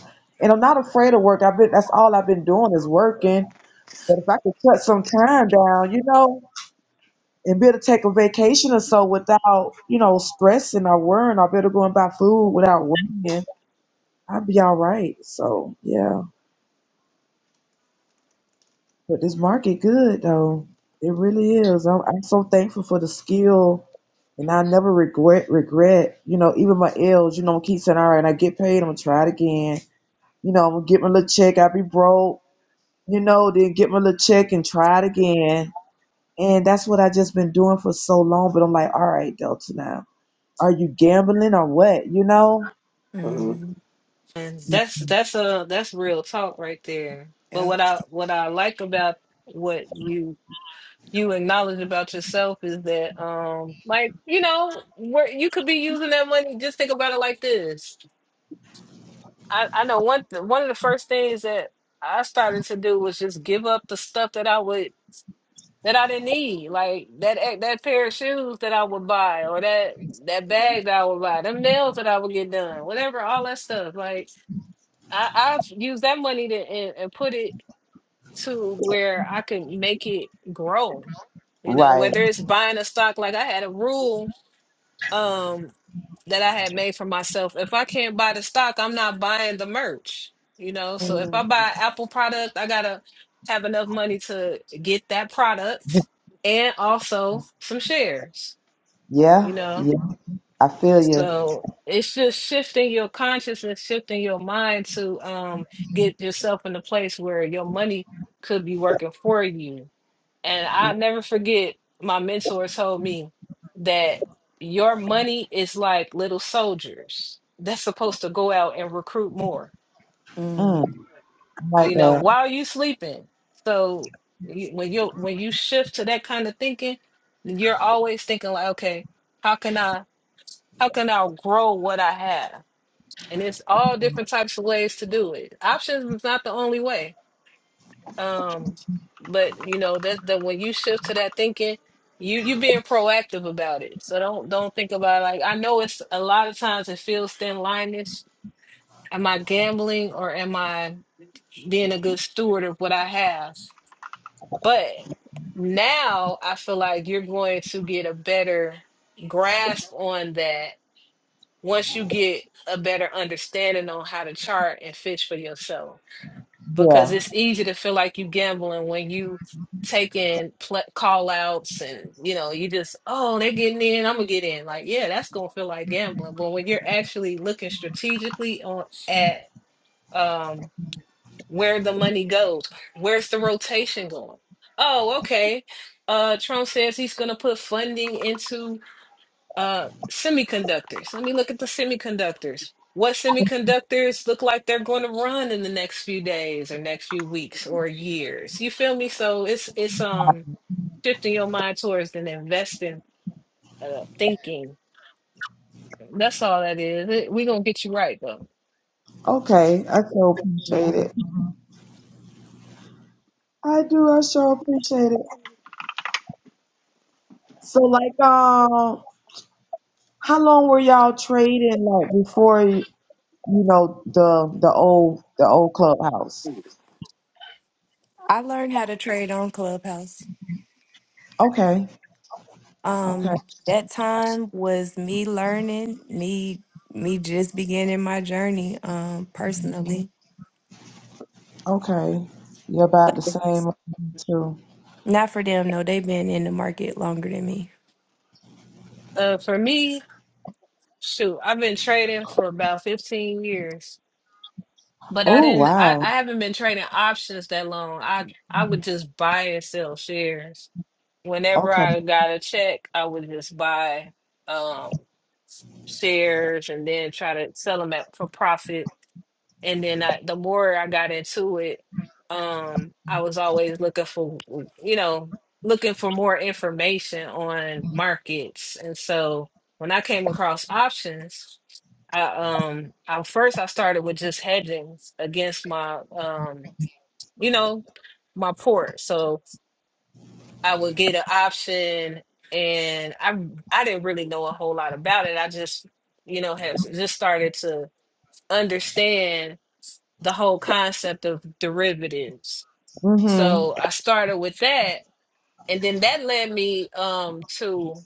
[SPEAKER 6] And I'm not afraid of work. I've been, that's all I've been doing is working. But if I could cut some time down, you know, and be able to take a vacation or so without, you know, stressing or worrying or be able to go and buy food without worrying, I'd be all right. So, yeah. But this market good though. It really is. I'm, I'm so thankful for the skill, and I never regret regret. You know, even my L's. You know, I keep saying, "All right, I get paid. I'm gonna try it again." You know, I'm gonna get my little check. I be broke. You know, then get my little check and try it again. And that's what I just been doing for so long. But I'm like, all right, Delta now. Are you gambling or what? You know?
[SPEAKER 1] hmm
[SPEAKER 3] Mm-hmm.
[SPEAKER 2] And that's that's a that's real talk right there. But
[SPEAKER 3] Yep.
[SPEAKER 2] what I what I like about what you you acknowledge about yourself is that um like you know where you could be using that money. Just think about it like this. I I know one th- one of the first things that I started to do was just give up the stuff that I would that I didn't need, like that ex- that pair of shoes that I would buy or that that bag that I would buy, them nails that I would get done, whatever, all that stuff, like. I, I've used that money to and, and put it to where I can make it grow. You know,
[SPEAKER 6] Right.
[SPEAKER 2] whether it's buying a stock, like I had a rule um that I had made for myself. If I can't buy the stock, I'm not buying the merch. You know, so if I buy Apple product, I gotta have enough money to get that product and also some shares. You
[SPEAKER 6] Yeah.
[SPEAKER 2] know,
[SPEAKER 6] Yeah. I feel you.
[SPEAKER 2] So it's just shifting your consciousness, shifting your mind to um get yourself in a place where your money could be working for you. And I'll never forget my mentor told me that your money is like little soldiers that's supposed to go out and recruit more,
[SPEAKER 6] Mm,
[SPEAKER 3] Mm.
[SPEAKER 6] I like
[SPEAKER 2] you know,
[SPEAKER 6] that.
[SPEAKER 2] while you sleeping. So you, when you when you shift to that kind of thinking, you're always thinking like, okay, how can I how can I grow what I have? and it's all different types of ways to do it. Options is not the only way. Um, but you know that that when you shift to that thinking, you you being proactive about it. So don't don't think about like I know it's a lot of times it feels thin liness. Am I gambling or am I being a good steward of what I have? But now I feel like you're going to get a better grasp on that once you get a better understanding on how to chart and fish for yourself. because
[SPEAKER 6] Yeah.
[SPEAKER 2] it's easy to feel like you gambling when you taking pl- call outs and you know you just oh they're getting in i'm gonna get in like yeah that's gonna feel like gambling but when you're actually looking strategically on at um where the money goes where's the rotation going oh okay uh trump says he's gonna put funding into uh semiconductors. Let me look at the semiconductors. What semiconductors look like they're going to run in the next few days or next few weeks or years. You feel me? So it's it's um shifting your mind towards an investing uh, thinking. That's all that is. It, we gonna get you right though.
[SPEAKER 6] Okay. I so appreciate
[SPEAKER 2] hmm
[SPEAKER 6] it. I do. I sure appreciate it. So, like, um, how long were y'all trading like before you know the the old the old clubhouse?
[SPEAKER 3] I learned how to trade on Clubhouse.
[SPEAKER 6] Okay, okay,
[SPEAKER 3] Um, that time was me learning, me me just beginning my journey um personally.
[SPEAKER 6] okay. You're about
[SPEAKER 3] But
[SPEAKER 6] the same too.
[SPEAKER 3] not for them, no, they've been in the market longer than me.
[SPEAKER 2] Uh, for me, shoot, I've been trading for about 15 years, but I
[SPEAKER 6] Oh
[SPEAKER 2] didn't. I,
[SPEAKER 6] wow.
[SPEAKER 2] I haven't been trading options that long. I I would just buy and sell shares whenever
[SPEAKER 6] Okay.
[SPEAKER 2] I got a check, I would just buy um shares and then try to sell them at for profit. And then I, the more I got into it, um, I was always looking for, you know, looking for more information on markets. And so when I came across options, I um I first I started with just hedging against my um, you know, my port. So. I would get an option, and I I didn't really know a whole lot about it. I just, you know, have just started to understand the whole concept of derivatives.
[SPEAKER 6] Mhm.
[SPEAKER 2] So I started with that, and then that led me um to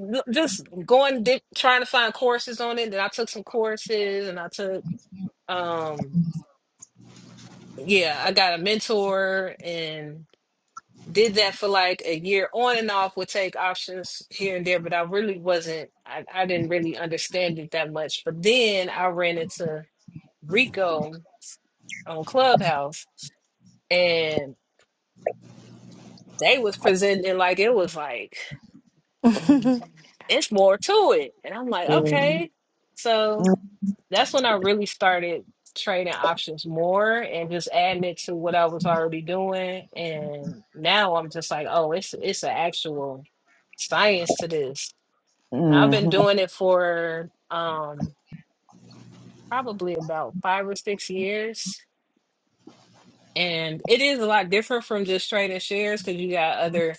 [SPEAKER 2] l- just going di- trying to find courses on it. Then I took some courses, and I took um yeah, I got a mentor, did that for like a year on and off would take options here and there but i really wasn't I, I didn't really understand it that much but then i ran into rico on clubhouse and they was presenting it like it was like it's more to it and i'm like
[SPEAKER 3] yeah.
[SPEAKER 2] okay so that's when i really started trading options more and just adding it to what i was already doing and now i'm just like oh it's it's an actual science to this I've been
[SPEAKER 6] Mhm.
[SPEAKER 2] doing it for um probably about five or six years. And it is a lot different from just trading shares because you got other,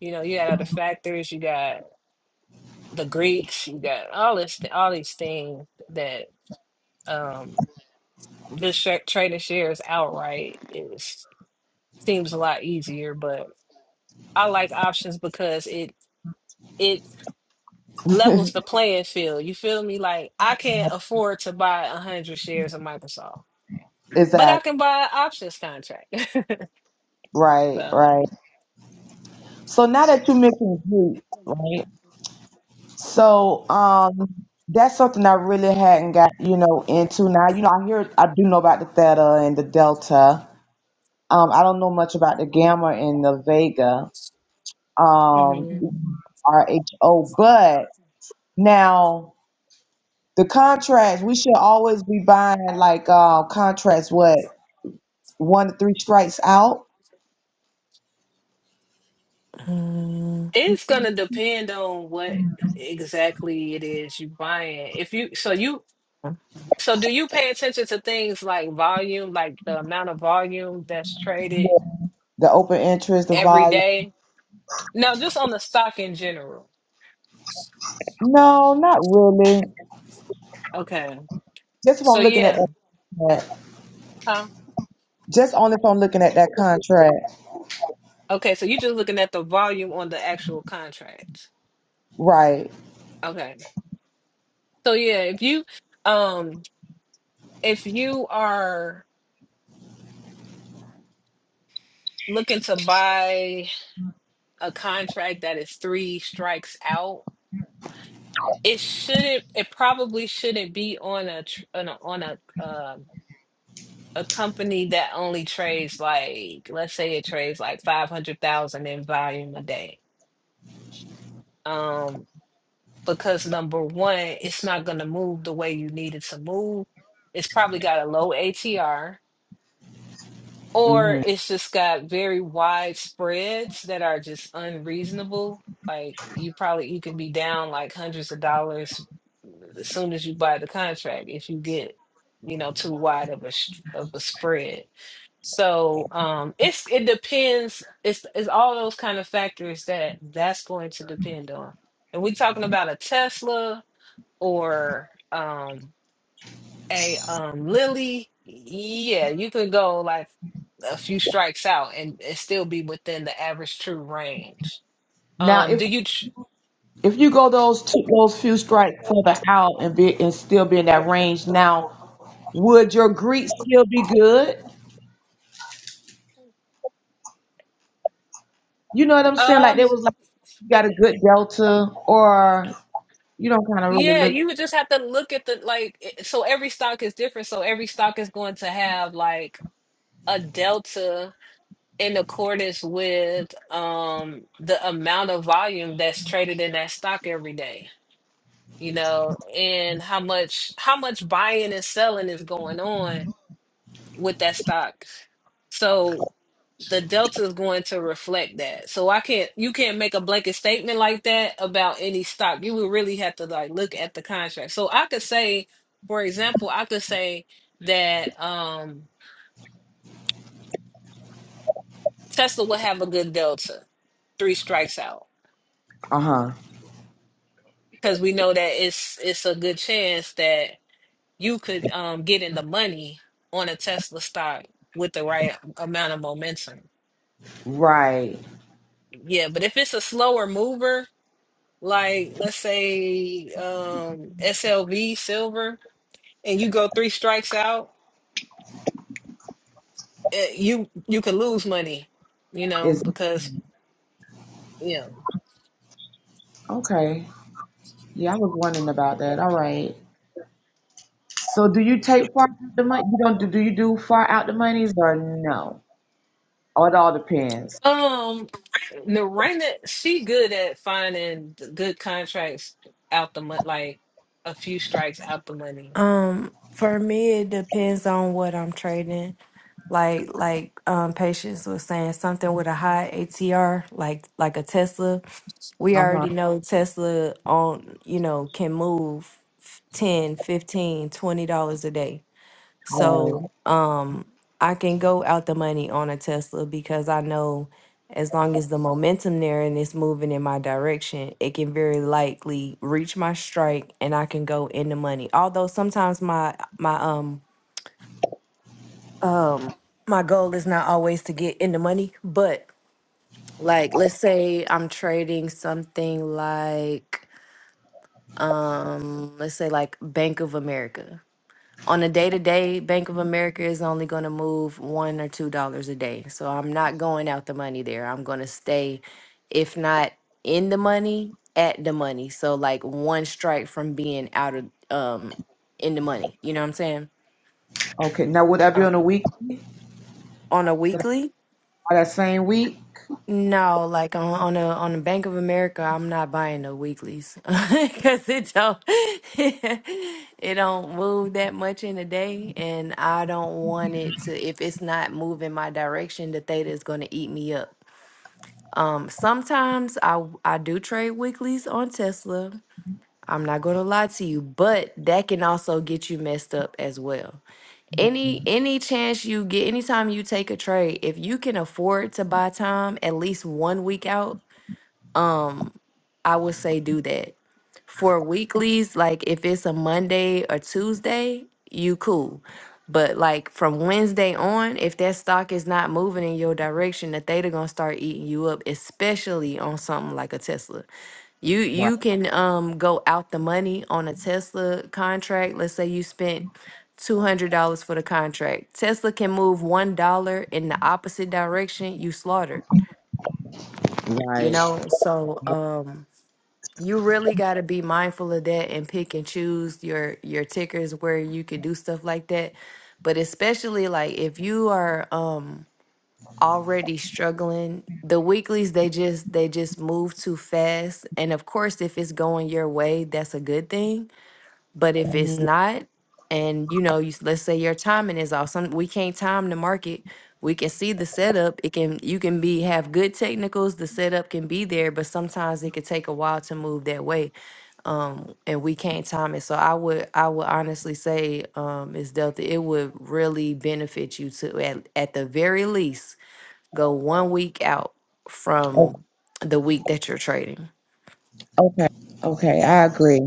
[SPEAKER 2] you know, you got other factors, you got the Greeks, you got all this, all these things that um just tra- trading shares outright is seems a lot easier. But I like options because it it levels the playing field. You feel me? Like I can't afford to buy a hundred shares of Microsoft. but I
[SPEAKER 6] Exactly.
[SPEAKER 2] can buy an options contract.
[SPEAKER 6] Right.
[SPEAKER 2] so
[SPEAKER 6] Right. So now that you're mixing groups, right? So um that's something I really hadn't got, you know, into now. You know, I hear I do know about the theta and the delta. Um, I don't know much about the gamma and the vega, um,
[SPEAKER 2] mhm.
[SPEAKER 6] RHO, but now the contrast, we should always be buying like uh contrast what one to three strikes out.
[SPEAKER 3] Uh,
[SPEAKER 2] it's gonna depend on what exactly it is you buying. If you so you so do you pay attention to things like volume, like the amount of volume that's traded
[SPEAKER 6] the open interest, the
[SPEAKER 2] every
[SPEAKER 6] volume.
[SPEAKER 2] day? No, just on the stock in general.
[SPEAKER 6] No, not really.
[SPEAKER 2] Okay.
[SPEAKER 6] Just if I'm
[SPEAKER 2] So
[SPEAKER 6] looking at
[SPEAKER 2] yeah.
[SPEAKER 6] that,
[SPEAKER 2] Huh?
[SPEAKER 6] just only if I'm looking at that contract.
[SPEAKER 2] Okay, so you're just looking at the volume on the actual contract.
[SPEAKER 6] Right.
[SPEAKER 2] Okay. So yeah, if you um if you are looking to buy a contract that is three strikes out, it shouldn't. It probably shouldn't be on a tr- on a on a um a company that only trades like let's say it trades like five hundred thousand in volume a day. Um, because number one, it's not going to move the way you need it to move. It's probably got a low ATR or
[SPEAKER 6] hmm
[SPEAKER 2] it's just got very wide spreads that are just unreasonable. Like you probably you can be down like hundreds of dollars as soon as you buy the contract if you get you know too wide of a sh- of a spread. So um it's it depends. It's it's all those kind of factors that that's going to depend on. And we talking about a Tesla or um a um Lily, yeah, you could go like a few strikes out and, and still be within the average true range.
[SPEAKER 6] Now,
[SPEAKER 2] Um, do
[SPEAKER 6] if
[SPEAKER 2] you tr-
[SPEAKER 6] if you go those two, those few strikes further out and be and still be in that range, now would your greet still be good? You know what I'm saying? Like
[SPEAKER 2] um
[SPEAKER 6] there was like you got a good delta, or you don't kind of really
[SPEAKER 2] yeah,
[SPEAKER 6] look.
[SPEAKER 2] you would just have to look at the like i- so every stock is different, so every stock is going to have like a delta in accordance with um the amount of volume that's traded in that stock every day, you know, and how much how much buying and selling is going on with that stock. So the delta is going to reflect that. So I can't you can't make a blanket statement like that about any stock. You would really have to like look at the contract. So I could say, for example, I could say that um Tesla will have a good delta, three strikes out.
[SPEAKER 6] Uh huh.
[SPEAKER 2] Because we know that it's it's a good chance that you could um get in the money on a Tesla stock with the right amount of momentum.
[SPEAKER 6] Right.
[SPEAKER 2] Yeah, but if it's a slower mover, like let's say um SLV silver and you go three strikes out, eh, you you could lose money, you know,
[SPEAKER 6] Is
[SPEAKER 2] because you know.
[SPEAKER 6] okay. Yeah, I was wondering about that. All right. So, do you take far out the money? You don't do? Do you do far out the monies or no? Or it all depends.
[SPEAKER 2] Um Narena, she good at finding the good contracts out the money, like a few strikes out the money.
[SPEAKER 3] Um, for me, it depends on what I'm trading. Like, like um, Patience was saying, something with a high ATR, like like a Tesla. We
[SPEAKER 6] Uh huh.
[SPEAKER 3] already know Tesla on, you know, can move 10, 15, 20 dollars a day.
[SPEAKER 6] Right.
[SPEAKER 3] So um I can go out the money on a Tesla because I know as long as the momentum there and it's moving in my direction, it can very likely reach my strike and I can go in the money. Although sometimes my my um um my goal is not always to get in the money, but like let's say I'm trading something like um let's say like Bank of America. on a day to day, Bank of America is only going to move one or two dollars a day. So I'm not going out the money there. I'm going to stay, if not in the money, at the money. So like one strike from being out of um in the money. You know what I'm saying?
[SPEAKER 6] Okay. Now, would that be
[SPEAKER 3] Uh,
[SPEAKER 6] on a week?
[SPEAKER 3] on a weekly,
[SPEAKER 6] Oh, that same week?
[SPEAKER 3] No, like on on a on the Bank of America, I'm not buying the weeklies because it don't it don't move that much in a day, and I don't want it to. If it's not moving my direction, the theta is going to eat me up. Um, sometimes I I do trade weeklies on Tesla. I'm not going to lie to you, but that can also get you messed up as well. Any any chance you get, anytime you take a trade, if you can afford to buy time at least one week out um I would say do that. For weeklies, like if it's a Monday or Tuesday, you cool. But like from Wednesday on, if that stock is not moving in your direction, the theta gonna start eating you up, especially on something like a Tesla. You
[SPEAKER 6] Right.
[SPEAKER 3] you can um go out the money on a Tesla contract. Let's say you spent two hundred dollars for the contract. Tesla can move one dollar in the opposite direction, you slaughtered. You
[SPEAKER 6] Right.
[SPEAKER 3] know, so um you really got to be mindful of that and pick and choose your your tickers where you could do stuff like that but especially like if you are um already struggling the weeklies they just they just move too fast and of course if it's going your way that's a good thing but if it's not and you know you, let's say your timing is off some we can't time the market we can see the setup it can you can be have good technicals the setup can be there but sometimes it could take a while to move that way um and we can't time it so i would i would honestly say um ms delta it would really benefit you to at, at the very least go one week out
[SPEAKER 6] O-
[SPEAKER 3] from the week that you're trading
[SPEAKER 6] Okay, okay, I agree.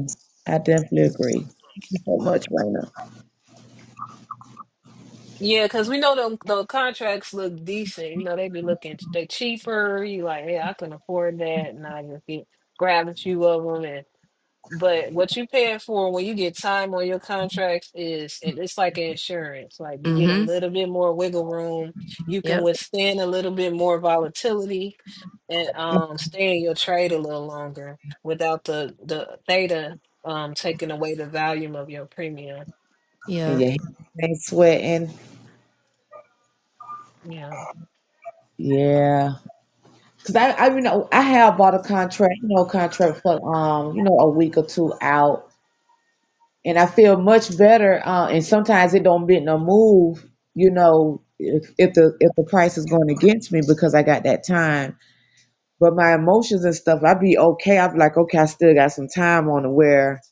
[SPEAKER 6] I definitely agree. Thank you So much, Raina.
[SPEAKER 2] Yeah, because we know them the contracts look decent. You know, they be looking they cheaper. You like, yeah, I can afford that, and I just get grab a few of them But what you paying for when you get time on your contracts is it- it's like insurance. Like you get a
[SPEAKER 3] mm-hmm
[SPEAKER 2] little bit more wiggle room. You can
[SPEAKER 3] yep
[SPEAKER 2] withstand a little bit more volatility and um stay in your trade a little longer without the the theta um taking away the volume of your premium.
[SPEAKER 6] And
[SPEAKER 3] yeah
[SPEAKER 6] your hands ain't sweating.
[SPEAKER 2] Yeah.
[SPEAKER 6] Yeah, cause I, I, you know, I have bought a contract, you know, contract for um, you know, a week or two out, and I feel much better. Uh, and sometimes it don't bend no move, you know, if, if the if the price is going against me because I got that time. But my emotions and stuff, I'd be okay. I'd be like, okay, I still got some time on it. Where,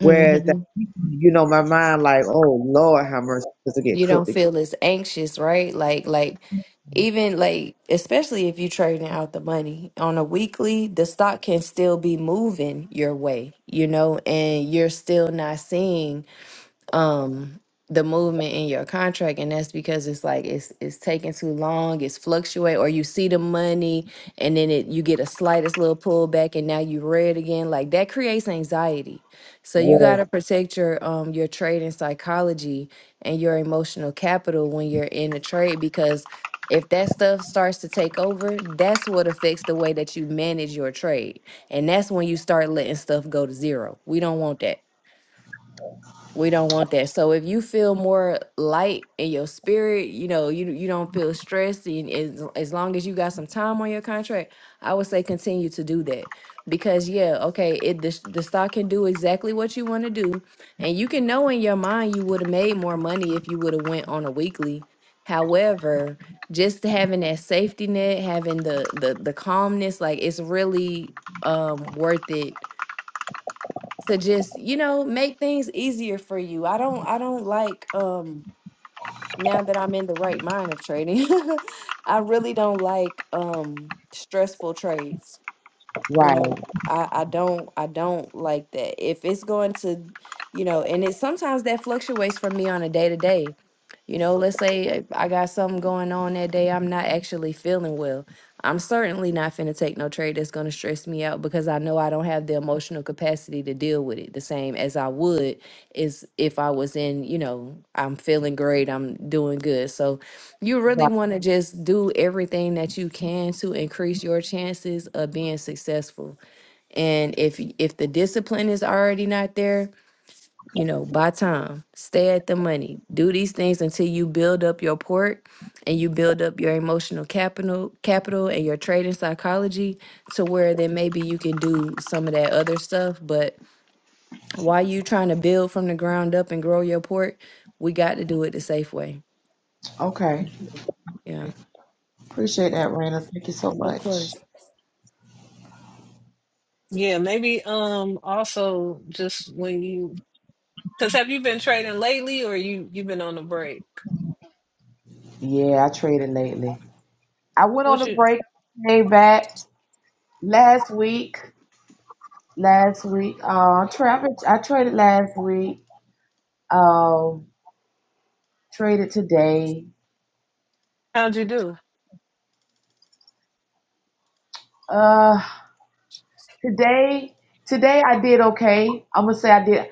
[SPEAKER 6] whereas that, you know, my mind like, oh Lord, how mercy does it get
[SPEAKER 3] you don't
[SPEAKER 6] cooked?
[SPEAKER 3] feel as anxious right like like even like especially if you're trading out the money on a weekly the stock can still be moving your way you know and you're still not seeing um the movement in your contract and that's because it's like it's it's taking too long it's fluctuate or you see the money and then it you get a slightest little pullback and now you red again like that creates anxiety so you
[SPEAKER 6] Yeah,
[SPEAKER 3] got to protect your um your trading psychology and your emotional capital when you're in a trade because if that stuff starts to take over that's what affects the way that you manage your trade and that's when you start letting stuff go to zero we don't want that we don't want that. So if you feel more light in your spirit, you know, you you don't feel stressed and as, as long as you got some time on your contract, I would say continue to do that. Because yeah, okay, it the, s- the stock can do exactly what you want to do and you can know in your mind you would have made more money if you would have went on a weekly. However, just having that safety net, having the the the calmness like it's really um worth it to just you know make things easier for you i don't i don't like um now that i'm in the right mind of trading i really don't like um stressful trades you
[SPEAKER 6] right,
[SPEAKER 3] know i i don't i don't like that if it's going to you know and it sometimes that fluctuates for me on a day to day you know let's say i got something going on that day i'm not actually feeling well i'm certainly not finna take no trade that's gonna stress me out because i know i don't have the emotional capacity to deal with it the same as i would is if i was in you know i'm feeling great i'm doing good so you really
[SPEAKER 6] right.
[SPEAKER 3] want to just do everything that you can to increase your chances of being successful. And if y- if the discipline is already not there, you know, buy time, stay at the money, do these things until you build up your port and you build up your emotional capital capital and your trading psychology to where then maybe you can do some of that other stuff. But while you trying to build from the ground up and grow your port, we got to do it the safe way.
[SPEAKER 6] Okay,
[SPEAKER 3] Yeah.
[SPEAKER 6] appreciate that, Raina. Thank you so
[SPEAKER 3] Oh.
[SPEAKER 6] much.
[SPEAKER 2] Yeah, maybe um also just when you because have you been trading lately or you you've been on a break?
[SPEAKER 6] Yeah, I traded lately. I went on
[SPEAKER 2] What
[SPEAKER 6] a
[SPEAKER 2] you
[SPEAKER 6] break, came back last week. Last week, uh, tra- I traded last week. Um, traded today.
[SPEAKER 2] how'd you do?
[SPEAKER 6] Uh. Today, today I did okay. I'm gonna say I did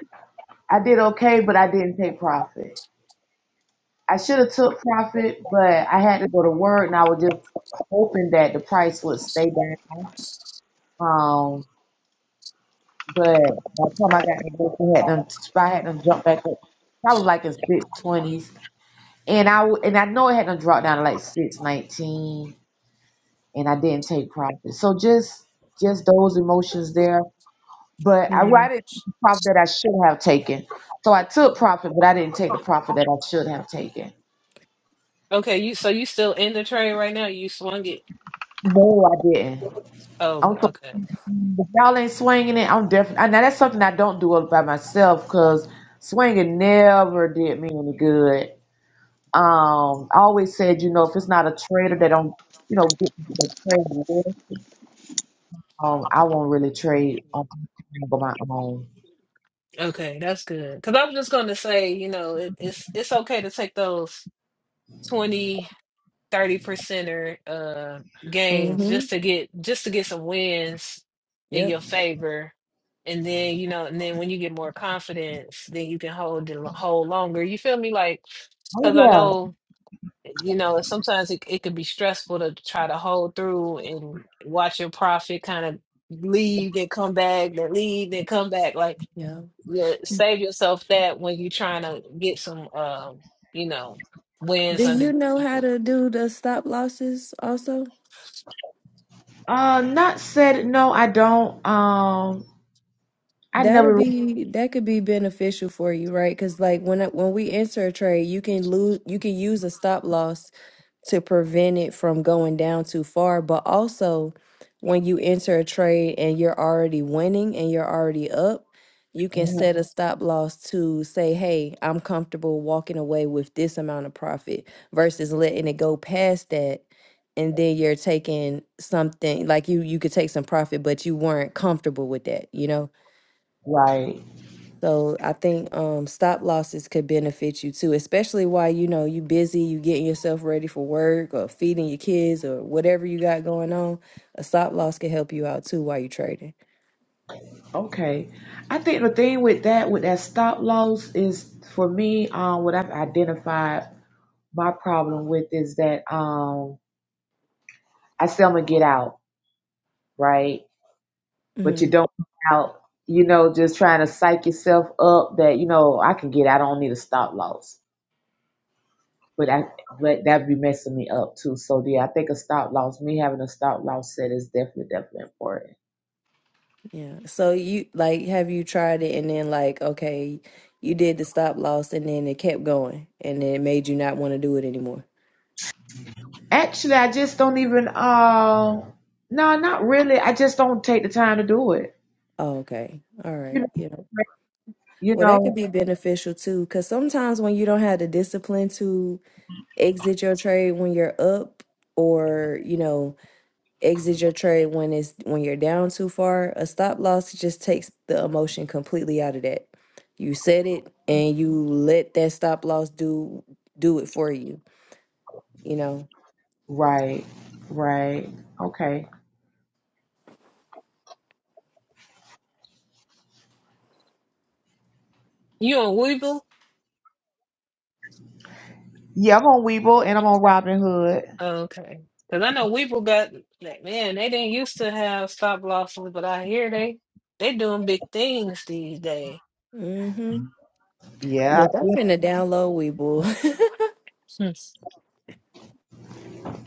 [SPEAKER 6] I did okay, but I didn't take profit. I should have took profit, but I had to go to work, and I was just hoping that the price would stay down. Um, but by the time I got to work, I had them I had them jump back up. I was like in six twenties, and I w- and I know it had them drop down to like six nineteen, and I didn't take profit. So just just those emotions there but I, well, I didn't take the profit that I should have taken. So I took profit, but I didn't take the profit that I should have taken.
[SPEAKER 2] Okay, you so you still in the trade right now? You swung it.
[SPEAKER 6] No, I didn't.
[SPEAKER 2] Oh, g-
[SPEAKER 6] I'm so,
[SPEAKER 2] okay,
[SPEAKER 6] if y'all ain't swinging it, I'm definitely. Now that's something I don't do all by myself because swinging never did me any good. Um, I always said, you know, if it's not a trader that don't, you know, get the trade with, um, I won't really trade on my own.
[SPEAKER 2] okay, that's good. Because I was just going to say, you know, it, it's it's okay to take those 20, 30 percenter uh gains
[SPEAKER 3] Mm-hmm.
[SPEAKER 2] just to get just to get some wins in
[SPEAKER 3] Yep.
[SPEAKER 2] your favor, and then you know, and then when you get more confidence, then you can hold it lo- hold longer. You feel me? Like, because I
[SPEAKER 6] Oh yeah.
[SPEAKER 2] know. you know, sometimes it, it can be stressful to try to hold through and watch your profit kind of leave then come back, then leave then come back. Like,
[SPEAKER 3] Yeah.
[SPEAKER 2] you save yourself that when you're trying to get some, um, you know,
[SPEAKER 3] Do
[SPEAKER 2] wins under
[SPEAKER 3] you know how to do the stop losses also?
[SPEAKER 6] Uh, not said. No, I don't. Um, I
[SPEAKER 3] That'll
[SPEAKER 6] never.
[SPEAKER 3] be that could be beneficial for you, right? Because like when I- when we enter a trade, you can lose, you can use a stop loss to prevent it from going down too far. But also, when you enter a trade and you're already winning and you're already up, you can
[SPEAKER 6] really
[SPEAKER 3] set a stop loss to say, "Hey, I'm comfortable walking away with this amount of profit," versus letting it go past that, and then you're taking something like you you could take some profit, but you weren't comfortable with that, you know.
[SPEAKER 6] Right.
[SPEAKER 3] So I think um, stop losses could benefit you too, especially while you know you busy, you getting yourself ready for work or feeding your kids or whatever you got going on. A stop loss can help you out too while you're trading.
[SPEAKER 6] Okay. I think the thing with that, with that stop loss, is for me, um, what I've identified my problem with is that um, I say I'm gonna get out, right?
[SPEAKER 3] hmm
[SPEAKER 6] But you don't get out, you know, just trying to psych yourself up that you know I can get, out, I don't need a stop loss. But I, but that'd be messing me up too. So yeah, I think a stop loss, me having a stop loss set is definitely, definitely important.
[SPEAKER 3] Yeah. So you like have you tried it and then like okay, you did the stop loss and then it kept going and then it made you not want to do it anymore.
[SPEAKER 6] Actually, I just don't even. Uh, no, not really. I just don't take the time to do it.
[SPEAKER 3] Oh, okay. All
[SPEAKER 6] You
[SPEAKER 3] right.
[SPEAKER 6] know,
[SPEAKER 3] Yeah.
[SPEAKER 6] you
[SPEAKER 3] Well, that could
[SPEAKER 6] know.
[SPEAKER 3] be beneficial too cuz sometimes when you don't have the discipline to exit your trade when you're up or, you know, exit your trade when it's when you're down too far, a stop loss just takes the emotion completely out of that. You set it and you let that stop loss do do it for you you know
[SPEAKER 6] Right, right. Okay.
[SPEAKER 2] you on Weeble.
[SPEAKER 6] Yeah, I'm on Weeble and I'm on Robin Hood.
[SPEAKER 2] Oh, Okay, because I know Weeble got like, man, they didn't used to have stop losses, but I hear they they doing big things these days.
[SPEAKER 3] hmm
[SPEAKER 6] Yeah,
[SPEAKER 3] Look, I'm finna download Weeble.
[SPEAKER 2] Hmm.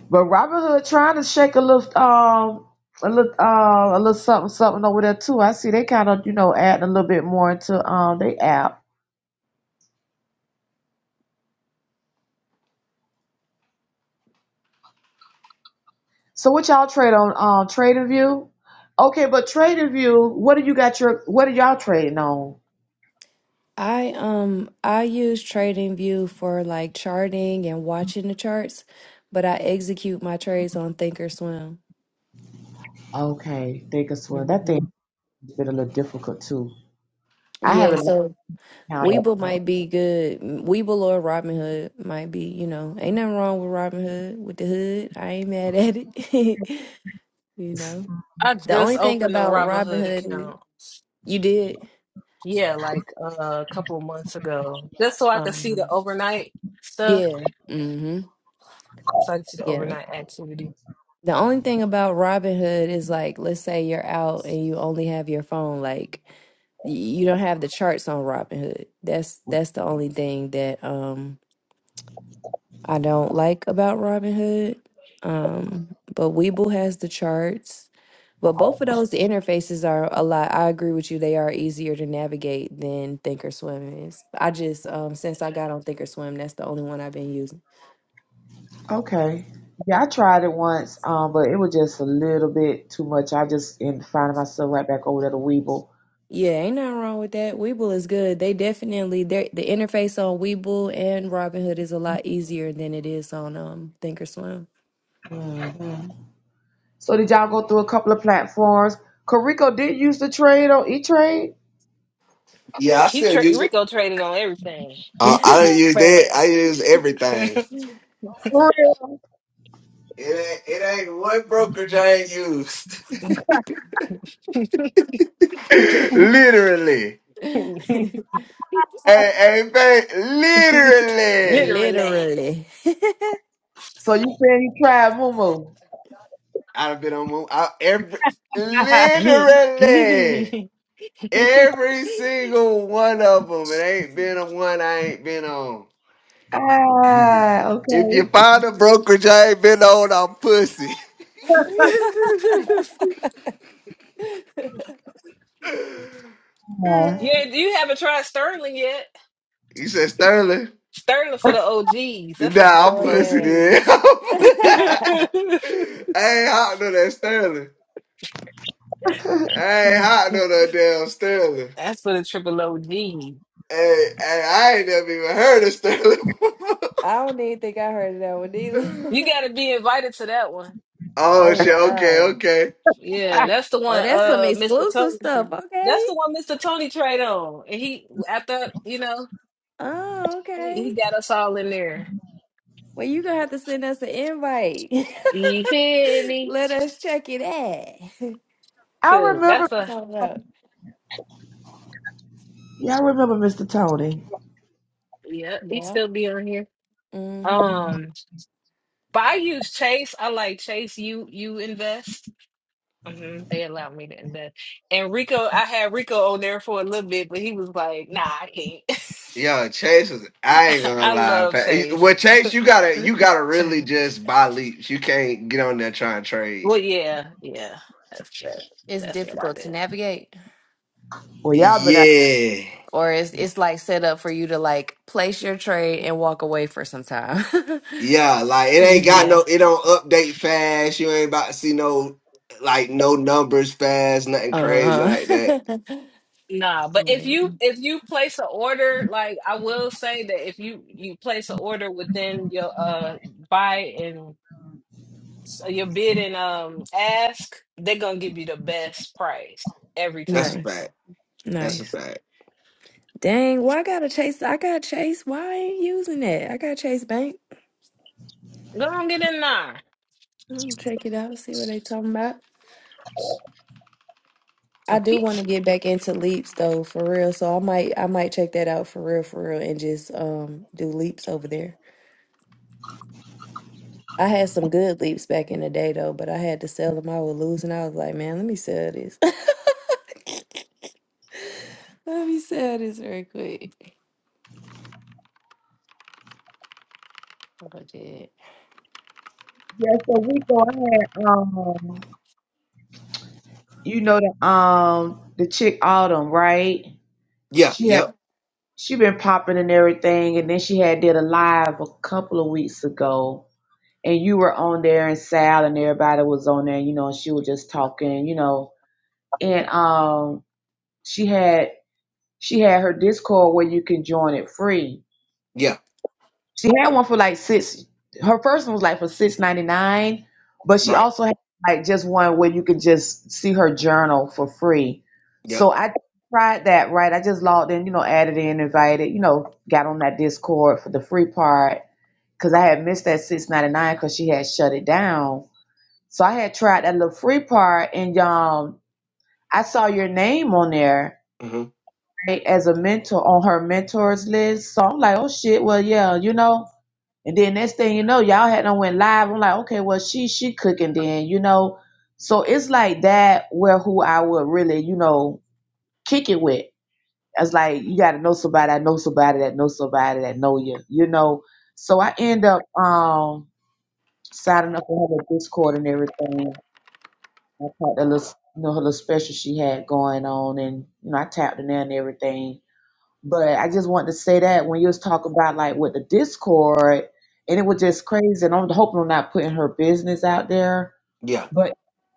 [SPEAKER 6] but Robin Hood trying to shake a little, um, a little, uh, a little something, something over there too. I see they kind of, you know, adding a little bit more into um they app. So what y'all trade on? Um, Trading View. Okay, but Trading View, what do you got your? What are y'all trading on?
[SPEAKER 3] I um I use TradingView for like charting and watching the charts, but I execute my trades on Thinkorswim.
[SPEAKER 6] Okay, think of swim. That
[SPEAKER 3] hmm
[SPEAKER 6] thing has been a little difficult too. I
[SPEAKER 3] Yeah,
[SPEAKER 6] haven't learned
[SPEAKER 3] so
[SPEAKER 6] how to.
[SPEAKER 3] Weeble might be good. Weeble or Robinhood might be, you know, ain't nothing wrong with Robinhood with the hood. I ain't mad at it. you know,
[SPEAKER 2] I
[SPEAKER 3] the
[SPEAKER 2] just
[SPEAKER 3] only thing
[SPEAKER 2] opened a
[SPEAKER 3] about
[SPEAKER 2] Robinhood
[SPEAKER 3] Robinhood,
[SPEAKER 2] account.
[SPEAKER 3] you did.
[SPEAKER 2] Yeah, like uh, a couple months ago, just so I could see the
[SPEAKER 3] Um,
[SPEAKER 2] overnight stuff,
[SPEAKER 3] yeah. Mm-hmm.
[SPEAKER 2] so I could see the
[SPEAKER 3] Yeah.
[SPEAKER 2] overnight activity.
[SPEAKER 3] The only thing about Robinhood is like, let's say you're out and you only have your phone, like y- you don't have the charts on Robinhood. That's that's the only thing that um I don't like about Robinhood. Um, but Webull has the charts. But both of those interfaces are a lot. I agree with you. They are easier to navigate than Thinkorswim is. I just um since I got on Thinkorswim, that's the only one I've been using.
[SPEAKER 6] Okay, yeah, I tried it once, um, but it was just a little bit too much. I just ended finding myself right back over there to the Weeble.
[SPEAKER 3] Yeah, ain't nothing wrong with that. Weeble is good. They definitely they the interface on Weeble and Robinhood is a lot easier than it is on um Thinkorswim.
[SPEAKER 6] Mhm. So did y'all go through a couple of platforms? Carico did use to trade on E Trade.
[SPEAKER 1] Yeah, I
[SPEAKER 2] He
[SPEAKER 1] still
[SPEAKER 2] tra-
[SPEAKER 1] use it.
[SPEAKER 2] Rico traded on everything,
[SPEAKER 1] Uh, I don't use that.
[SPEAKER 3] Facts.
[SPEAKER 1] I use everything.
[SPEAKER 6] For real?
[SPEAKER 1] It ain't, it ain't one brokerage I ain't used. literally, hey, hey, babe, literally.
[SPEAKER 2] literally.
[SPEAKER 3] Literally.
[SPEAKER 6] So you said you tried Moomoo.
[SPEAKER 1] I've been on mo- I, every literally every single one of them. It ain't been a one I ain't been on.
[SPEAKER 6] Ah,
[SPEAKER 1] If you
[SPEAKER 6] okay.
[SPEAKER 1] find a brokerage I ain't been on, I'm pussy. you
[SPEAKER 6] Ah.
[SPEAKER 2] yeah, you haven't tried Sterling yet.
[SPEAKER 1] said Sterling.
[SPEAKER 2] Sterling for the OGs. That's for the
[SPEAKER 1] Nah, I'm
[SPEAKER 3] oh
[SPEAKER 2] triple
[SPEAKER 1] pussy
[SPEAKER 3] yeah.
[SPEAKER 1] then.
[SPEAKER 2] OGs.
[SPEAKER 1] I
[SPEAKER 3] I
[SPEAKER 1] ain't hot no that Sterling. I ain't hot no that damn Sterling.
[SPEAKER 2] That's for the triple OG. You
[SPEAKER 1] Hey, hey, I ain't never even heard of Sterling.
[SPEAKER 3] don't even think I heard of that one either.
[SPEAKER 2] got to be invited to that
[SPEAKER 1] oh
[SPEAKER 3] oh
[SPEAKER 1] shit, okay,
[SPEAKER 3] wow.
[SPEAKER 1] okay.
[SPEAKER 2] Yeah, that's the one
[SPEAKER 3] Oh, that's some
[SPEAKER 2] uh Mr.
[SPEAKER 3] exclusive
[SPEAKER 2] Tony.
[SPEAKER 3] stuff.
[SPEAKER 2] That's
[SPEAKER 3] Okay.
[SPEAKER 2] the one Mr. Tony trade on. And he after, you know,
[SPEAKER 3] Oh,
[SPEAKER 2] he, he
[SPEAKER 3] okay.
[SPEAKER 2] got us all in there.
[SPEAKER 3] Well, you gonna have to send us an invite.
[SPEAKER 2] You feel me?
[SPEAKER 3] Let us check it out.
[SPEAKER 6] I
[SPEAKER 2] Good.
[SPEAKER 6] remember.
[SPEAKER 2] That's a
[SPEAKER 3] Talk about.
[SPEAKER 6] Yeah, I remember Mr. Tony.
[SPEAKER 2] yeah, he
[SPEAKER 3] Yeah.
[SPEAKER 2] still be on here.
[SPEAKER 3] Mm-hmm.
[SPEAKER 2] Um but I use Chase. I like Chase you you invest. hmm They allow me to invest. And Rico, I had Rico on there for a little bit, but he was like, nah, I can't.
[SPEAKER 1] Yo, Chase was I ain't gonna
[SPEAKER 2] I
[SPEAKER 1] lie.
[SPEAKER 2] love
[SPEAKER 1] fa-
[SPEAKER 2] Chase.
[SPEAKER 1] Well Chase, you gotta you gotta really just buy leaps. You can't get on there trying to trade.
[SPEAKER 2] well yeah, yeah. That's true.
[SPEAKER 3] It's
[SPEAKER 2] That's what I
[SPEAKER 3] difficult
[SPEAKER 2] did.
[SPEAKER 3] to navigate,
[SPEAKER 6] Well, y'all been out.
[SPEAKER 1] Yeah.
[SPEAKER 3] or it's it's like set up for you to like place your trade and walk away for some time.
[SPEAKER 1] Yeah, like it ain't
[SPEAKER 3] yeah.
[SPEAKER 1] got no,
[SPEAKER 2] Yeah.
[SPEAKER 1] it don't update fast. You ain't about to see no, like no numbers fast, nothing crazy
[SPEAKER 3] Uh
[SPEAKER 1] like
[SPEAKER 3] huh.
[SPEAKER 1] that.
[SPEAKER 2] Nah, but if
[SPEAKER 3] yeah.
[SPEAKER 2] you if you place an order, like I will say that if you you place an order within your uh buy and so your bid and um ask, they're gonna give you the best price every
[SPEAKER 1] That's
[SPEAKER 2] time.
[SPEAKER 1] a
[SPEAKER 3] Nice.
[SPEAKER 1] fact. That's a
[SPEAKER 3] Nice.
[SPEAKER 1] fact.
[SPEAKER 3] Dang, why I gotta chase? I got Chase. Why I ain't using that? I got Chase Bank.
[SPEAKER 2] Go on, get in there.
[SPEAKER 3] I'm gonna check it out, see what they talking about.
[SPEAKER 2] So
[SPEAKER 3] I do want
[SPEAKER 2] pizza.
[SPEAKER 3] to get back into leaps though, for real. So I might I might check that out for real, for real, and just um do leaps over there. I had some good leaps back in the day though, but I had to sell them. I was losing. I was like, man, let me sell this. Let me sell this real quick. Oh, shit.
[SPEAKER 6] Yeah, so we go ahead. um. You know the um the chick Autumn, right?
[SPEAKER 1] Yeah,
[SPEAKER 6] She had
[SPEAKER 1] yep,
[SPEAKER 6] she been popping and everything, and then she had did a live a couple of weeks ago, and you were on there, and Sal and everybody was on there, you know, and she was just talking, you know, and um she had she had her Discord where you can join it free,
[SPEAKER 1] yeah,
[SPEAKER 6] She had one for like six. Her first one was like for six ninety nine, but she
[SPEAKER 1] right,
[SPEAKER 6] also had like just one where you could just see her journal for free.
[SPEAKER 1] yep,
[SPEAKER 6] So I tried that. Right, I just logged in, you know, added in, invited, you know, got on that Discord for the free part because I had missed that six ninety nine because she had shut it down. So I had tried that little free part, and um, I saw your name on there
[SPEAKER 1] hmm
[SPEAKER 6] right, as a mentor on her mentors list. So I'm like, oh shit, well yeah, you know. And then next thing you know, y'all had done went live. I'm like, okay, well, she she cooking then, you know. So it's like that where who I would really, you know, kick it with. It's like you gotta know somebody, I know somebody that knows somebody that know you, you know. So I end up um signing up for her Discord and everything. I tapped the little you know, her little special she had going on and you know, I tapped in there and everything. But I just wanted to say that when you was talking about like with the Discord, and it was just crazy. And I'm hoping I'm not putting her business out there,
[SPEAKER 1] yeah,
[SPEAKER 6] but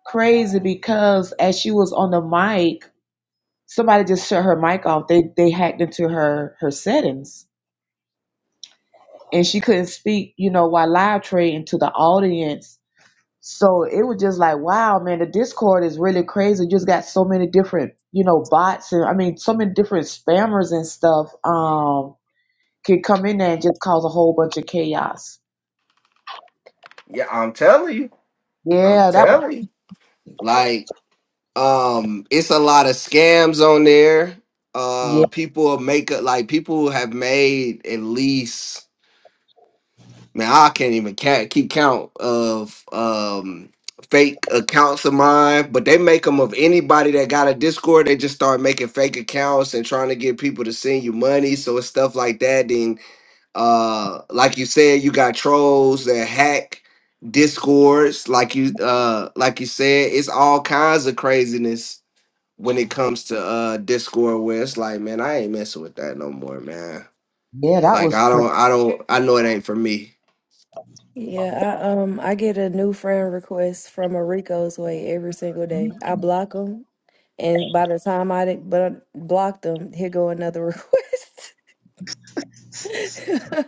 [SPEAKER 6] crazy because as she was on the mic, somebody just shut her mic off. They they hacked into her her settings, and she couldn't speak. You know, while live trading to the audience. So it was just like, wow, man, the Discord is really crazy. You just got so many different, you know, bots and I mean, so many different spammers and stuff. Um, could come in there and just cause a whole bunch of chaos.
[SPEAKER 1] yeah. I'm telling you, I'm
[SPEAKER 6] Yeah, that
[SPEAKER 1] telling you. Like, um, it's a lot of scams on there. Uh,
[SPEAKER 6] yeah,
[SPEAKER 1] people make it like people have made at least Man, I can't even ca- keep count of um fake accounts of mine, but they make them of anybody that got a Discord. They just start making fake accounts and trying to get people to send you money. So it's stuff like that. Then, uh, like you said, you got trolls that hack Discords. Like you, uh, like you said, it's all kinds of craziness when it comes to uh Discord. Where it's like, man, I ain't messing with that no more, man.
[SPEAKER 6] yeah, that
[SPEAKER 1] Like
[SPEAKER 6] was
[SPEAKER 1] I
[SPEAKER 6] crazy.
[SPEAKER 1] don't, I don't, I know it ain't for me.
[SPEAKER 3] Yeah, I um I get a new friend request from a Rico's way every single day. I block them, and by the time I but block them, here go another request.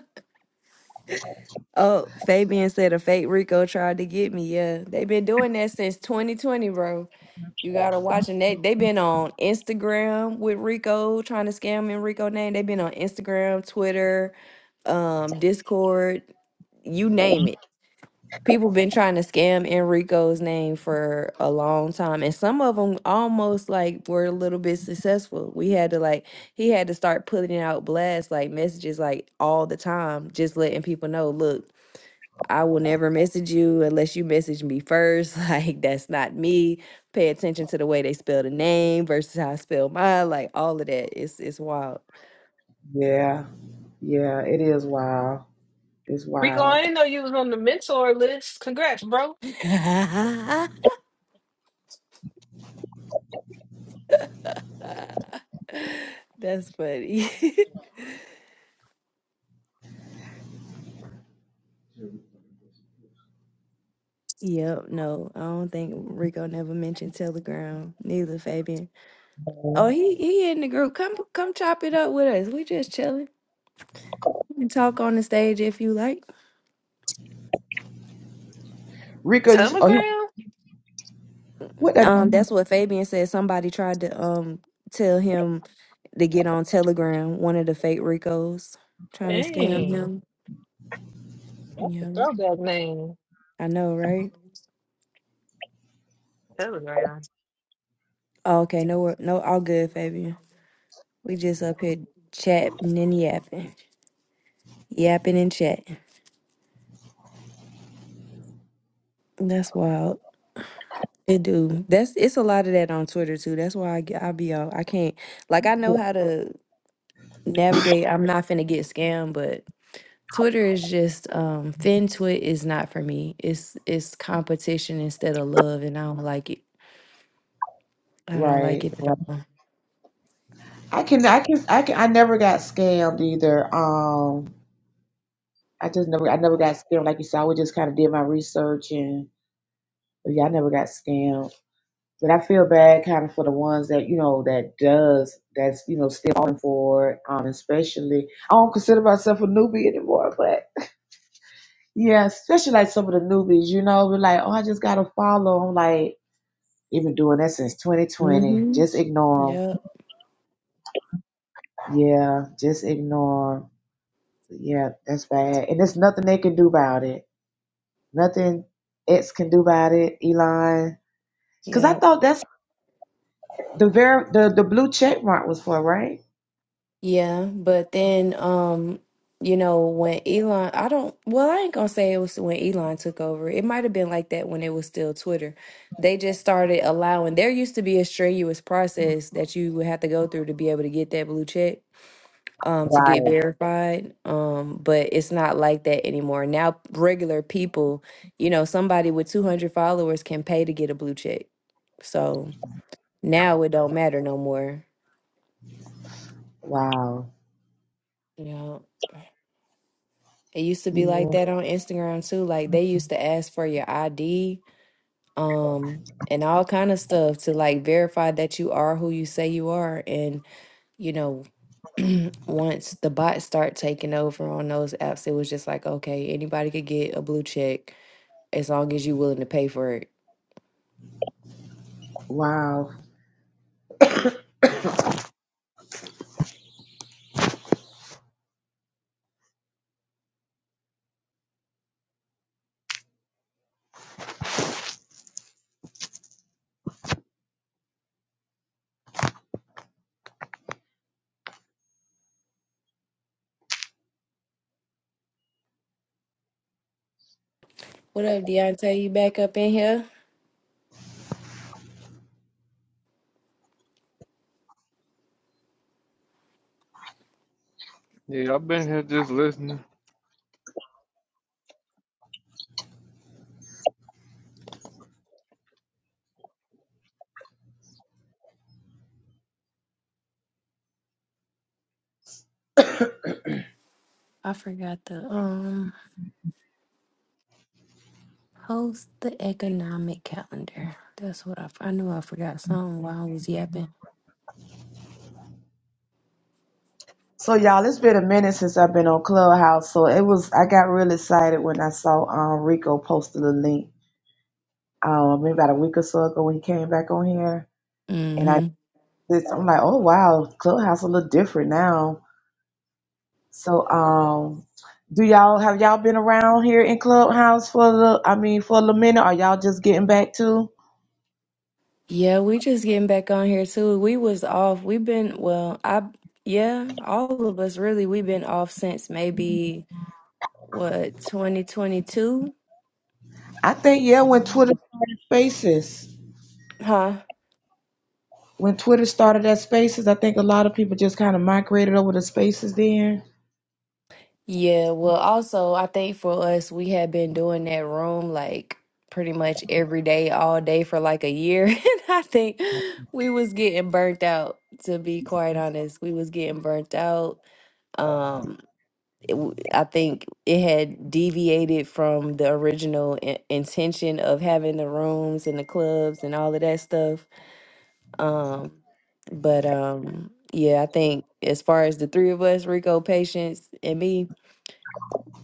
[SPEAKER 3] Oh, Fabian said a fake Rico tried to get me. Yeah, they've been doing that since 2020, bro. You gotta watch, and they they have been on Instagram with Rico trying to scam in Rico name. They've been on Instagram, Twitter, um, Discord, you name it. People been trying to scam Enrico's name for a long time, and some of them almost like were a little bit successful. We had to like he had to start putting out blasts like messages like all the time, just letting people know, look. I will never message you unless you message me first. Like, that's not me. Pay attention to the way they spell the name versus how I spell mine. Like, all of that. It's, it's wild.
[SPEAKER 6] Yeah, yeah, it is wild. It's
[SPEAKER 2] Rico, I
[SPEAKER 6] wild.
[SPEAKER 2] didn't know you was on the mentor list. Congrats, bro.
[SPEAKER 3] that's funny. yep. No, I don't think Rico never mentioned Telegram. Neither Fabian. Oh, he he in the group. Come come chop it up with us. We just chilling. You can talk on the stage if you like.
[SPEAKER 6] Rico, you, oh, he,
[SPEAKER 2] Telegram?
[SPEAKER 6] what that?
[SPEAKER 3] Um, that's what Fabian said. Somebody tried to um tell him To get on Telegram, one of the fake Ricos trying to scam
[SPEAKER 2] Dang.
[SPEAKER 3] him.
[SPEAKER 2] That's a
[SPEAKER 3] Yeah,
[SPEAKER 2] throwback name.
[SPEAKER 3] I know, right?
[SPEAKER 2] Telegram.
[SPEAKER 3] Oh, okay, no, wor- no, all good, Fabian. We just up here chatting and yapping, yapping and chatting. That's wild. It do. That's it's a lot of that on Twitter too. That's why I g- I be out. I can't like I know how to navigate. I'm not finna get scammed, but Twitter is just um FinTwit is not for me. It's it's competition instead of love, and I don't like it. I don't like
[SPEAKER 6] Right,
[SPEAKER 3] it at
[SPEAKER 6] right.
[SPEAKER 3] all.
[SPEAKER 6] I can, I can, I can. I never got scammed either. Um, I just never, I never got scammed. Like you said, I would just kind of did my research and, but yeah, I never got scammed. But I feel bad kind of for the ones that, you know, that does, that's, you know, still falling for it. Um, especially, I don't consider myself a newbie anymore, but yeah, especially like some of the newbies, you know, we're like, oh, I just got to follow. I'm like, they've been doing that since 2020.
[SPEAKER 3] Mm-hmm.
[SPEAKER 6] Just ignore
[SPEAKER 3] Yep,
[SPEAKER 6] them. Yeah, just ignore 'em. Yeah, that's bad. And there's nothing they can do about it. Nothing X can do about it, Elon. Because I
[SPEAKER 3] yep,
[SPEAKER 6] thought that's the, ver- the, the blue check mark was for, right?
[SPEAKER 3] yeah. But then, um, you know, when Elon, I don't, well, I ain't gonna say it was when Elon took over. It might have been like that when it was still Twitter. They just started allowing, there used to be a strenuous process that you would have to go through to be able to get that blue check, um, to get
[SPEAKER 6] Right.
[SPEAKER 3] verified. Um, but it's not like that anymore. Now, regular people, you know, somebody with 200 followers can pay to get a blue check. So now it don't matter no more
[SPEAKER 6] Wow.
[SPEAKER 3] Yeah. It used to be
[SPEAKER 6] Yeah,
[SPEAKER 3] like that on Instagram too. Like they used to ask for your ID, um, and all kind of stuff to like verify that you are who you say you are. And you know, once the bots start taking over on those apps, it was just like, okay, anybody could get a blue check as long as you willing to pay for it.
[SPEAKER 6] Wow.
[SPEAKER 3] What up, Deontay? You back up in here?
[SPEAKER 5] Yeah, I've been here just listening.
[SPEAKER 3] I forgot to um host the economic calendar. That's what I, f- I knew I forgot something while I was yapping.
[SPEAKER 6] So y'all, it's been a minute since I've been on Clubhouse. So it was I got real excited when I saw um Rico posted a link. Um maybe about a week or so ago when he came back on here. And I this I'm like, oh wow, Clubhouse a little different now. So um do y'all have y'all been around here in Clubhouse for the I mean for a little minute? Are y'all just getting back to?
[SPEAKER 3] Yeah, we just getting back on here too. We was off. We've been well, I yeah, all of us really we've been off since maybe what 2022?
[SPEAKER 6] I think yeah, when Twitter started spaces.
[SPEAKER 3] Huh?
[SPEAKER 6] When Twitter started at spaces, I think a lot of people just kind of migrated over to spaces then.
[SPEAKER 3] Yeah, well also I think for us we had been doing that room like pretty much every day all day for like a year and I think we was getting burnt out to be quite honest. We was getting burnt out. um, it w- I think it had deviated from the original in- intention of having the rooms and the clubs and all of that stuff. Um, but um, yeah, I think as far as the three of us, Rico, Patience, and me,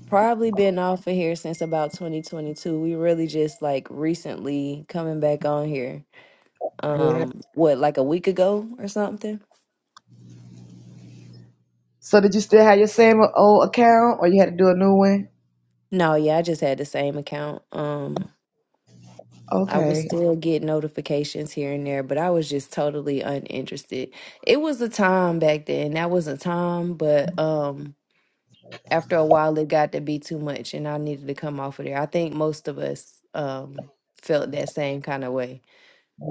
[SPEAKER 3] probably been off of here since about 2022. We really just like recently coming back on here.
[SPEAKER 6] Yeah.
[SPEAKER 3] Um, what like a week ago or something?
[SPEAKER 6] So did you still have your same old account, or you had to do a new one?
[SPEAKER 3] No, yeah, I just had the same account. Um, I would
[SPEAKER 6] Okay.
[SPEAKER 3] still get notifications here and there, but I was just totally uninterested. It was a time back then. That was a time, but um after a while it got to be too much and I needed to come off of there. I think most of us um felt that same kind of way.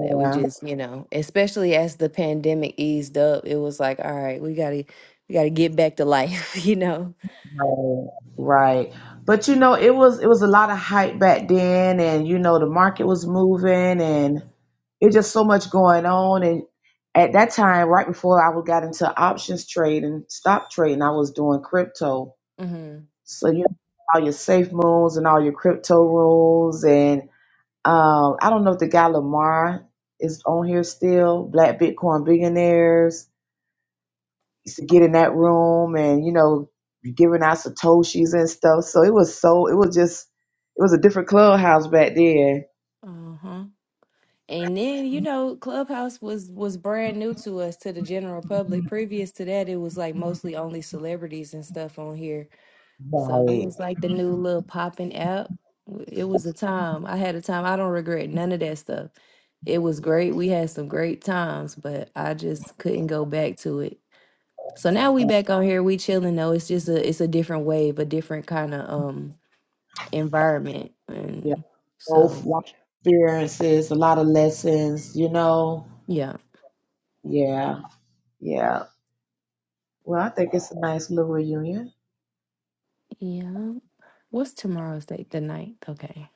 [SPEAKER 3] That we just, you know, especially as the pandemic eased up, it was like, all right, we gotta we gotta get back to life, you know.
[SPEAKER 6] right, right. But you know, it was it was a lot of hype back then, and you know, the market was moving, and it just so much going on. And at that time, right before I got into options trade and stock trading, I was doing crypto.
[SPEAKER 3] Mm-hmm.
[SPEAKER 6] So you know, all your safe moons and all your crypto rules, and. Um, I don't know if the guy Lamar is on here still. Black Bitcoin billionaires used to get in that room and you know giving out satoshis and stuff. So it was so it was just it was a different clubhouse back then.
[SPEAKER 3] Uh-huh. And then, you know, Clubhouse was was brand new to us, to the general public. Previous to that, it was like mostly only celebrities and stuff on here. So it
[SPEAKER 6] Right.
[SPEAKER 3] was like the new little popping app. It was a time. I had a time. I don't regret none of that stuff. It was great. We had some great times, but I just couldn't go back to it. So now we back on here. We chilling though. It's just a it's a different wave, a different kind of um environment.
[SPEAKER 6] Yeah.
[SPEAKER 3] And
[SPEAKER 6] Both
[SPEAKER 3] so
[SPEAKER 6] life experiences, a lot of lessons, you know.
[SPEAKER 3] yeah.
[SPEAKER 6] Yeah. Yeah. Well, I think it's a nice little reunion.
[SPEAKER 3] Yeah. What's tomorrow's date? The ninth. Okay.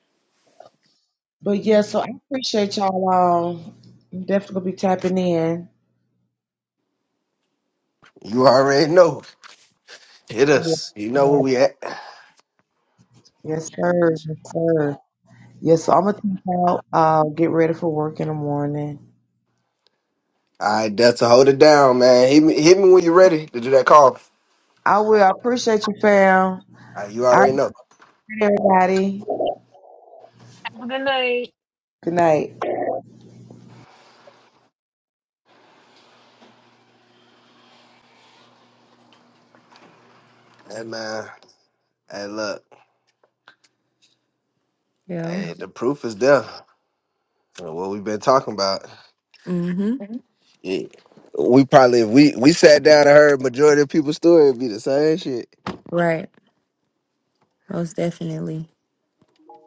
[SPEAKER 6] But yeah, so I appreciate y'all. Um, I'm definitely gonna be tapping
[SPEAKER 1] You already know. Hit us. You know
[SPEAKER 6] in.
[SPEAKER 1] where we at. All
[SPEAKER 6] Yes, sir. Yes, sir. Yes, so I'm gonna take out. Uh, get ready for work in the morning.
[SPEAKER 1] right, Delta, hold it down, man. Hit me, hit me when you're ready to do that call. All
[SPEAKER 6] I will. I appreciate you, fam.
[SPEAKER 1] right, you
[SPEAKER 6] All
[SPEAKER 1] already
[SPEAKER 6] right,
[SPEAKER 1] know.
[SPEAKER 6] everybody.
[SPEAKER 2] Have a good night.
[SPEAKER 6] Good night.
[SPEAKER 1] Hey, man. Hey, look.
[SPEAKER 3] Yeah.
[SPEAKER 1] Hey, the proof is there. Uh, What we've been talking about.
[SPEAKER 3] Mm-hmm.
[SPEAKER 1] Yeah. We probably, if we, we sat down and heard majority of people's story, it'd be the same shit.
[SPEAKER 3] Right. Most definitely.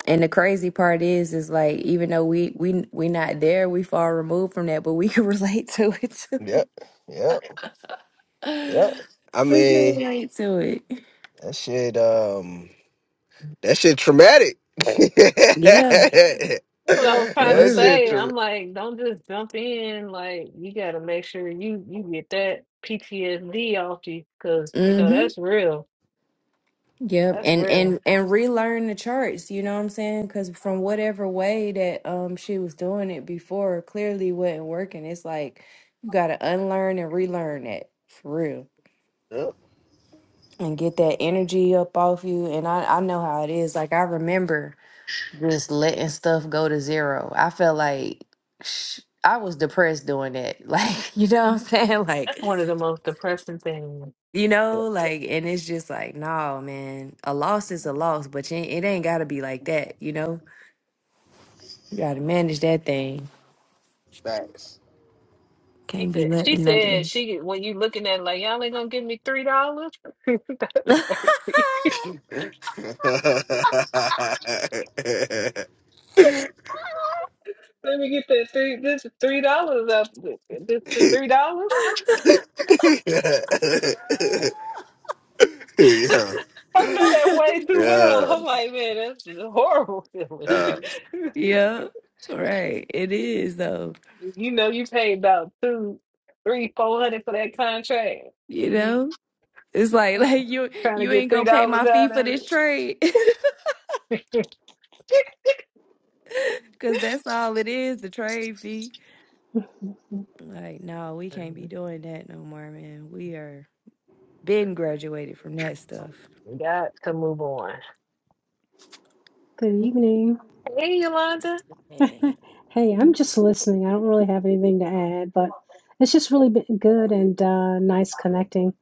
[SPEAKER 3] And the crazy part is, is like even though we we we not there, we far removed from that, but we can relate to it too.
[SPEAKER 1] Yep. Yep. Yep. I
[SPEAKER 3] we can
[SPEAKER 1] mean,
[SPEAKER 3] relate to it.
[SPEAKER 1] that shit, um, that shit traumatic.
[SPEAKER 3] Yeah,
[SPEAKER 1] that
[SPEAKER 2] That's what I was
[SPEAKER 3] for
[SPEAKER 2] trying to
[SPEAKER 3] real.
[SPEAKER 1] shit
[SPEAKER 2] say. I'm
[SPEAKER 1] traumatic.
[SPEAKER 2] like, don't just jump in. Like, you gotta make sure you you get that PTSD off you, because you know
[SPEAKER 3] Mm-hmm.
[SPEAKER 2] that's real.
[SPEAKER 3] Yep.
[SPEAKER 2] That's
[SPEAKER 3] And
[SPEAKER 2] real.
[SPEAKER 3] and and relearn the charts. You know what I'm saying? Because from whatever way that um she was doing it before, clearly wasn't working. It's like you got to unlearn and relearn that for real.
[SPEAKER 1] Yep.
[SPEAKER 3] and get that energy up off you. And I, I know how it is. Like I remember just letting stuff go to zero. I felt like sh- I was depressed doing that. Like, you know what I'm saying?
[SPEAKER 2] That's
[SPEAKER 3] Like,
[SPEAKER 2] one of the most depressing things.
[SPEAKER 3] you know, like, and it's just like, no, man, a loss is a loss, but you, ain't- it ain't got to be like that, you know? You got to manage that thing.
[SPEAKER 1] Facts.
[SPEAKER 2] She
[SPEAKER 3] Can't be
[SPEAKER 2] said, she
[SPEAKER 3] letting
[SPEAKER 2] said,
[SPEAKER 3] nothing.
[SPEAKER 2] she when you looking at it like y'all ain't gonna give me three dollars. That's crazy.
[SPEAKER 1] yeah,
[SPEAKER 2] Let me get that three. This is three dollars up. This is three dollars. I know that way
[SPEAKER 1] yeah,
[SPEAKER 2] too well. I'm
[SPEAKER 1] yeah.
[SPEAKER 2] like, man, that's a horrible feeling.
[SPEAKER 3] yeah, right. It is, though,
[SPEAKER 2] you know, you paid about two, three, four hundred for that contract.
[SPEAKER 3] you
[SPEAKER 2] And you
[SPEAKER 3] know? It's like
[SPEAKER 2] oh,
[SPEAKER 3] like you
[SPEAKER 2] trying to
[SPEAKER 3] you
[SPEAKER 2] get
[SPEAKER 3] ain't
[SPEAKER 2] three
[SPEAKER 3] gonna pay
[SPEAKER 2] dollars
[SPEAKER 3] my fee
[SPEAKER 2] out
[SPEAKER 3] for
[SPEAKER 2] of
[SPEAKER 3] this trade,
[SPEAKER 2] it.
[SPEAKER 3] cause that's all it is, the trade fee.
[SPEAKER 7] Mhm.
[SPEAKER 3] Like no, we can't be doing that no more, man. We are been graduated from that stuff.
[SPEAKER 2] We got to move on.
[SPEAKER 7] Good evening.
[SPEAKER 2] Hey, Yolanda.
[SPEAKER 3] Hey.
[SPEAKER 7] Hey, I'm just listening. I don't really have anything to add, but it's just really been good and uh, nice connecting.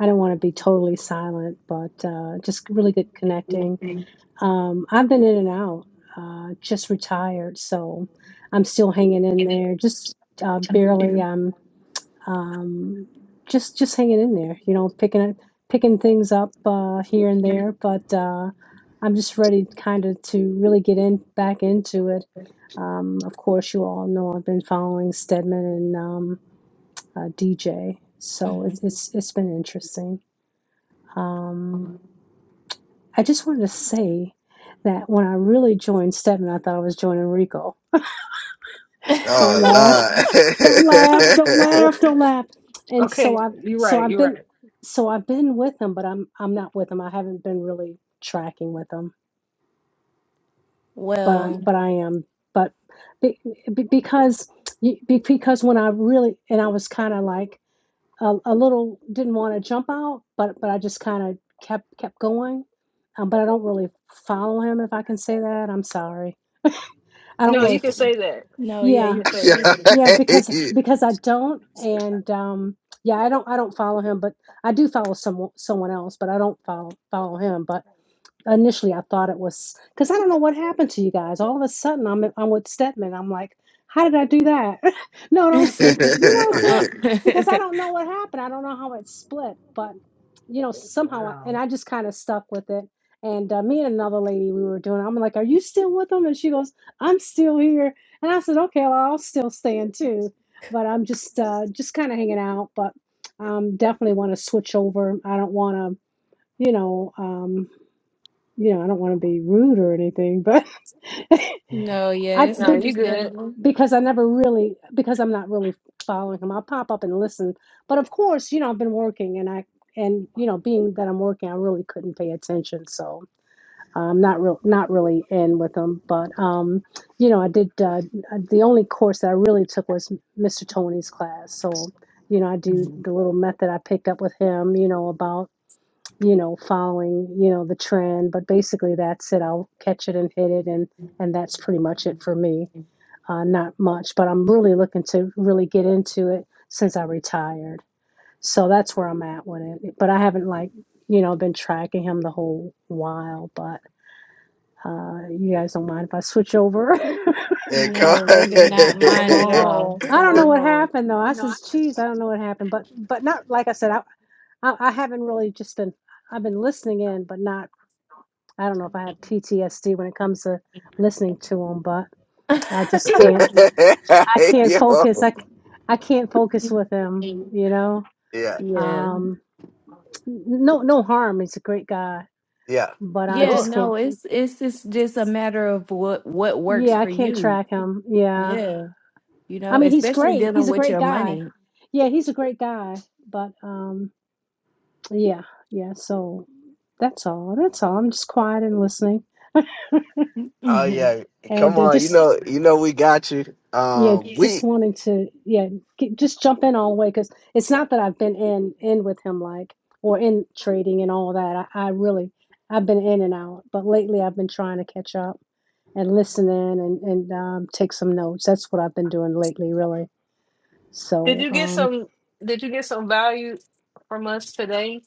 [SPEAKER 7] I don't want to be totally silent, but uh, just really good connecting. Um, I've been in and out, uh, just retired, so I'm still hanging in there, just uh, barely. um, um, just just hanging in there, you know, picking up, picking things up uh, here and there. But uh, I'm just ready, kind of, to really get in back into it. Um, of course, you all know I've been following Stedman and um, uh, DJ, so
[SPEAKER 3] hmm
[SPEAKER 7] it's it's it's been interesting. Um, I just wanted to say that when I really joined Stedman, I thought I was joining Rico. Don't
[SPEAKER 1] Oh,
[SPEAKER 7] laugh.
[SPEAKER 1] lie.
[SPEAKER 7] don't laugh don't laugh don't laugh and so
[SPEAKER 2] Okay,
[SPEAKER 7] i've
[SPEAKER 2] you're
[SPEAKER 7] so
[SPEAKER 2] right.
[SPEAKER 7] i've
[SPEAKER 2] You're
[SPEAKER 7] been
[SPEAKER 2] right.
[SPEAKER 7] so i've been with him but i'm i'm not with him i haven't been really tracking with him but I,
[SPEAKER 3] Well,
[SPEAKER 7] but i am but be, be- because you- be- because when i really and i was kind of like a, a little didn't want to jump out but but i just kind of kept kept going um, but i don't really follow him if i can say that i'm sorry i don't
[SPEAKER 2] No,
[SPEAKER 7] really
[SPEAKER 2] you can
[SPEAKER 7] f-
[SPEAKER 2] say that.
[SPEAKER 3] no, yeah,
[SPEAKER 2] You
[SPEAKER 7] yeah
[SPEAKER 3] you
[SPEAKER 2] can
[SPEAKER 3] can
[SPEAKER 2] say
[SPEAKER 3] say
[SPEAKER 1] yeah,
[SPEAKER 3] that.
[SPEAKER 2] that.
[SPEAKER 7] Yeah, because because I don't, and um, yeah, I don't I don't follow him, but I do follow some someone else, but I don't follow follow him. But Initially, I thought it was because I don't know what happened to you guys. All of a sudden, I'm I'm with Stedman. I'm like, how did I do that? no, don't say. You know what I'm saying? Because I don't know what happened. I don't know how it split, but you know somehow, I, and
[SPEAKER 2] wow.
[SPEAKER 7] I just kind of stuck with it. And uh, me and another lady, we were doing. I'm like, are you still with them? And she goes, I'm still here. And I said, okay, well, I'll still stay in too, but I'm just uh, just kind of hanging out. But um, definitely want to switch over. I don't want to, you know. Um, you know, I don't want to be rude or anything, but
[SPEAKER 3] no, yeah,
[SPEAKER 7] I
[SPEAKER 3] it's
[SPEAKER 2] No,
[SPEAKER 7] be,
[SPEAKER 2] you good.
[SPEAKER 3] understandable.
[SPEAKER 7] because I never really because I'm not really following him. I'll pop up and listen, but of course, you know, I've been working and I and you know, being that I'm working, I really couldn't pay attention, so I'm not real not really in with him. But um, you know, I did uh, the only course that I really took was Mr. Tony's class, so you know, I do
[SPEAKER 3] Mhm.
[SPEAKER 7] the little method I picked up with him, you know, about you know, following, you know, the trend. But basically, that's it. I'll catch it and hit it, and and that's pretty much it for me. Uh, not much, but I'm really looking to really get into it since I retired. So that's where I'm at with it. But I haven't like, you know, been tracking him the whole while. But uh, you guys don't mind if I switch over?
[SPEAKER 1] yeah. come
[SPEAKER 3] No,
[SPEAKER 1] on.
[SPEAKER 3] we do not
[SPEAKER 2] Mm-mm. Come
[SPEAKER 3] mind at
[SPEAKER 2] on home.
[SPEAKER 3] all.
[SPEAKER 7] I
[SPEAKER 2] Come
[SPEAKER 7] don't know
[SPEAKER 2] on
[SPEAKER 7] what
[SPEAKER 2] home.
[SPEAKER 7] happened though. I says, "Geez, I don't know what happened." But but not like I said, I I, I haven't really just been. I've been listening in, but not I don't know if I have PTSD when it comes to listening to him, but I just can't. I can't focus.
[SPEAKER 1] Yo,
[SPEAKER 7] I, c- I can't focus with him. You know,
[SPEAKER 1] yeah,
[SPEAKER 3] Yeah.
[SPEAKER 7] um, no, no harm. He's a great guy,
[SPEAKER 1] yeah.
[SPEAKER 7] but I
[SPEAKER 3] Yeah,
[SPEAKER 2] Sure.
[SPEAKER 7] just can't.
[SPEAKER 3] no, it's it's it's just a matter of what what works
[SPEAKER 7] Yeah, I
[SPEAKER 3] for
[SPEAKER 7] can't
[SPEAKER 3] you.
[SPEAKER 7] track him. Yeah,
[SPEAKER 3] Yeah, you
[SPEAKER 7] I
[SPEAKER 3] know,
[SPEAKER 7] mean, he's
[SPEAKER 3] especially
[SPEAKER 7] great.
[SPEAKER 3] dealing
[SPEAKER 7] He's a
[SPEAKER 3] with
[SPEAKER 7] great
[SPEAKER 3] your
[SPEAKER 7] guy.
[SPEAKER 3] money.
[SPEAKER 7] Yeah, he's a great guy. But um, yeah, yeah. So that's all. That's all. I'm just quiet and listening,
[SPEAKER 1] Oh
[SPEAKER 3] Mhm.
[SPEAKER 1] yeah.
[SPEAKER 7] and
[SPEAKER 1] Come
[SPEAKER 7] uh,
[SPEAKER 1] on, you
[SPEAKER 7] just
[SPEAKER 1] know, you know we got you.
[SPEAKER 7] Yeah,
[SPEAKER 1] Um we
[SPEAKER 7] just wanting to, yeah, g just jump in all the way because it's not that I've been in in with him like or in trading and all that. I, I really I've been in and out, but lately I've been trying to catch up and listen in and and um, take some notes. That's what I've been doing lately, really.
[SPEAKER 2] Did
[SPEAKER 7] So
[SPEAKER 2] you get
[SPEAKER 7] um,
[SPEAKER 2] some did you get some value from us today,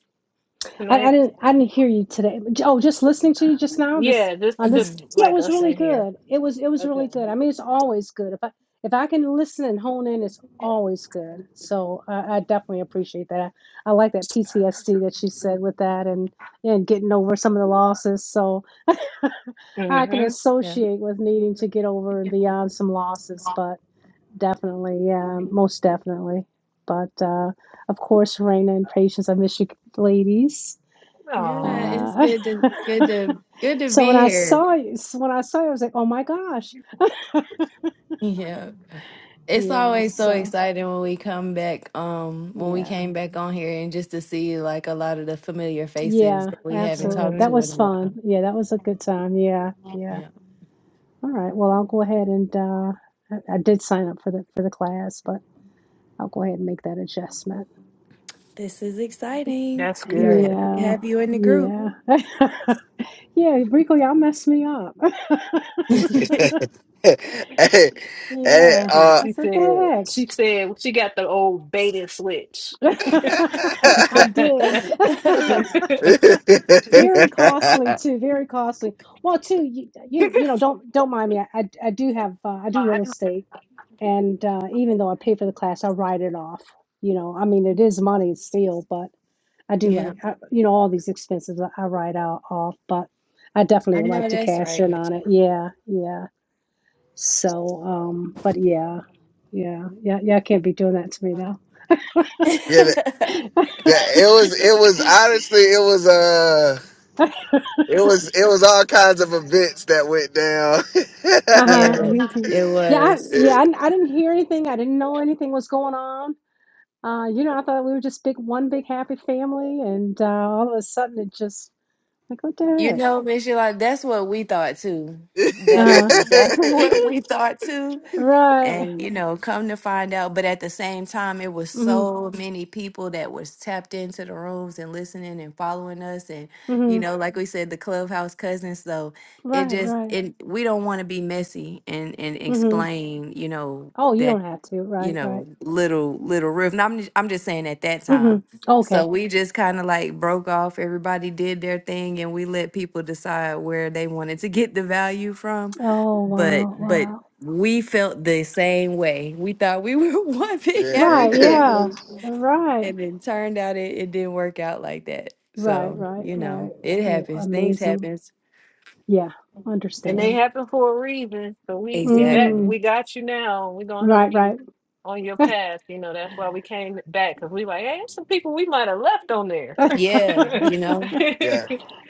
[SPEAKER 7] I, I
[SPEAKER 2] tonight?
[SPEAKER 7] didn't I didn't hear you today. Oh, just listening to you just now, this
[SPEAKER 2] Yeah, just
[SPEAKER 7] on this
[SPEAKER 2] just
[SPEAKER 3] Mhm.
[SPEAKER 7] yeah, it
[SPEAKER 2] like
[SPEAKER 7] was
[SPEAKER 2] us
[SPEAKER 7] really
[SPEAKER 2] in here.
[SPEAKER 7] good. It was it was
[SPEAKER 2] Okay.
[SPEAKER 7] really good. I mean, it's always good. If I if I can listen and hone in, it's always good. So I, I definitely appreciate that. I, I like that PTSD that she said with that and and getting over some of the losses. So I can
[SPEAKER 2] Mm-hmm.
[SPEAKER 3] Yeah.
[SPEAKER 7] associate with needing to get over and beyond some losses, but definitely, yeah, most definitely. But uh, of course, Raina and Patience, I miss you ladies.
[SPEAKER 3] Yeah,
[SPEAKER 2] Oh.
[SPEAKER 3] it's
[SPEAKER 7] Uh,
[SPEAKER 3] good to good to good to
[SPEAKER 7] so
[SPEAKER 3] be
[SPEAKER 7] when I
[SPEAKER 3] here.
[SPEAKER 7] saw you, so when I saw you, I was like, oh my gosh.
[SPEAKER 3] Yeah. It's
[SPEAKER 7] Yeah.
[SPEAKER 3] always so
[SPEAKER 7] So,
[SPEAKER 3] exciting when we come back, um, when we
[SPEAKER 7] yeah.
[SPEAKER 3] came back on here and just to see like a lot of the familiar faces
[SPEAKER 7] Yeah,
[SPEAKER 3] that we haven't
[SPEAKER 7] absolutely.
[SPEAKER 3] talked
[SPEAKER 2] Mm-hmm.
[SPEAKER 7] That
[SPEAKER 3] to in
[SPEAKER 7] was
[SPEAKER 3] a
[SPEAKER 7] fun.
[SPEAKER 3] while.
[SPEAKER 7] Yeah, that was a good time. Yeah. Yeah.
[SPEAKER 3] Yeah.
[SPEAKER 7] All right. Well, I'll go ahead and uh I, I did sign up for the for the class, but I'll go ahead and make that adjustment.
[SPEAKER 3] This is exciting.
[SPEAKER 2] That's
[SPEAKER 3] We are
[SPEAKER 2] good.
[SPEAKER 3] happy to
[SPEAKER 7] Yeah.
[SPEAKER 3] have you in the group.
[SPEAKER 7] Yeah. Yeah, Rico, y'all messed me up.
[SPEAKER 1] hey, hey,
[SPEAKER 7] Yeah.
[SPEAKER 2] She,
[SPEAKER 1] uh,
[SPEAKER 2] she
[SPEAKER 7] That's what
[SPEAKER 2] said
[SPEAKER 7] the
[SPEAKER 2] she said she got the old beta switch.
[SPEAKER 1] yeah,
[SPEAKER 7] heck. I did. Very
[SPEAKER 2] and
[SPEAKER 7] costly too. Very costly. Well, too, you you, you know, don't don't mind me. I I, I do have uh, I do real estate, and uh, even though I pay for the class, I write it off. You know, I mean, it is money still, but I do
[SPEAKER 3] Yeah.
[SPEAKER 7] write. I, you know, all these expenses I, I write out off, but I definitely
[SPEAKER 3] I
[SPEAKER 7] would
[SPEAKER 3] know
[SPEAKER 7] like to
[SPEAKER 3] that's
[SPEAKER 7] cash
[SPEAKER 3] right,
[SPEAKER 7] in
[SPEAKER 3] Mitch.
[SPEAKER 7] on it. Yeah, yeah. So, um, but yeah, yeah, yeah, yeah. I can't be doing that to me though.
[SPEAKER 1] the, the, it was, it was honestly, it was, uh, it was, it was all kinds of events that went down.
[SPEAKER 7] Uh huh.
[SPEAKER 3] Yeah, it
[SPEAKER 7] Yeah, I,
[SPEAKER 3] was.
[SPEAKER 7] yeah. I, I didn't hear anything. I didn't know anything was going on Uh, you know, I thought we were just big one big happy family, and uh, all of a sudden it just like what the
[SPEAKER 3] You
[SPEAKER 7] heck?
[SPEAKER 3] know, Miss Yolanda, that's what we thought too. That is
[SPEAKER 7] uh
[SPEAKER 3] exactly what we thought too.
[SPEAKER 7] Right.
[SPEAKER 3] And, you know, come to find out, but at the same time, it was
[SPEAKER 7] hmm
[SPEAKER 3] so many people that was tapped into the rooms and listening and following us. And, you
[SPEAKER 7] hmm
[SPEAKER 3] know, like we said, the clubhouse cousins, So it
[SPEAKER 7] Right,
[SPEAKER 3] just,
[SPEAKER 7] right.
[SPEAKER 3] it, we don't want to be messy and, and
[SPEAKER 7] hmm
[SPEAKER 3] explain, you know,
[SPEAKER 7] Oh, you don't have to.
[SPEAKER 3] you
[SPEAKER 7] Right, right.
[SPEAKER 3] know, little little roof. And I'm I'm just saying at that
[SPEAKER 7] hmm
[SPEAKER 3] time. So
[SPEAKER 7] Okay.
[SPEAKER 3] we just kind of like broke off. Everybody did their thing, and we let people decide where they wanted to get the value from.
[SPEAKER 7] Oh,
[SPEAKER 3] But
[SPEAKER 7] wow,
[SPEAKER 3] but
[SPEAKER 7] wow.
[SPEAKER 3] we felt the same way. We thought we were one big
[SPEAKER 1] yeah,
[SPEAKER 7] Right,
[SPEAKER 3] happy
[SPEAKER 7] yeah.
[SPEAKER 3] family,
[SPEAKER 7] Right.
[SPEAKER 3] and then turned out it, it didn't work out like that.
[SPEAKER 7] Right,
[SPEAKER 3] So
[SPEAKER 7] right,
[SPEAKER 3] you know,
[SPEAKER 7] right.
[SPEAKER 3] it
[SPEAKER 7] Oh,
[SPEAKER 3] happens. Things
[SPEAKER 7] amazing.
[SPEAKER 3] happens.
[SPEAKER 7] Yeah,
[SPEAKER 3] Yeah.
[SPEAKER 2] they
[SPEAKER 7] understand.
[SPEAKER 2] happen for a reason. So we we back
[SPEAKER 3] Exactly.
[SPEAKER 7] Mm.
[SPEAKER 2] we got you now. We're gonna help
[SPEAKER 7] Right,
[SPEAKER 2] you
[SPEAKER 7] right.
[SPEAKER 2] on your path. You know, that's why we came back because we like, hey, there's some people we might have left on there.
[SPEAKER 3] Yeah. You know.
[SPEAKER 1] yeah,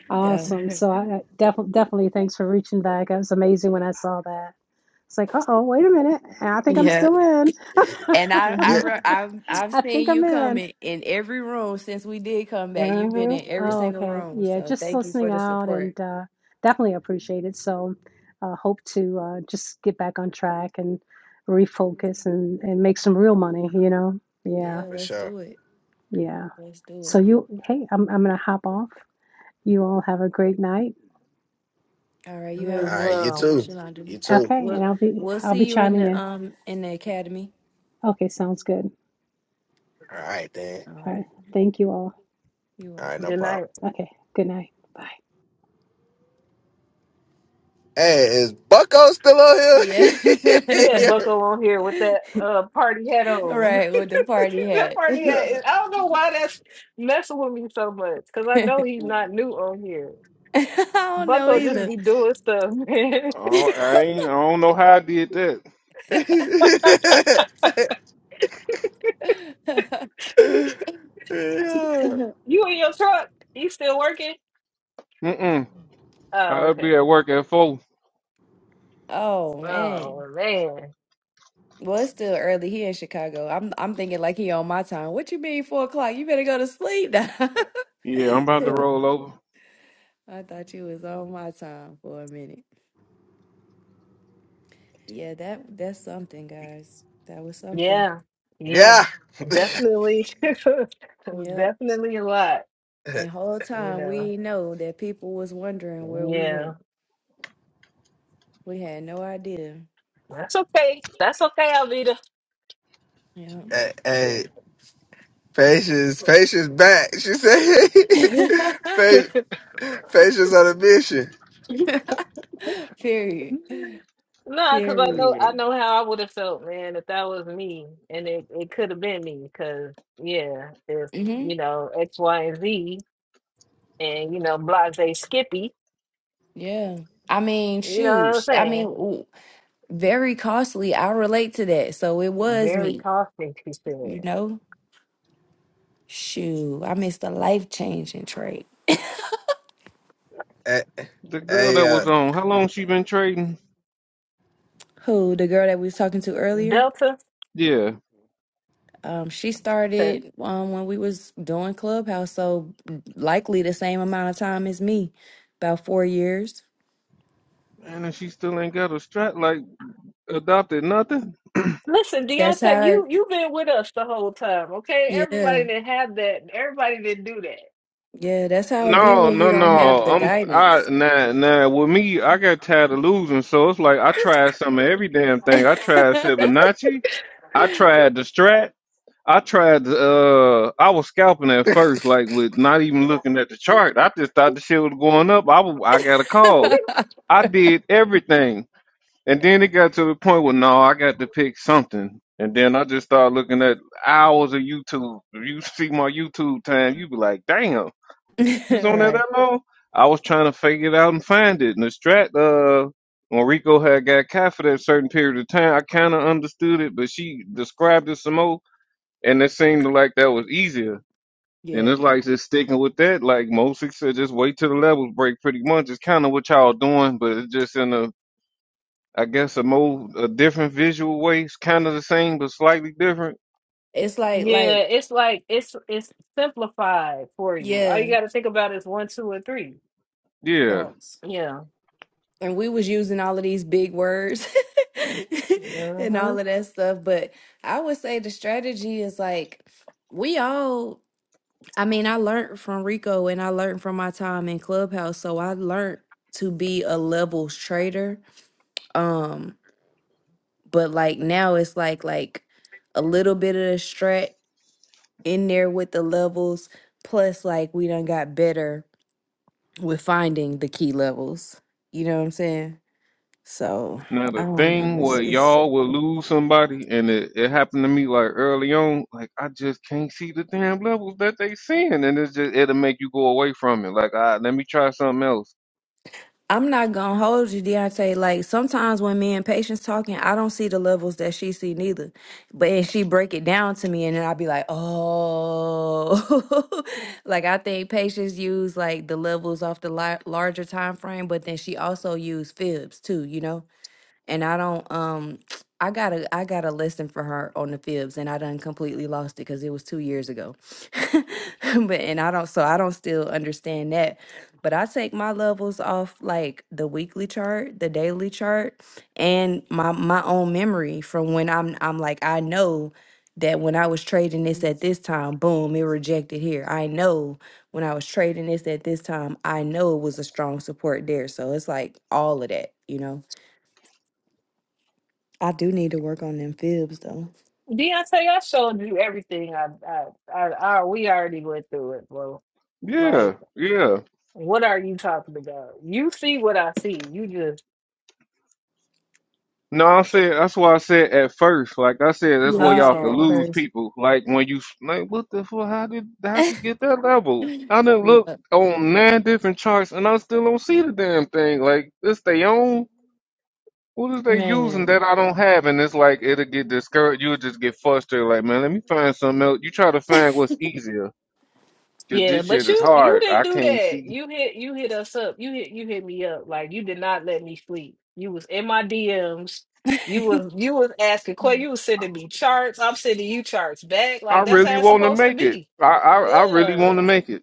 [SPEAKER 3] Yeah.
[SPEAKER 7] Awesome. So I definitely definitely thanks for reaching back. It was amazing when I saw that. It's like, uh-oh, wait a minute. I think I'm
[SPEAKER 3] Yeah.
[SPEAKER 7] still in.
[SPEAKER 3] And I, I,
[SPEAKER 2] hmm
[SPEAKER 1] yeah,
[SPEAKER 3] re- I've, I've
[SPEAKER 7] I
[SPEAKER 3] seen
[SPEAKER 7] think I'm
[SPEAKER 3] you
[SPEAKER 7] in.
[SPEAKER 3] coming in, in every room since we did come back. You've been
[SPEAKER 2] hmm
[SPEAKER 3] in every
[SPEAKER 1] yeah,
[SPEAKER 7] Oh,
[SPEAKER 3] single
[SPEAKER 7] okay.
[SPEAKER 3] room.
[SPEAKER 7] Yeah,
[SPEAKER 3] So
[SPEAKER 7] just
[SPEAKER 3] thank you
[SPEAKER 7] listening
[SPEAKER 3] for the
[SPEAKER 7] out
[SPEAKER 3] support.
[SPEAKER 7] and uh, definitely appreciate it. So uh, hope to uh, just get back on track and refocus and, and make some real money, you know? Yeah,
[SPEAKER 3] Yeah,
[SPEAKER 1] for
[SPEAKER 3] let's
[SPEAKER 1] sure.
[SPEAKER 3] do it.
[SPEAKER 7] yeah.
[SPEAKER 3] Let's do
[SPEAKER 7] So
[SPEAKER 3] it.
[SPEAKER 7] you, hey, I'm, I'm gonna hop off. You all have a great night.
[SPEAKER 3] All right. You
[SPEAKER 1] All
[SPEAKER 3] have a good
[SPEAKER 1] right, you
[SPEAKER 3] night too,
[SPEAKER 2] Well,
[SPEAKER 3] Miss
[SPEAKER 1] too,
[SPEAKER 3] Yolanda.
[SPEAKER 1] you too.
[SPEAKER 7] Okay,
[SPEAKER 3] We'll,
[SPEAKER 7] and I'll be
[SPEAKER 3] we'll
[SPEAKER 7] I'll
[SPEAKER 3] see
[SPEAKER 7] be
[SPEAKER 3] you in
[SPEAKER 7] chiming
[SPEAKER 3] the,
[SPEAKER 7] in.
[SPEAKER 3] um, in the academy.
[SPEAKER 7] Okay, sounds good.
[SPEAKER 1] All right, then.
[SPEAKER 3] All
[SPEAKER 7] All right.
[SPEAKER 3] right.
[SPEAKER 7] Thank you all.
[SPEAKER 3] You're
[SPEAKER 1] All right, no
[SPEAKER 2] good
[SPEAKER 3] welcome.
[SPEAKER 1] problem.
[SPEAKER 2] night.
[SPEAKER 7] Okay, good night. Bye.
[SPEAKER 1] Hey, is Bucko still on here?
[SPEAKER 3] Yeah.
[SPEAKER 2] Yeah,
[SPEAKER 1] yeah.
[SPEAKER 2] Bucko on here with that uh party hat
[SPEAKER 3] All
[SPEAKER 2] on.
[SPEAKER 3] right. With the party
[SPEAKER 2] that
[SPEAKER 3] hat.
[SPEAKER 2] party hat. Is, I don't know why that's messing with me so much because I know he's not new on here.
[SPEAKER 3] I don't know
[SPEAKER 2] Bucko
[SPEAKER 1] Yeah.
[SPEAKER 2] just
[SPEAKER 3] either.
[SPEAKER 2] be doing stuff, man.
[SPEAKER 5] Oh, I ain't, I don't know how I did that.
[SPEAKER 2] you in your truck? You still working?
[SPEAKER 5] Mm-mm.
[SPEAKER 2] Oh,
[SPEAKER 5] I'll
[SPEAKER 2] okay.
[SPEAKER 5] be at work at four.
[SPEAKER 3] oh man.
[SPEAKER 2] Oh man.
[SPEAKER 3] Well, it's still early here in Chicago. I'm I'm thinking like he on my time. What you mean four o'clock? You better go to sleep now.
[SPEAKER 2] Uh,
[SPEAKER 5] Yeah, I'm about to
[SPEAKER 2] yeah.
[SPEAKER 5] roll over.
[SPEAKER 3] I thought you was on my time for a minute. Yeah, that that's something, guys. That was something.
[SPEAKER 2] Yeah, yeah,
[SPEAKER 1] yeah.
[SPEAKER 2] definitely, it was
[SPEAKER 3] Yep.
[SPEAKER 2] definitely a lot,
[SPEAKER 1] Yeah.
[SPEAKER 3] And whole
[SPEAKER 2] you
[SPEAKER 3] time we
[SPEAKER 2] know.
[SPEAKER 3] ain't know that people was wondering where we
[SPEAKER 2] Yeah,
[SPEAKER 3] went. We had no idea.
[SPEAKER 2] that's okay. That's okay, Alvita.
[SPEAKER 3] Yeah.
[SPEAKER 1] Hey, hey,
[SPEAKER 2] No,
[SPEAKER 1] patience, patience back. She said, patience, patience on a mission.
[SPEAKER 3] Period.
[SPEAKER 2] because I know I
[SPEAKER 3] Period.
[SPEAKER 2] know how I would have felt, man, if that was me, and it it could have been me, because yeah, if
[SPEAKER 3] hmm
[SPEAKER 2] you know X, Y, and Z, and you know Blase Skippy,
[SPEAKER 3] Yeah. I mean,
[SPEAKER 2] you know what
[SPEAKER 3] shoot.
[SPEAKER 2] I'm
[SPEAKER 3] sh- I
[SPEAKER 2] saying?
[SPEAKER 3] mean, very costly. I relate to that. So it was
[SPEAKER 2] Very
[SPEAKER 3] me,
[SPEAKER 2] costly, she said.
[SPEAKER 3] you know? shoot, I missed a life changing trade.
[SPEAKER 1] Hey,
[SPEAKER 5] The girl
[SPEAKER 1] hey,
[SPEAKER 5] that
[SPEAKER 1] uh.
[SPEAKER 5] was on, how long she been trading?
[SPEAKER 3] Who, the girl that we was talking to earlier?
[SPEAKER 2] Delta.
[SPEAKER 5] Yeah.
[SPEAKER 3] Um, she started um when we was doing Clubhouse, so likely the same amount of time as me, about four years.
[SPEAKER 5] And if she still ain't got a strap, like adopted nothing?
[SPEAKER 2] Listen,
[SPEAKER 3] That's
[SPEAKER 2] Deontay,
[SPEAKER 3] how it,
[SPEAKER 2] you you've been with us the whole time, okay? Everybody
[SPEAKER 3] yeah.
[SPEAKER 2] that had that, everybody that do that.
[SPEAKER 3] Yeah, that's how it be
[SPEAKER 5] No,
[SPEAKER 3] when you
[SPEAKER 5] no,
[SPEAKER 3] don't have
[SPEAKER 5] no.
[SPEAKER 3] the
[SPEAKER 5] I'm I
[SPEAKER 3] guidance.
[SPEAKER 5] nah nah. With me, I got tired of losing, so it's like I tried some of every damn thing. I tried Fibonacci, I tried the strat, I tried to, uh I was scalping at first, like with not even looking at the chart. I just thought the shit was going up. I wa- I got a call. I did everything. And then it got to the point where no, I got to pick something. And then I just started looking at hours of YouTube. If you see my YouTube time, you be like, damn, you was on there
[SPEAKER 3] right.
[SPEAKER 5] that long? I was trying to figure it out and find it. And the strat uh when Rico had got cat for that certain period of time, I kinda understood it, but she described it some more and it seemed like that was easier. And it's
[SPEAKER 3] Yeah.
[SPEAKER 5] like just sticking with that. Like Mo Six said, just wait till the levels break. Pretty much, it's kind of what y'all doing, but it's just in a, I guess, a more a different visual way. It's kind of the same, but slightly different.
[SPEAKER 3] It's like
[SPEAKER 2] Yeah,
[SPEAKER 3] like
[SPEAKER 2] it's like it's it's simplified for you. All you
[SPEAKER 3] yeah.
[SPEAKER 2] got to think about is one, two, and three.
[SPEAKER 5] Yeah.
[SPEAKER 3] Facts.
[SPEAKER 2] Yeah.
[SPEAKER 3] and we was using all of these big words and
[SPEAKER 2] hmm
[SPEAKER 3] all of that stuff but i would say the strategy is like we all i mean i learned from rico and i learned from my time in clubhouse so i learned to be a levels trader um but like now it's like like a little bit of the strat in there with the levels plus like we done got better with finding the key levels you know what i'm saying so
[SPEAKER 5] Now
[SPEAKER 3] I
[SPEAKER 5] the
[SPEAKER 3] don't
[SPEAKER 5] thing
[SPEAKER 3] know.
[SPEAKER 5] where
[SPEAKER 3] It's, it's
[SPEAKER 5] y'all will lose somebody, and it, it happened to me like early on. Like I just can't see the damn levels that they seeing, and it's just it'll make you go away from it. Like, ah, let me try something else.
[SPEAKER 3] I'm not gonna hold you, Deontay. Like sometimes when me and patience talking, I don't see the levels that she see neither. But and she break it down to me, and then i be like, oh, like I think patience use like the levels off the li- larger time frame, but then she also use fibs too, you know and I don't um I got a I got a lesson for her on the fibs and I done completely lost it because it was two years ago. but and I don't so I don't still understand that. But I take my levels off like the weekly chart, the daily chart, and my my own memory from when I'm I'm like I know that when I was trading this at this time, boom, it rejected here. I know when I was trading this at this time, I know it was a strong support there. So it's like all of that, you know. I do need to work on them fibs though.
[SPEAKER 2] Deontay, I showed you everything. I, I, I, I, we already went through it, bro.
[SPEAKER 5] Yeah,
[SPEAKER 2] Like,
[SPEAKER 5] yeah.
[SPEAKER 2] what are you talking about? You see what I see. You just,
[SPEAKER 5] No, I said that's why I said at first, like I said, that's
[SPEAKER 3] Yeah,
[SPEAKER 5] where
[SPEAKER 3] he
[SPEAKER 5] y'all
[SPEAKER 3] said
[SPEAKER 5] can
[SPEAKER 3] that
[SPEAKER 2] oh.
[SPEAKER 5] lose
[SPEAKER 3] first.
[SPEAKER 5] people. Like when you like, what the fuck? How did how she get that level? I done looked
[SPEAKER 3] But
[SPEAKER 5] on nine different charts, and I still don't see the damn thing. Like this, they own. What is they using that
[SPEAKER 3] man,
[SPEAKER 5] I don't have? And it's like it'll get discouraged. You'll just get frustrated. Like man, let me find something else. You try to find what's easier. 'Cause
[SPEAKER 2] Yeah,
[SPEAKER 5] this
[SPEAKER 2] but
[SPEAKER 5] shit is
[SPEAKER 2] you you
[SPEAKER 5] hard. I
[SPEAKER 2] didn't do
[SPEAKER 5] can't
[SPEAKER 2] that.
[SPEAKER 5] see.
[SPEAKER 2] You hit you hit us up. You hit you hit me up. Like you did not let me sleep. You was in my DMs. You was you was asking questions. You was sending me charts. I'm sending you charts back.
[SPEAKER 5] I
[SPEAKER 2] Like that's
[SPEAKER 5] really
[SPEAKER 2] how it's
[SPEAKER 5] want to
[SPEAKER 2] supposed to
[SPEAKER 5] make it.
[SPEAKER 2] be.
[SPEAKER 5] I I, I really
[SPEAKER 2] Yeah.
[SPEAKER 5] want to make it.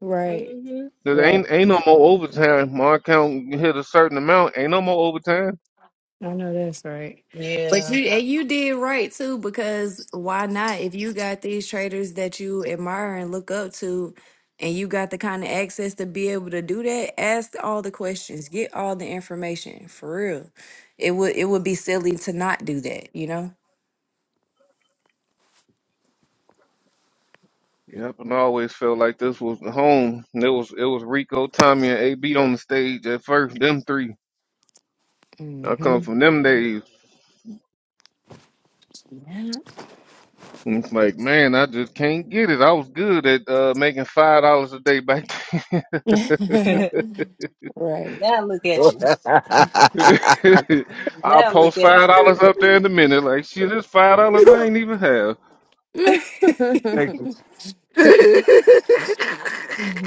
[SPEAKER 3] right,
[SPEAKER 2] hmm
[SPEAKER 5] There
[SPEAKER 3] right.
[SPEAKER 5] ain't ain't no more overtime. My account hit a certain amount. Ain't no more overtime.
[SPEAKER 3] I know that's right. But
[SPEAKER 2] Yeah.
[SPEAKER 3] you and you did right too, because why not? If you got these traders that you admire and look up to, and you got the kind of access to be able to do that, ask all the questions, get all the information for real. It would it would be silly to not do that, you know?
[SPEAKER 5] Yep, and I always felt like this was the home. And It was it was Rico, Tommy, and AB on the stage at first. Them three. I come
[SPEAKER 3] hmm
[SPEAKER 5] from them days. And it's like, man, I just can't get it. I was good at uh, making five dollars a day back then.
[SPEAKER 3] right.
[SPEAKER 2] now look at you.
[SPEAKER 5] I'll
[SPEAKER 2] Now
[SPEAKER 5] post
[SPEAKER 2] look at
[SPEAKER 5] five
[SPEAKER 2] you.
[SPEAKER 5] dollars up there in a minute. Like, shit, this five dollars I ain't even have.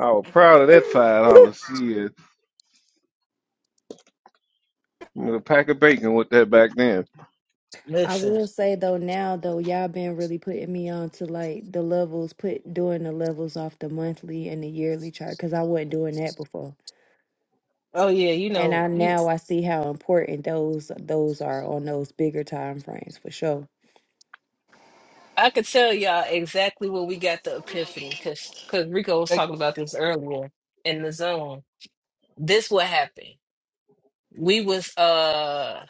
[SPEAKER 5] I was proud of that five dollars. Shit, a pack of bacon with that back then.
[SPEAKER 3] I
[SPEAKER 2] Listen.
[SPEAKER 3] will say though now though y'all been really putting me on to like the levels put doing the levels off the monthly and the yearly chart because I wasn't doing that before.
[SPEAKER 2] Oh yeah. You
[SPEAKER 3] And
[SPEAKER 2] know
[SPEAKER 3] I
[SPEAKER 2] you.
[SPEAKER 3] now I see how important those those are on those bigger time frames for sure.
[SPEAKER 2] I could tell y'all exactly when we got the epiphany because because Rico was talking about this earlier in the zone. This what happened. We was uh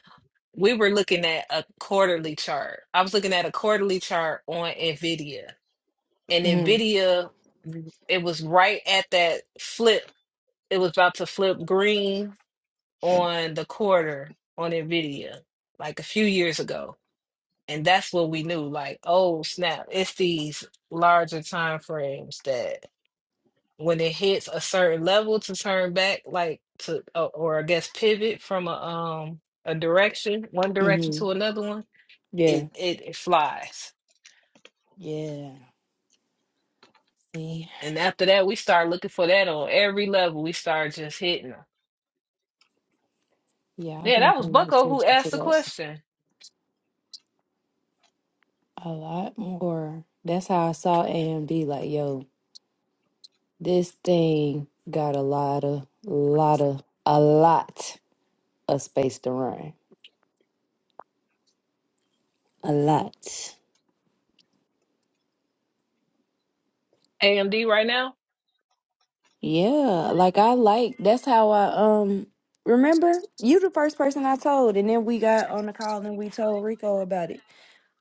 [SPEAKER 2] we were looking at a quarterly chart. I was looking at a quarterly chart on Nvidia, and
[SPEAKER 3] hmm
[SPEAKER 2] Nvidia it was right at that flip. It was about to flip green on the quarter on Nvidia like a few years ago And that's what we knew, like, oh snap, it's these larger time frames that when it hits a certain level to turn back, like to uh, or I guess pivot from a um a direction, one direction
[SPEAKER 3] hmm
[SPEAKER 2] to another one,
[SPEAKER 3] Yeah.
[SPEAKER 2] it, it it flies.
[SPEAKER 3] Yeah. See?
[SPEAKER 2] And after that, we start looking for that on every level. We start just hitting them.
[SPEAKER 3] Yeah, I've
[SPEAKER 2] Yeah,
[SPEAKER 3] been
[SPEAKER 2] that was
[SPEAKER 3] paying
[SPEAKER 2] Bucko who
[SPEAKER 3] attention to
[SPEAKER 2] asked the
[SPEAKER 3] that
[SPEAKER 2] question.
[SPEAKER 3] a lot more. That's how I saw AMD like, yo, this thing got a lot of lot of a lot of space to run. A lot.
[SPEAKER 2] AMD right now?
[SPEAKER 3] Yeah. Like I like that's how I um remember you the first person I told and then we got on the call and we told Rico about it.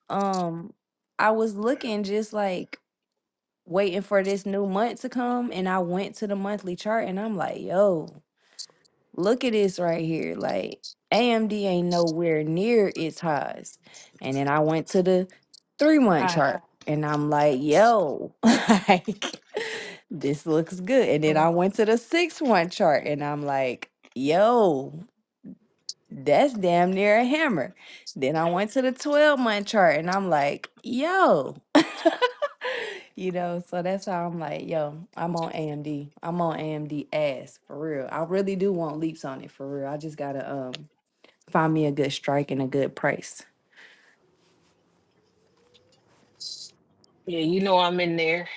[SPEAKER 3] Um I was looking just like waiting for this new month to come and I went to the monthly chart and I'm like, yo, Look at this right here. Like AMD ain't nowhere near its highs. And then I went to the three month chart and I'm like, yo, like this looks good. And then I went to the six month chart and I'm like, yo. That's damn near a hammer. Then I went to the 12 month chart and I'm like, yo. you know, so that's how I'm like, yo, I'm on AMD. I'm on AMD ass for real. I really do want leaps on it for real. I just gotta um find me a good strike and a good price.
[SPEAKER 2] Yeah, you know I'm in there,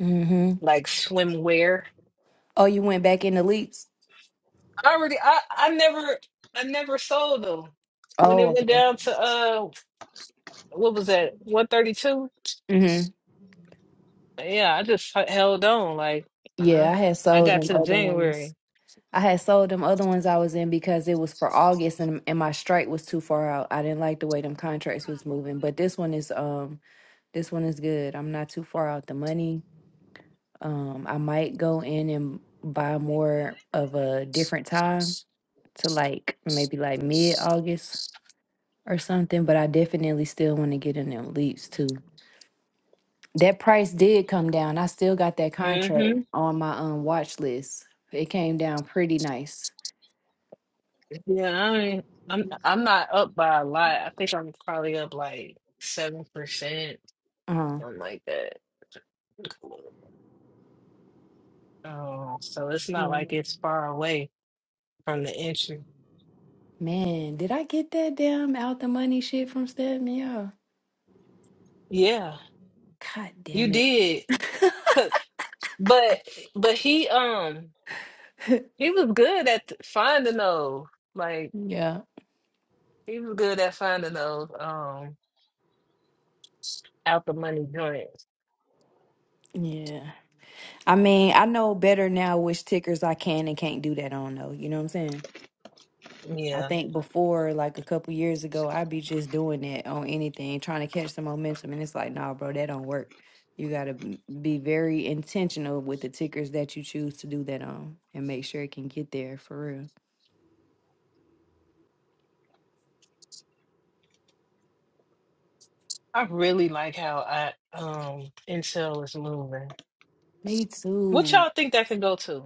[SPEAKER 3] Mm-hmm.
[SPEAKER 2] like swimwear.
[SPEAKER 3] Oh, you went back into leaps?
[SPEAKER 2] I already I, I never I never sold them. When it
[SPEAKER 3] Oh,
[SPEAKER 2] went
[SPEAKER 3] okay.
[SPEAKER 2] down to uh what was that, one thirty two?
[SPEAKER 3] Mm-hmm.
[SPEAKER 2] Yeah, I just h- held on like uh,
[SPEAKER 3] Yeah, I had
[SPEAKER 2] I
[SPEAKER 3] sold
[SPEAKER 2] got
[SPEAKER 3] them
[SPEAKER 2] to
[SPEAKER 3] other ones.
[SPEAKER 2] January.
[SPEAKER 3] I had sold them other ones I was in because it was for August and and my strike was too far out. I didn't like the way them contracts was moving. But this one is um this one is good. I'm not too far out the money. Um I might go in and buy more of a different time to like maybe like mid August or something, but I definitely still want to get in them leaps too. That price did come down. I still got that contract
[SPEAKER 2] hmm
[SPEAKER 3] on my um watch list. It came down pretty nice.
[SPEAKER 2] Yeah, I mean I'm I'm not up by a lot. I think I'm probably up like seven percent,
[SPEAKER 3] Uh-huh.
[SPEAKER 2] something like that. Oh, so it's not
[SPEAKER 3] Yeah.
[SPEAKER 2] like it's far away from the entry.
[SPEAKER 3] Man, did I get that damn out the money shit from Stephen? Yeah.
[SPEAKER 2] Yeah,
[SPEAKER 3] God
[SPEAKER 2] you
[SPEAKER 3] damn it.
[SPEAKER 2] did. But but he um He was good at finding those. Like
[SPEAKER 3] yeah.
[SPEAKER 2] he was good at finding those um out the money joints.
[SPEAKER 3] Yeah. I mean, I know better now which tickers I can and can't do that on though. You know what I'm saying? I
[SPEAKER 2] Yeah.
[SPEAKER 3] think before, like a couple years ago, I'd be just doing that on anything, trying to catch some momentum. And it's like, nah, bro, that don't work. You gotta be very intentional with the tickers that you choose to do that on and make sure it can get there for real.
[SPEAKER 2] I really like how I um Intel is moving.
[SPEAKER 3] Me
[SPEAKER 2] What
[SPEAKER 3] too.
[SPEAKER 2] y'all think that could go to?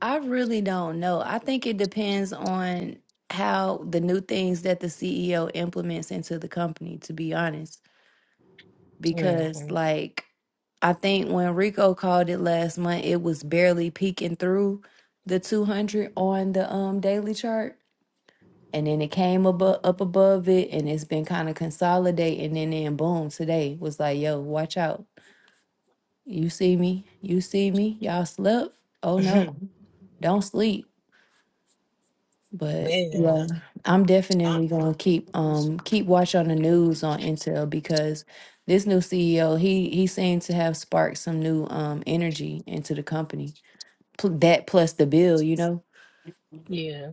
[SPEAKER 3] I really don't know. I think it depends on how the new things that the CEO implements into the company, to be honest.
[SPEAKER 2] hmm
[SPEAKER 3] Because, like, I think when Rico called it last month, it was barely peeking through the 200 on the um daily chart. And then it came above, up above it and it's been kind of consolidating. And then, boom, today was like, yo, watch out. You see me. You see me. Y'all slept. Oh, no. Don't sleep. But
[SPEAKER 2] Man.
[SPEAKER 3] yeah, I'm
[SPEAKER 2] I-
[SPEAKER 3] definitely gonna keep um keep watch on the news on Intel because this new CEO he he seems to have sparked some new um energy into the company. Pl- that plus the bill, you know.
[SPEAKER 2] yeah.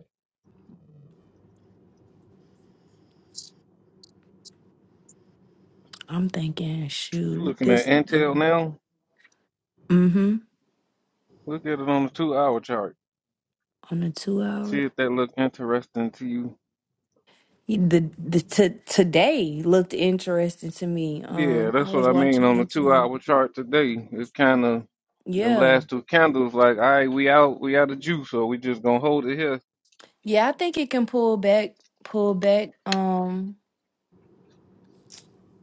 [SPEAKER 3] I'm thinking,
[SPEAKER 5] You
[SPEAKER 3] shoot,
[SPEAKER 5] looking at
[SPEAKER 3] this.
[SPEAKER 5] Intel now?
[SPEAKER 3] Mm-hmm.
[SPEAKER 5] Look at it on the two hour chart.
[SPEAKER 3] On the two
[SPEAKER 5] See
[SPEAKER 3] hour,
[SPEAKER 5] if that look interesting to you.
[SPEAKER 3] He- the the t- today looked interesting to me.
[SPEAKER 5] Yeah,
[SPEAKER 3] Um, I
[SPEAKER 5] that's
[SPEAKER 3] was-
[SPEAKER 5] what I mean on the two hour chart today. It's kind of them
[SPEAKER 3] yeah,
[SPEAKER 5] last two candles like, all right, we out, we out of juice, so we just gonna hold it here.
[SPEAKER 3] yeah, I think it can pull back, pull back. Um,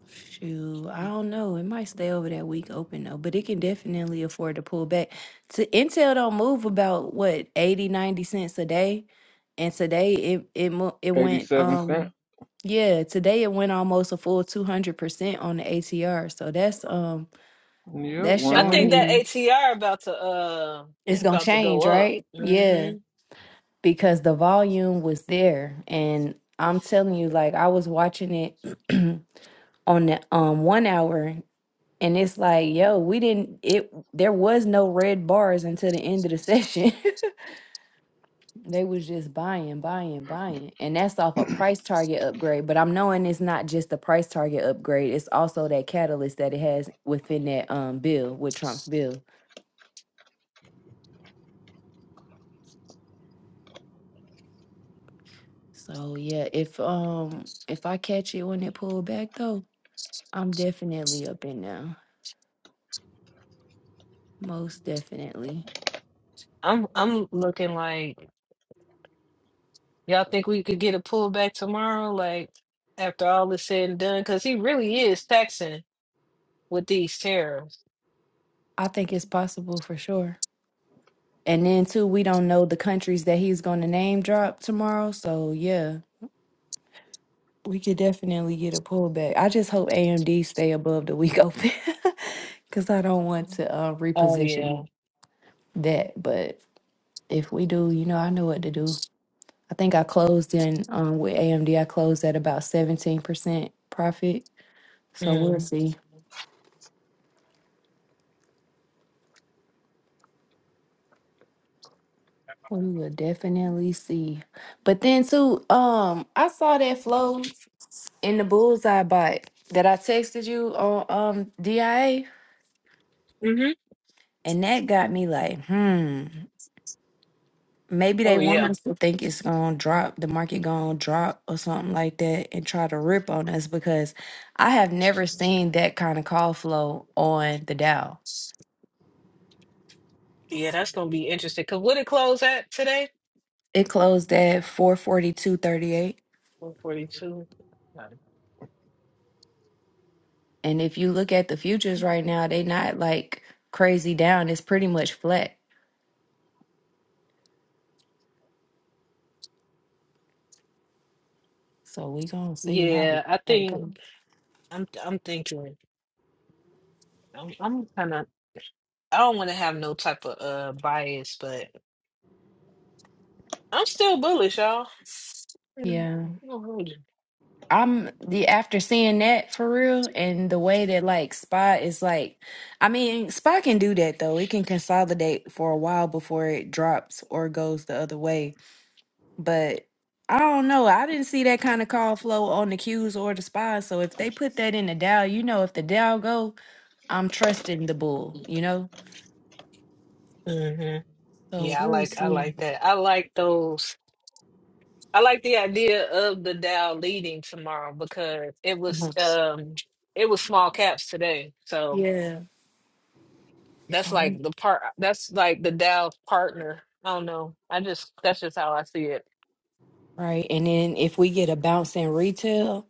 [SPEAKER 3] Shoot, I don't know. It might stay over that week open though, but it can definitely afford to pull back. To Intel don't move about what 80 90 cents a day. And today it it mo- it went
[SPEAKER 5] 87 cent.
[SPEAKER 3] um yeah, today it went almost a full 200% on the ATR. So that's um
[SPEAKER 5] Yeah,
[SPEAKER 3] that's
[SPEAKER 2] I
[SPEAKER 3] showing
[SPEAKER 2] think
[SPEAKER 5] 190.
[SPEAKER 2] that
[SPEAKER 3] me
[SPEAKER 2] ATR about to uh
[SPEAKER 3] it's
[SPEAKER 2] is
[SPEAKER 3] going to
[SPEAKER 2] about to go
[SPEAKER 3] change,
[SPEAKER 2] up.
[SPEAKER 3] right?
[SPEAKER 2] hmm
[SPEAKER 3] Yeah, because the volume was there and I'm telling you like I was watching it on the um 1 hour And it's like, yo, we didn't it there was no red bars until the end of the session. they was just buying, buying, buying. And that's off a price target upgrade. But I'm knowing it's not just the price target upgrade, it's also that catalyst that it has within that um bill with Trump's bill. So yeah, if um if I catch it when it pulled back though, I'm definitely up in now. Most definitely.
[SPEAKER 2] I'm I'm looking like y'all think we could get a pullback tomorrow, like after all is said and done, because he really is taxing. with these tariffs.
[SPEAKER 3] I think it's possible for sure. And then too, we don't know the countries that he's going to name drop tomorrow. So yeah, we could definitely get a pullback. I just hope AMD stay above the week open because I don't want to uh,
[SPEAKER 2] Oh yeah.
[SPEAKER 3] reposition that. But if we do, you know, I know what to do. I think I closed in um, with AMD. I closed at about seventeen percent profit. So we'll
[SPEAKER 2] Mm.
[SPEAKER 3] see. We will definitely see. But then too, um, I saw that flow. in the bullseye bot that I texted you on um DIA,
[SPEAKER 2] hmm
[SPEAKER 3] and that got me like, hmm, maybe
[SPEAKER 2] Oh
[SPEAKER 3] they want
[SPEAKER 2] yeah.
[SPEAKER 3] us to think it's gonna drop, the market gonna drop or something like that, and try to rip on us because I have never seen that kind of call flow on the Dow.
[SPEAKER 2] Yeah, that's gonna be interesting. Cause what it close at today?
[SPEAKER 3] It closed at four forty two thirty eight,
[SPEAKER 2] One forty two.
[SPEAKER 3] and if you look at the futures right now, they not like crazy down. It's pretty much flat. So we gonna see how it
[SPEAKER 2] Yeah, I
[SPEAKER 3] how it
[SPEAKER 2] think
[SPEAKER 3] go.
[SPEAKER 2] I'm I'm thinking I'm I'm kinda I don't wanna have no type of uh bias, but I'm still bullish, y'all.
[SPEAKER 3] Yeah.
[SPEAKER 2] Mm-hmm.
[SPEAKER 3] I'm the after seeing that for real and the way that like Spy is like I mean Spy can do that though. It can consolidate for a while before it drops or goes the other way. But I don't know. I didn't see that kind of call flow on the Qs or the Spy. So if they put that in the Dow, you know if the Dow go, I'm trusting the bull, you know? So
[SPEAKER 2] Yeah, I
[SPEAKER 3] we'll
[SPEAKER 2] like I
[SPEAKER 3] see.
[SPEAKER 2] like that. I like those I like the idea of the Dow leading tomorrow because it was
[SPEAKER 3] Mhm.
[SPEAKER 2] um it was small caps today. So
[SPEAKER 3] Yeah.
[SPEAKER 2] That's
[SPEAKER 3] So,
[SPEAKER 2] like the part. That's like the Dow partner. I don't know. I just that's just how I see it.
[SPEAKER 3] right. And then if we get a bounce in retail,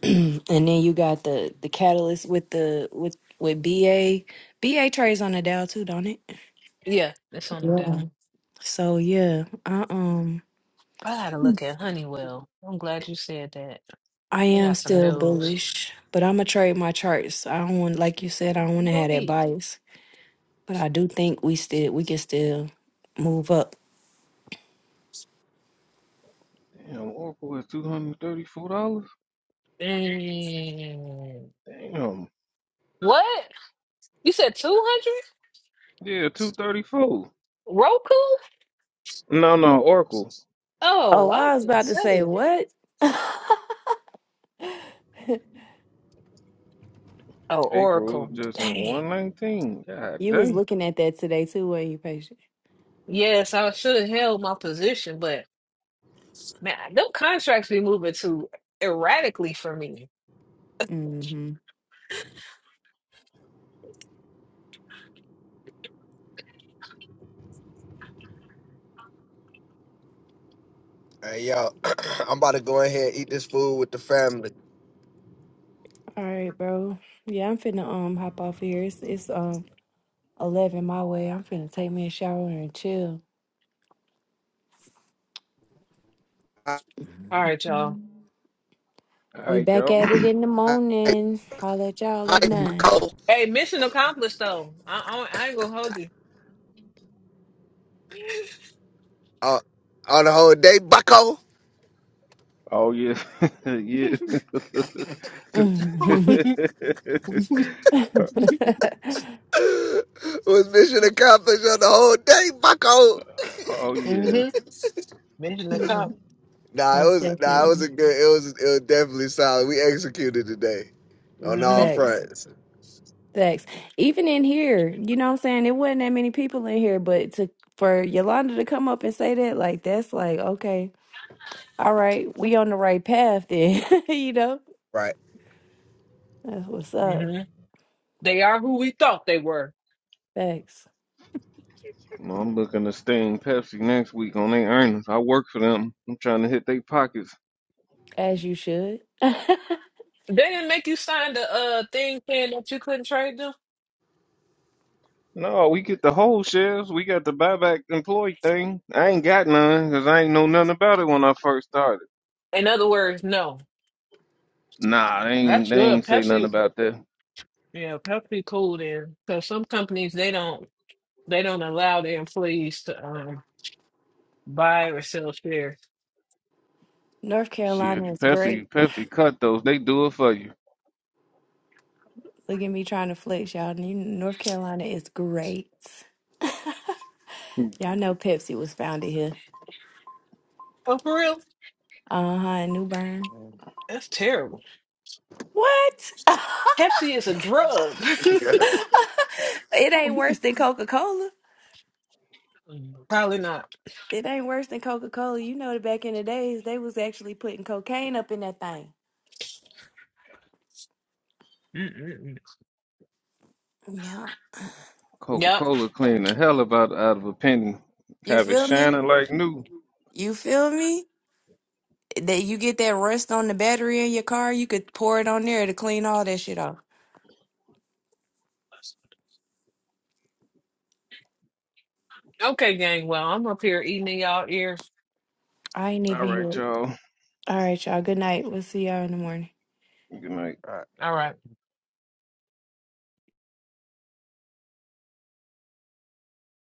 [SPEAKER 3] and then you got the the catalyst with the with with BA BA trades on the Dow too, don't it?
[SPEAKER 2] Yeah, it's on the Dow.
[SPEAKER 3] Mhm. So yeah, I um
[SPEAKER 2] I gotta look at Honeywell. I'm glad you said that.
[SPEAKER 3] I
[SPEAKER 2] They
[SPEAKER 3] am
[SPEAKER 2] got some
[SPEAKER 3] still
[SPEAKER 2] news.
[SPEAKER 3] bullish, but I'm gonna trade my charts. I don't want, like you said, I don't want to
[SPEAKER 2] Go
[SPEAKER 3] have that
[SPEAKER 2] eat.
[SPEAKER 3] bias, but I do think we still we can still move up.
[SPEAKER 5] Damn, Oracle is $234.
[SPEAKER 2] Mm.
[SPEAKER 5] Damn.
[SPEAKER 2] What? You said two hundred?
[SPEAKER 5] Yeah, 234.
[SPEAKER 2] Roku?
[SPEAKER 5] No, no, Oracle.
[SPEAKER 2] Oh,
[SPEAKER 3] Oh,
[SPEAKER 2] I
[SPEAKER 3] I was
[SPEAKER 2] was
[SPEAKER 3] about to say
[SPEAKER 2] saying.
[SPEAKER 3] what?
[SPEAKER 2] Oh,
[SPEAKER 5] April
[SPEAKER 2] Oracle.
[SPEAKER 5] just at
[SPEAKER 2] Dang.
[SPEAKER 5] 119. God
[SPEAKER 3] you was
[SPEAKER 5] dang.
[SPEAKER 3] looking at that today too, weren't you, patient?
[SPEAKER 2] Yes, I should have held my position, but man, them contracts be moving too erratically for me.
[SPEAKER 3] Mm-hmm.
[SPEAKER 1] hey, yo, I'm about to go in here and eat this food with the family.
[SPEAKER 3] All right, bro. Yeah, I'm finna um hop off here. It's it's um 11 my way. I'm finna take me a shower and chill.
[SPEAKER 1] I,
[SPEAKER 2] All right, y'all.
[SPEAKER 5] All
[SPEAKER 3] We
[SPEAKER 5] right,
[SPEAKER 3] back
[SPEAKER 5] y'all.
[SPEAKER 3] at it in the
[SPEAKER 1] I,
[SPEAKER 3] morning. Holla at y'all at
[SPEAKER 1] I,
[SPEAKER 3] 9.
[SPEAKER 2] Hey, mission accomplished though. I, I, I ain't gonna hold you.
[SPEAKER 1] on, on the whole day, bucko.
[SPEAKER 5] oh, yeah. yeah.
[SPEAKER 3] Mhm.
[SPEAKER 1] was mission accomplished on the whole day, bucko.
[SPEAKER 5] oh
[SPEAKER 2] hmm
[SPEAKER 5] yeah.
[SPEAKER 2] Mission
[SPEAKER 3] Mo-
[SPEAKER 2] accomplished.
[SPEAKER 1] Nah, it
[SPEAKER 3] Most
[SPEAKER 1] was nah, it was a
[SPEAKER 3] definitely.
[SPEAKER 1] good. It was it was definitely solid. We executed today on all
[SPEAKER 2] hmm
[SPEAKER 3] Thanks.
[SPEAKER 1] fronts.
[SPEAKER 3] Thanks. Even in here, you know what I'm saying? It wasn't that many people in here, but to for Yolanda to come up and say that, like that's like, okay, all right, we on the right path then. you know?
[SPEAKER 1] Right.
[SPEAKER 3] That's what's up.
[SPEAKER 2] hmm They are who we thought they were.
[SPEAKER 3] Thanks.
[SPEAKER 5] No, I'm looking to sting Pepsi next week on their earnings. I work for them. I'm trying to hit their pockets.
[SPEAKER 3] As you should.
[SPEAKER 2] They didn't make you sign the uh thing saying that you couldn't trade them.
[SPEAKER 5] No, we get the whole shares. We got the buyback employee thing. I ain't got none because I ain't know nothing about it when I first started.
[SPEAKER 2] In other words, no.
[SPEAKER 5] Nah, they ain't
[SPEAKER 2] That's
[SPEAKER 5] they
[SPEAKER 2] good.
[SPEAKER 5] ain't say nothing
[SPEAKER 2] Pepsi,
[SPEAKER 5] about that.
[SPEAKER 2] yeah, Pepsi cool then. Because some companies they don't they don't allow their employees to um buy or sell shares.
[SPEAKER 3] North Carolina
[SPEAKER 5] Shit,
[SPEAKER 3] is great.
[SPEAKER 5] Pepsi Pepsi cut those. They do it for you.
[SPEAKER 3] Look at me trying to flex, y'all. You- North Carolina is great. Y'all know Pepsi was founded here.
[SPEAKER 2] Oh, for real?
[SPEAKER 3] Uh huh, in New Bern.
[SPEAKER 2] That's terrible.
[SPEAKER 3] What?
[SPEAKER 2] Pepsi is a drug.
[SPEAKER 3] it ain't worse than Coca Cola.
[SPEAKER 2] Probably not.
[SPEAKER 3] It ain't worse than Coca Cola. You know that back in the days, they was actually putting cocaine up in that thing.
[SPEAKER 2] Mm-mm-mm.
[SPEAKER 3] Yeah.
[SPEAKER 5] Coca
[SPEAKER 2] Yep.
[SPEAKER 5] Cola cleaned the hell about out of a penny.
[SPEAKER 3] You
[SPEAKER 5] Have it
[SPEAKER 3] feel me?
[SPEAKER 5] shining like new.
[SPEAKER 3] You feel me? That you get that rust on the battery in your car, you could pour it on there to clean all that shit off.
[SPEAKER 2] Okay, gang. Well, I'm up here eating in y'all ears.
[SPEAKER 3] I ain't
[SPEAKER 5] All
[SPEAKER 3] even
[SPEAKER 5] right,
[SPEAKER 3] here.
[SPEAKER 5] y'all.
[SPEAKER 3] All right, y'all. Good night. We'll see y'all in the morning.
[SPEAKER 5] Good night.
[SPEAKER 2] All right.